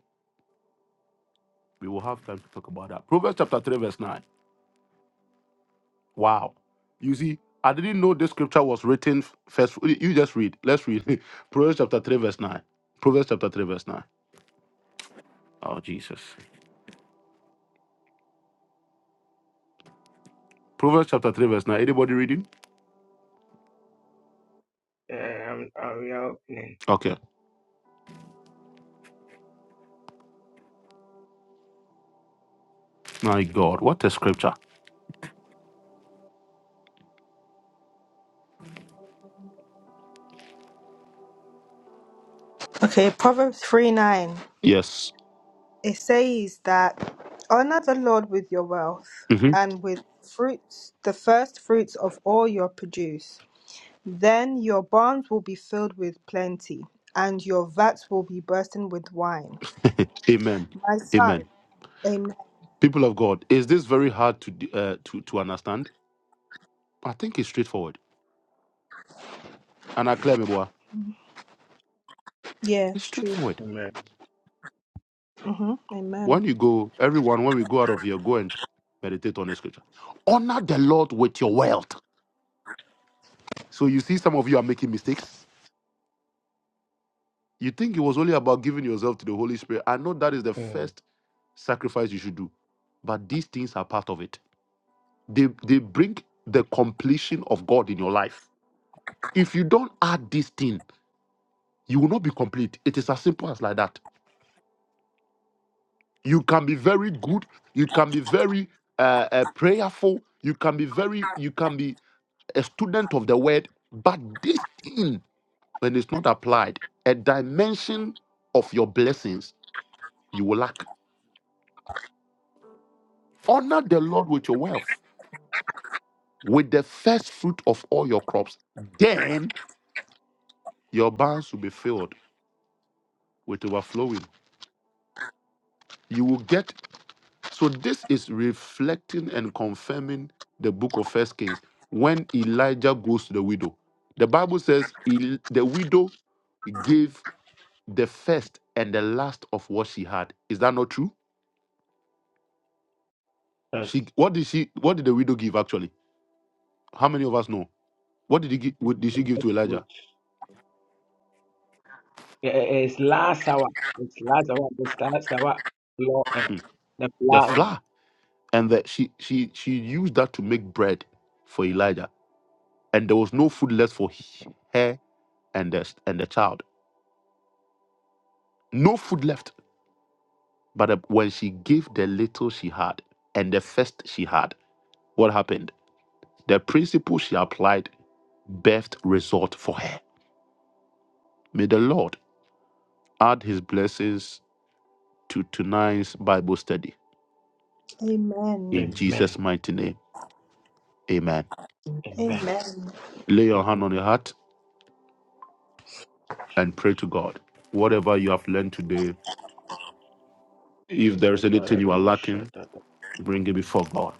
Speaker 1: We will have time to talk about that. Proverbs chapter 3, verse 9. Wow. You see, I didn't know this scripture was written f- first. You just read. Let's read. Proverbs chapter 3, verse 9. Proverbs chapter 3, verse 9. Oh, Jesus. Proverbs chapter 3, verse 9. Anybody reading?
Speaker 3: Uh, I'm, I'm we are opening.
Speaker 1: Okay. My God, what a scripture.
Speaker 5: Okay, Proverbs 3 9.
Speaker 1: Yes.
Speaker 5: It says that honor the Lord with your wealth
Speaker 1: hmm
Speaker 5: and with fruits, the first fruits of all your produce. Then your barns will be filled with plenty, and your vats will be bursting with wine.
Speaker 1: Amen.
Speaker 5: My
Speaker 1: Amen.
Speaker 5: son, amen.
Speaker 1: people of God, is this very hard to d- uh, to to understand? I think it's straightforward. And I claim it,
Speaker 5: Yeah,
Speaker 1: it's
Speaker 5: it's true.
Speaker 1: straightforward.
Speaker 3: Amen.
Speaker 5: hmm
Speaker 1: When
Speaker 5: Amen.
Speaker 1: you go, everyone, when we go out of here, go and meditate on the scripture. Honor the Lord with your wealth. So you see, some of you are making mistakes. You think it was only about giving yourself to the Holy Spirit. I know that is the
Speaker 3: Mm.
Speaker 1: first sacrifice you should do, but these things are part of it. They they bring the completion of God in your life. If you don't add this thing, you will not be complete. It is as simple as like that. you can be very good you can be very uh, uh, prayerful you can be very you can be a student of the word but this thing when it's not applied a dimension of your blessings you will lack honor the lord with your wealth with the first fruit of all your crops then your barns will be filled with overflowing you will get So this is reflecting and confirming the book of First Kings when Elijah goes to the widow. The Bible says "El- the widow gave the first and the last of what she had. Is that not true?
Speaker 3: That's
Speaker 1: She what did she what did the widow give actually? How many of us know? What did he give, what did she give to
Speaker 3: good.
Speaker 1: Elijah?
Speaker 3: Eh, eh, It's last hour. It's last hour. It's last hour. Law and
Speaker 1: Hmm.
Speaker 3: the
Speaker 1: The
Speaker 3: plan.
Speaker 1: flour and that she she she used that to make bread for Elijah. And there was no food left for he- her and the and the child. No food left But uh, when she gave the little she had and the first she had, what happened? The principle she applied birthed result for her. May the Lord add his blessings to tonight's Bible study.
Speaker 5: Amen.
Speaker 1: In
Speaker 3: Amen.
Speaker 1: Jesus' mighty name, amen.
Speaker 3: Amen.
Speaker 5: Amen.
Speaker 1: Lay your
Speaker 3: Amen.
Speaker 1: hand on your heart and
Speaker 3: Jeez.
Speaker 1: pray to God. Whatever you have learned today, if there is anything you are
Speaker 3: Debarado
Speaker 1: lacking,
Speaker 3: shadada.
Speaker 1: bring it before God.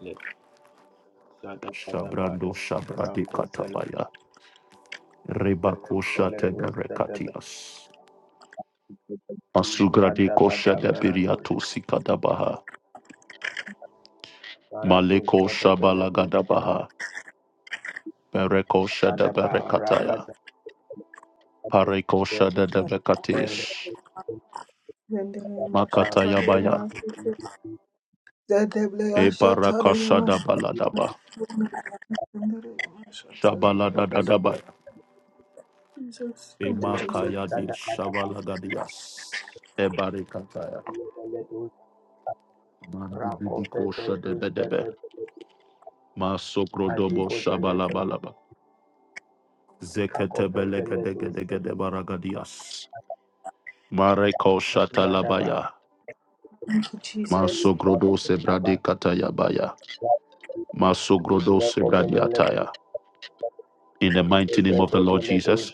Speaker 3: Le- zadabadaba.
Speaker 1: Shabrando shabradi
Speaker 3: Rakozele-
Speaker 1: katabaya. Rebako shate
Speaker 3: beledo zadaba-
Speaker 1: Masugrade kosha da
Speaker 3: zadabadabarado
Speaker 1: biriato sikadabaha. Maleko
Speaker 3: Baradusa de Beledu Bada
Speaker 1: shabalagadabaha. Bereko shada
Speaker 3: Bada Ba
Speaker 1: berekataya.
Speaker 3: Rakaza
Speaker 1: Pareko
Speaker 3: de
Speaker 1: shada da
Speaker 3: Bele
Speaker 1: bekatesh.
Speaker 5: Zendeleyama
Speaker 3: Ba
Speaker 1: Makataya baya.
Speaker 5: shataleyamasete.
Speaker 1: E
Speaker 5: Zendeleyama
Speaker 1: baraka shada
Speaker 5: shataleyamasete.
Speaker 1: baladaba. Shabalada dadabaya.
Speaker 5: Jesus.
Speaker 1: E
Speaker 5: Thank you,
Speaker 3: Beledu
Speaker 5: Jesus.
Speaker 1: makaya di
Speaker 3: Sada Bada
Speaker 1: shabalagadias. E barekataya.
Speaker 3: Beledu
Speaker 1: Mandibidi
Speaker 3: Rako
Speaker 1: kosha
Speaker 3: Pepe Dusha
Speaker 1: debedebe.
Speaker 3: de
Speaker 1: Masokrodobo
Speaker 3: Adiko Zeletum
Speaker 1: shabalabalaba. Zekete
Speaker 3: Ako Pepe Ledu
Speaker 1: belegedegedegede
Speaker 3: Sede
Speaker 1: baragadias. Mareko
Speaker 3: Adimada Ba
Speaker 1: Shatalabaya.
Speaker 5: Thank you, Jesus.
Speaker 1: Masogrodo Sebradi Katayabaya. Masogrodo
Speaker 3: Leko
Speaker 1: Sebradi
Speaker 3: Bemeledu
Speaker 1: Ataya. In the mighty name of the
Speaker 3: Seve
Speaker 1: Lord
Speaker 3: Beledu
Speaker 1: Jesus.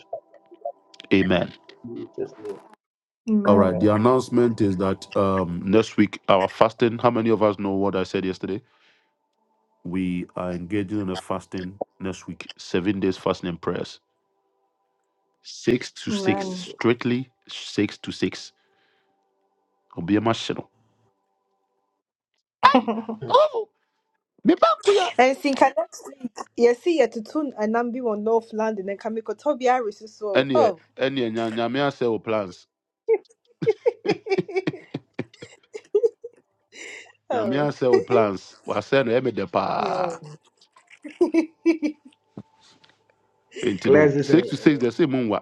Speaker 1: Amen.
Speaker 3: Jesus name
Speaker 1: All
Speaker 5: Amen.
Speaker 1: right. The
Speaker 3: Amen
Speaker 1: announcement is that um, next week, our fasting, how many of us know what I said yesterday? We are engaging in a fasting next week, seven days fasting and prayers. Six to six,
Speaker 5: Amen.
Speaker 3: Jesus
Speaker 1: strictly six to six. Obiema Shino. Hey! Oh! Me bankuya!
Speaker 5: And see, can I, yeah, see, yeah, to tune and i on North London and Kamiko Toby Harris is so.
Speaker 1: Any,
Speaker 5: Oh,
Speaker 1: any, nyame plans na me
Speaker 5: oh,
Speaker 1: ansɛ wo plans wasɛ no ɛmɛ de
Speaker 5: yeah.
Speaker 1: pa nti no
Speaker 3: Cleanse this
Speaker 1: six
Speaker 3: and
Speaker 1: to six
Speaker 5: Eh,
Speaker 1: they say mu nwa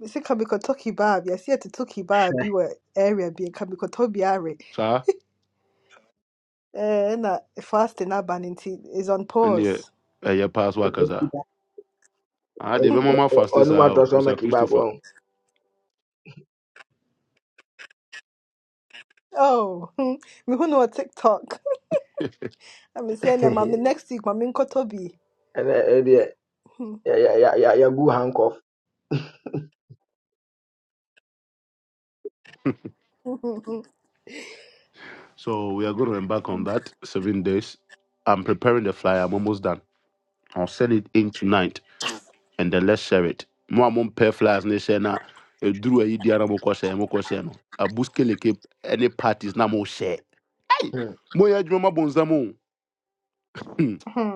Speaker 5: We see Kamiko Toki Bab, yeah, see, yeah, to Toki Bab, be where area being Kamiko Toby Harris.
Speaker 1: saa
Speaker 5: Eh, And uh, fasting urban is on
Speaker 1: ɛneɛ
Speaker 5: pause.
Speaker 1: ɛyɛ paa so
Speaker 3: Good.
Speaker 1: akasa Ah, deɛ bɛma fastest faste saa o busa christopher
Speaker 5: Oh, me who know TikTok. I'm saying that, mommy,
Speaker 3: and
Speaker 5: next week, mommy, Kotobi.
Speaker 3: uh, uh, yeah, yeah, yeah, yeah, yeah, handcuff.
Speaker 1: so we are going to embark on that seven days i'm preparing the flyer i'm almost done i'll send it in tonight and then let's share it mo a pair flyers ne hyɛ na ɛduru ayi dia na mokɔhyɛ mokɔhyɛ no abus keleke any parties na mohyɛ ei
Speaker 3: Hmm.
Speaker 1: moyɛ adwuma ma bonsam o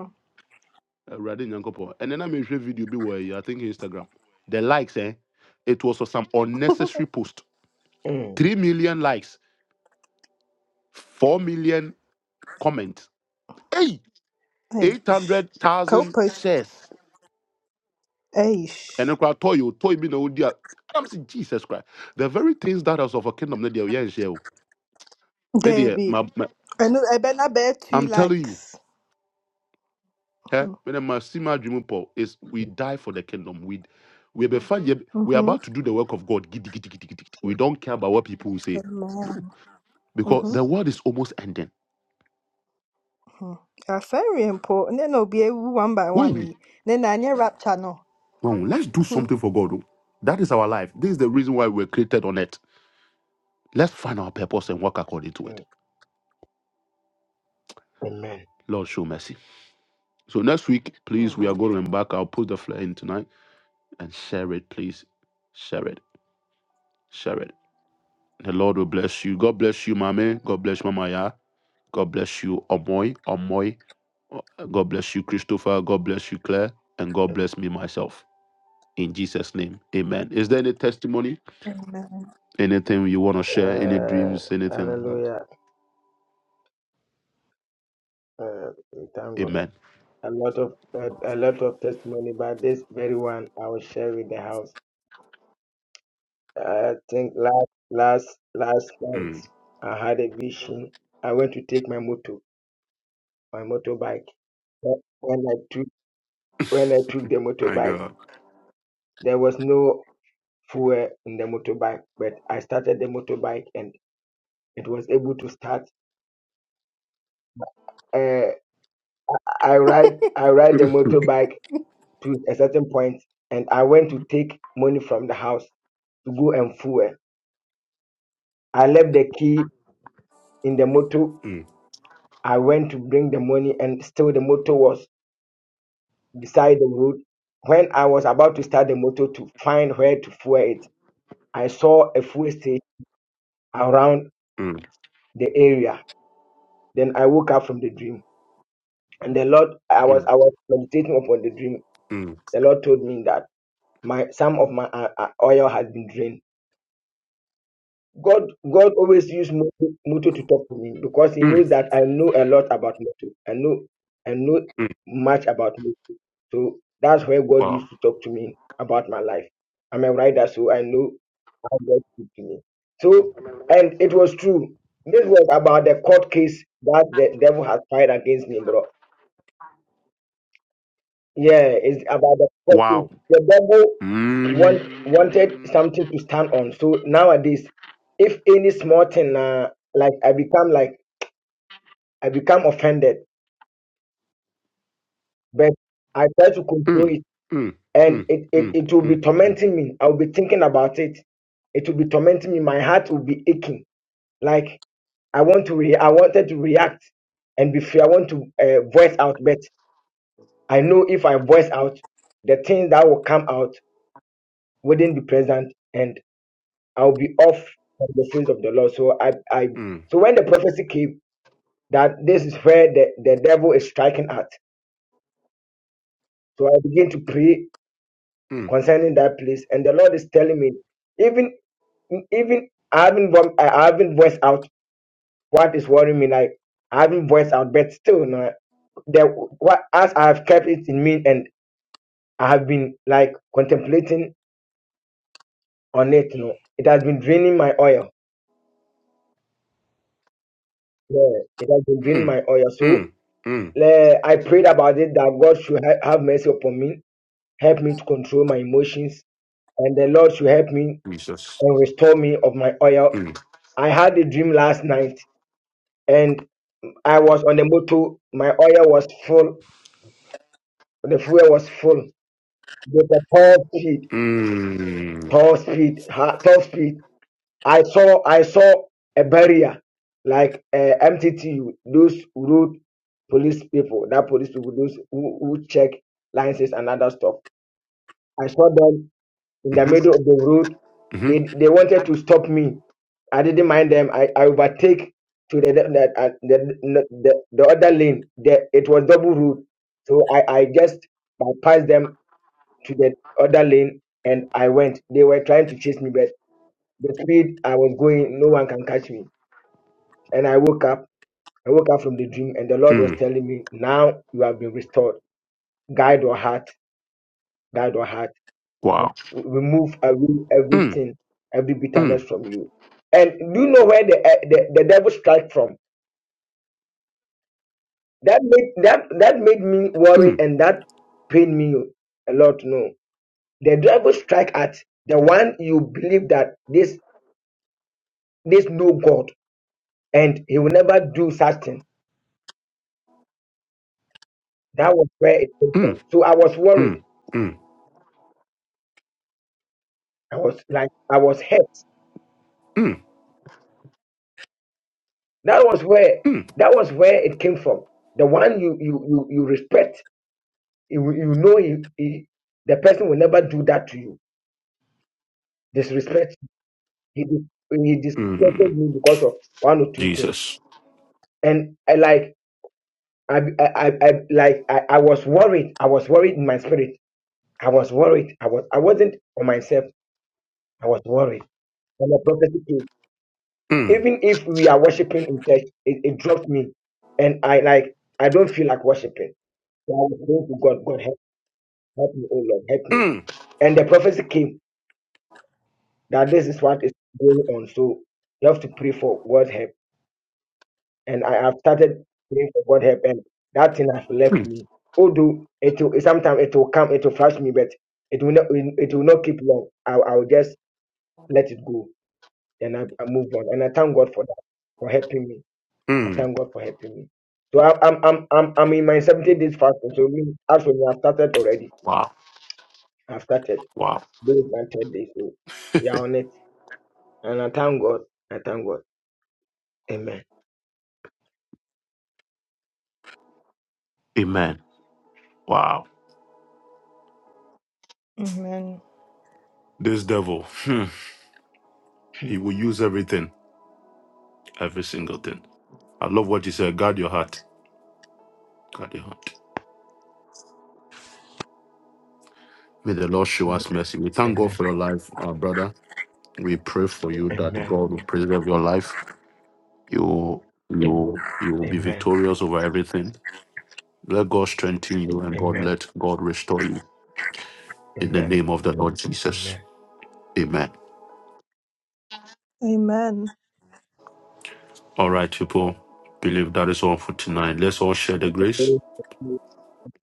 Speaker 1: awurade nyankopɔn ɛnɛ na mehwɛ video bi wɔ ɛyi i think instagram the likes eh it was for some unnecessary post
Speaker 3: Hmm.
Speaker 1: three million likes four million comments hey eight
Speaker 5: Aish.
Speaker 1: hundred thousand
Speaker 5: Co-post.
Speaker 1: shares
Speaker 5: Aish.
Speaker 1: ɛnɛ koraa tɔɔ yi o tɔɔ me na dear. i i'm saying jesus christ the very things that are of a kingdom na deɛ yɛn nhyɛ o me deɛ
Speaker 5: Debbie. I know. I bet. I bet two
Speaker 1: i'm telling you
Speaker 5: likes.
Speaker 1: eh When deɛ ma si dream paul is we die for the kingdom we we be fine. we are
Speaker 5: Mhm.
Speaker 1: about to do the work of god gidi gidi gidi gidi gidi. we don't care about what people will say no
Speaker 5: Amen.
Speaker 1: because
Speaker 5: Mhm.
Speaker 1: the
Speaker 3: Yes.
Speaker 1: world is almost ending.
Speaker 5: mhm. That's very important. Then I'll be able one by
Speaker 1: Wow,
Speaker 5: one. eh. Then I need rap channel.
Speaker 1: wow, let's do
Speaker 5: Mhm.
Speaker 1: something for God. oh. That is our life. This is the reason why we were created on earth. Let's find our purpose and work according to it.
Speaker 3: Mm. Amen.
Speaker 1: Lord, show mercy. So next week,
Speaker 5: Oh
Speaker 1: please, we are
Speaker 5: man.
Speaker 1: going to embark. I'll put the flyer in tonight and share it, please. Share it. Share it. The Lord will bless you. God bless you, Mame. God bless Mama Ya. God bless you, Omoy. Omoy. God bless you, Christopher. God bless you, Claire. And God bless me myself. In Jesus' name. Amen. Is there any testimony?
Speaker 5: Amen.
Speaker 1: Anything you want to share, any
Speaker 3: Uh,
Speaker 1: dreams, anything like that.
Speaker 3: hallelujah. Uh, we thank God.
Speaker 1: Amen.
Speaker 3: A lot of uh, a lot of testimony, but this very one I will share with the house. I think last last last night I had a vision. I went to take my motor, my motorbike. But When I took when I took the
Speaker 1: My
Speaker 3: motorbike,
Speaker 1: God.
Speaker 3: there was no fuel in the motorbike, but I started the motorbike and it was able to start. Uh, I ride I ride the motorbike to a certain point and I went to take money from the house to go and fuel. I left the key in the motor. I went to bring the money and still the motor was beside the road. When I was about to start the motor to find where to fuel it, I saw a fuel station around
Speaker 1: Mm,
Speaker 3: the area. Then I woke up from the dream. And the Lord, I was
Speaker 1: mm,
Speaker 3: I was meditating upon the dream.
Speaker 1: mm,
Speaker 3: The Lord told me that my some of my uh, uh, oil had been drained God God always used Moto, Moto to talk to me because He
Speaker 1: mm,
Speaker 3: knows that I know a lot about Moto. I know I know
Speaker 1: mm.
Speaker 3: much about Moto. So that's where God
Speaker 1: Wow.
Speaker 3: used to talk to me about my life. I'm a writer, so I know how God speaks to me. So and it was true. This was about the court case that the devil has tried against me, bro. Yeah, it's about the purpose.
Speaker 1: Wow.
Speaker 3: The devil want,
Speaker 1: Mm,
Speaker 3: wanted something to stand on. So nowadays, if any small thing, uh, like I become like I become offended, but I try to control
Speaker 1: mm,
Speaker 3: it,
Speaker 1: mm, mm,
Speaker 3: and
Speaker 1: mm,
Speaker 3: it, it
Speaker 1: mm, mm,
Speaker 3: it will be
Speaker 1: mm,
Speaker 3: tormenting me. I will be thinking about it. It will be tormenting me. My heart will be aching. Like I want to re- I wanted to react and be free. I want to uh, voice out, but I know if I voice out, the things that will come out wouldn't be present. I'll be off from the face of the Lord. So I, I, so when the prophecy came that this is where the, the devil is striking at, so I begin to pray
Speaker 1: mm,
Speaker 3: concerning that place, and the Lord is telling me, even, even I haven't, vom- I haven't voiced out what is worrying me, like I haven't voiced out, but still, no, the what as I have kept it in me, and I have been like contemplating on it, you know, it has been draining my oil. Yeah, it has been draining
Speaker 1: mm,
Speaker 3: my oil. So
Speaker 1: mm, mm. Jesus.
Speaker 3: Le- I prayed about it that God should ha- have mercy upon me, help me to control my emotions, and the Lord should help me and restore me of my oil.
Speaker 1: Mm,
Speaker 3: I had a dream last night, and I was on the motor. My oil was full, the fuel was full. With a tall speed,
Speaker 1: mm. hmm
Speaker 3: tall
Speaker 1: hmm mm.
Speaker 3: speed, ha- tall speed. I saw, I saw a barrier like uh, MTTU, those road police people, that police people, those who, who check licenses and other stuff. I saw them in the middle of the road. They they wanted to stop me. I didn't mind them. I, I overtake to the the, uh, the, the the the other lane. The, it was double road, so I I just bypassed them to the other lane and I went. They were trying to chase me, but the speed I was going, no one can catch me. And I woke up. I woke up from the dream, and the Lord was telling me, "Now you have been restored. Guide your heart. Guide your heart."
Speaker 1: Wow.
Speaker 3: remove away
Speaker 1: Mm,
Speaker 3: everything, every
Speaker 1: mm,
Speaker 3: bitterness from you. And do you know where the eh, the, the devil strike from? That made that that made me worried, and that pained me a lot. No, the devil strike at the one you believe that this this no God, and he will never do such thing. That was where it came from.
Speaker 1: mm, mm,
Speaker 3: So I was worried.
Speaker 1: mm,
Speaker 3: I was like I was hurt.
Speaker 1: mm,
Speaker 3: That was where
Speaker 1: mm, mm,
Speaker 3: that was where it came from. The one you you you, you respect you, you know he, he, the person will never do that to you. Disrespect. He, dis- he
Speaker 1: mm.
Speaker 3: disrespected me because of one or two things.
Speaker 1: Jesus.
Speaker 3: And I like I I, I, I like I, I was worried. I was worried in my spirit. I was worried. I was I wasn't for myself. I was worried. And the prophecy came.
Speaker 1: Mm,
Speaker 3: Even if we are worshiping in church, it, it dropped me. And I like I don't feel like worshiping. So I was praying to God, God help, help me, oh Lord, help me.
Speaker 1: mm,
Speaker 3: And the prophecy came that this is what is going on. So you have to pray for God help. And I have started praying for God help, and that thing has left
Speaker 1: mm,
Speaker 3: me. Although it will sometimes it will come, it will flash me, but it will not it will not keep long. I I will just let it go. Then I, I move on. And I thank God for that, for helping me. I
Speaker 1: mm.
Speaker 3: thank God for helping me. So I, I'm I'm I'm I'm in my 70 days fasting. So me as when I've started already.
Speaker 1: Wow.
Speaker 3: I've started.
Speaker 1: Wow.
Speaker 3: This is my third day. So we are on it. And I thank God. I thank God. Amen.
Speaker 1: Amen. Wow.
Speaker 5: Amen.
Speaker 1: This devil, hmm, he will use everything, every single thing. I love what you said. Guard your heart. Guard your heart. May the Lord show us mercy. We thank
Speaker 3: Amen.
Speaker 1: God for your life, uh, brother. We pray for you that
Speaker 3: Amen.
Speaker 1: God will preserve your life. You, you, you will be
Speaker 3: Amen.
Speaker 1: victorious over everything. Let God strengthen you and God
Speaker 3: Amen.
Speaker 1: let God restore you in the
Speaker 3: Amen.
Speaker 1: name of the Lord Jesus.
Speaker 3: Amen.
Speaker 1: Amen.
Speaker 5: Amen.
Speaker 1: All right, people. Believe that is all for tonight. Let's all share the grace.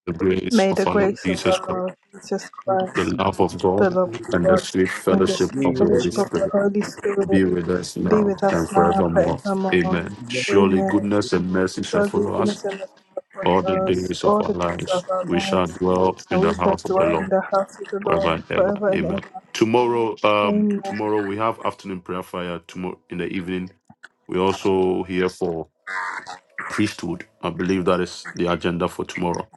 Speaker 1: The grace
Speaker 5: May the
Speaker 1: of our Lord
Speaker 5: grace of
Speaker 1: Jesus
Speaker 5: our
Speaker 1: Christ.
Speaker 5: Lord Jesus
Speaker 1: the
Speaker 5: Christ,
Speaker 1: love of God,
Speaker 5: the love of
Speaker 1: and the
Speaker 5: God,
Speaker 1: sweet
Speaker 5: and the
Speaker 1: fellowship
Speaker 5: sweet
Speaker 3: be
Speaker 1: of the
Speaker 3: with us
Speaker 1: Holy
Speaker 5: fellowship of
Speaker 3: now
Speaker 5: the
Speaker 1: Spirit
Speaker 5: Holy
Speaker 1: be
Speaker 5: Spirit
Speaker 1: with us
Speaker 5: be
Speaker 1: now
Speaker 5: with us
Speaker 1: and
Speaker 5: now and
Speaker 1: forevermore.
Speaker 5: forevermore.
Speaker 1: Amen. Surely
Speaker 5: Amen.
Speaker 1: goodness and mercy shall
Speaker 5: Godly
Speaker 1: follow us
Speaker 5: goodness and mercy shall
Speaker 1: all the
Speaker 3: and
Speaker 5: follow us
Speaker 1: days of
Speaker 5: all
Speaker 1: our
Speaker 5: the days
Speaker 1: lives.
Speaker 5: of our
Speaker 1: We shall
Speaker 5: lives,
Speaker 3: forever.
Speaker 1: dwell
Speaker 5: and
Speaker 1: in the
Speaker 5: we shall
Speaker 1: house of the
Speaker 5: dwell in
Speaker 1: Lord
Speaker 5: the house of the Lord
Speaker 1: forever and ever.
Speaker 5: forever and
Speaker 1: Amen.
Speaker 5: ever.
Speaker 1: Tomorrow, um,
Speaker 5: Amen.
Speaker 1: tomorrow we have afternoon prayer fire. Tomorrow in the evening, we also here for priesthood. I believe that is the agenda for tomorrow.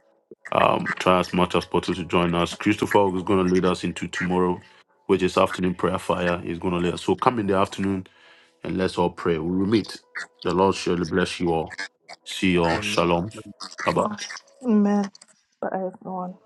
Speaker 1: Um, try as much as possible to join us. Christopher is going to lead us into tomorrow, which is afternoon prayer fire. He's going to lead us. So come in the afternoon and let's all pray. We will meet. The Lord surely bless you all. See you all.
Speaker 3: Amen.
Speaker 1: Shalom. Bye bye.
Speaker 5: Amen. Bye, everyone.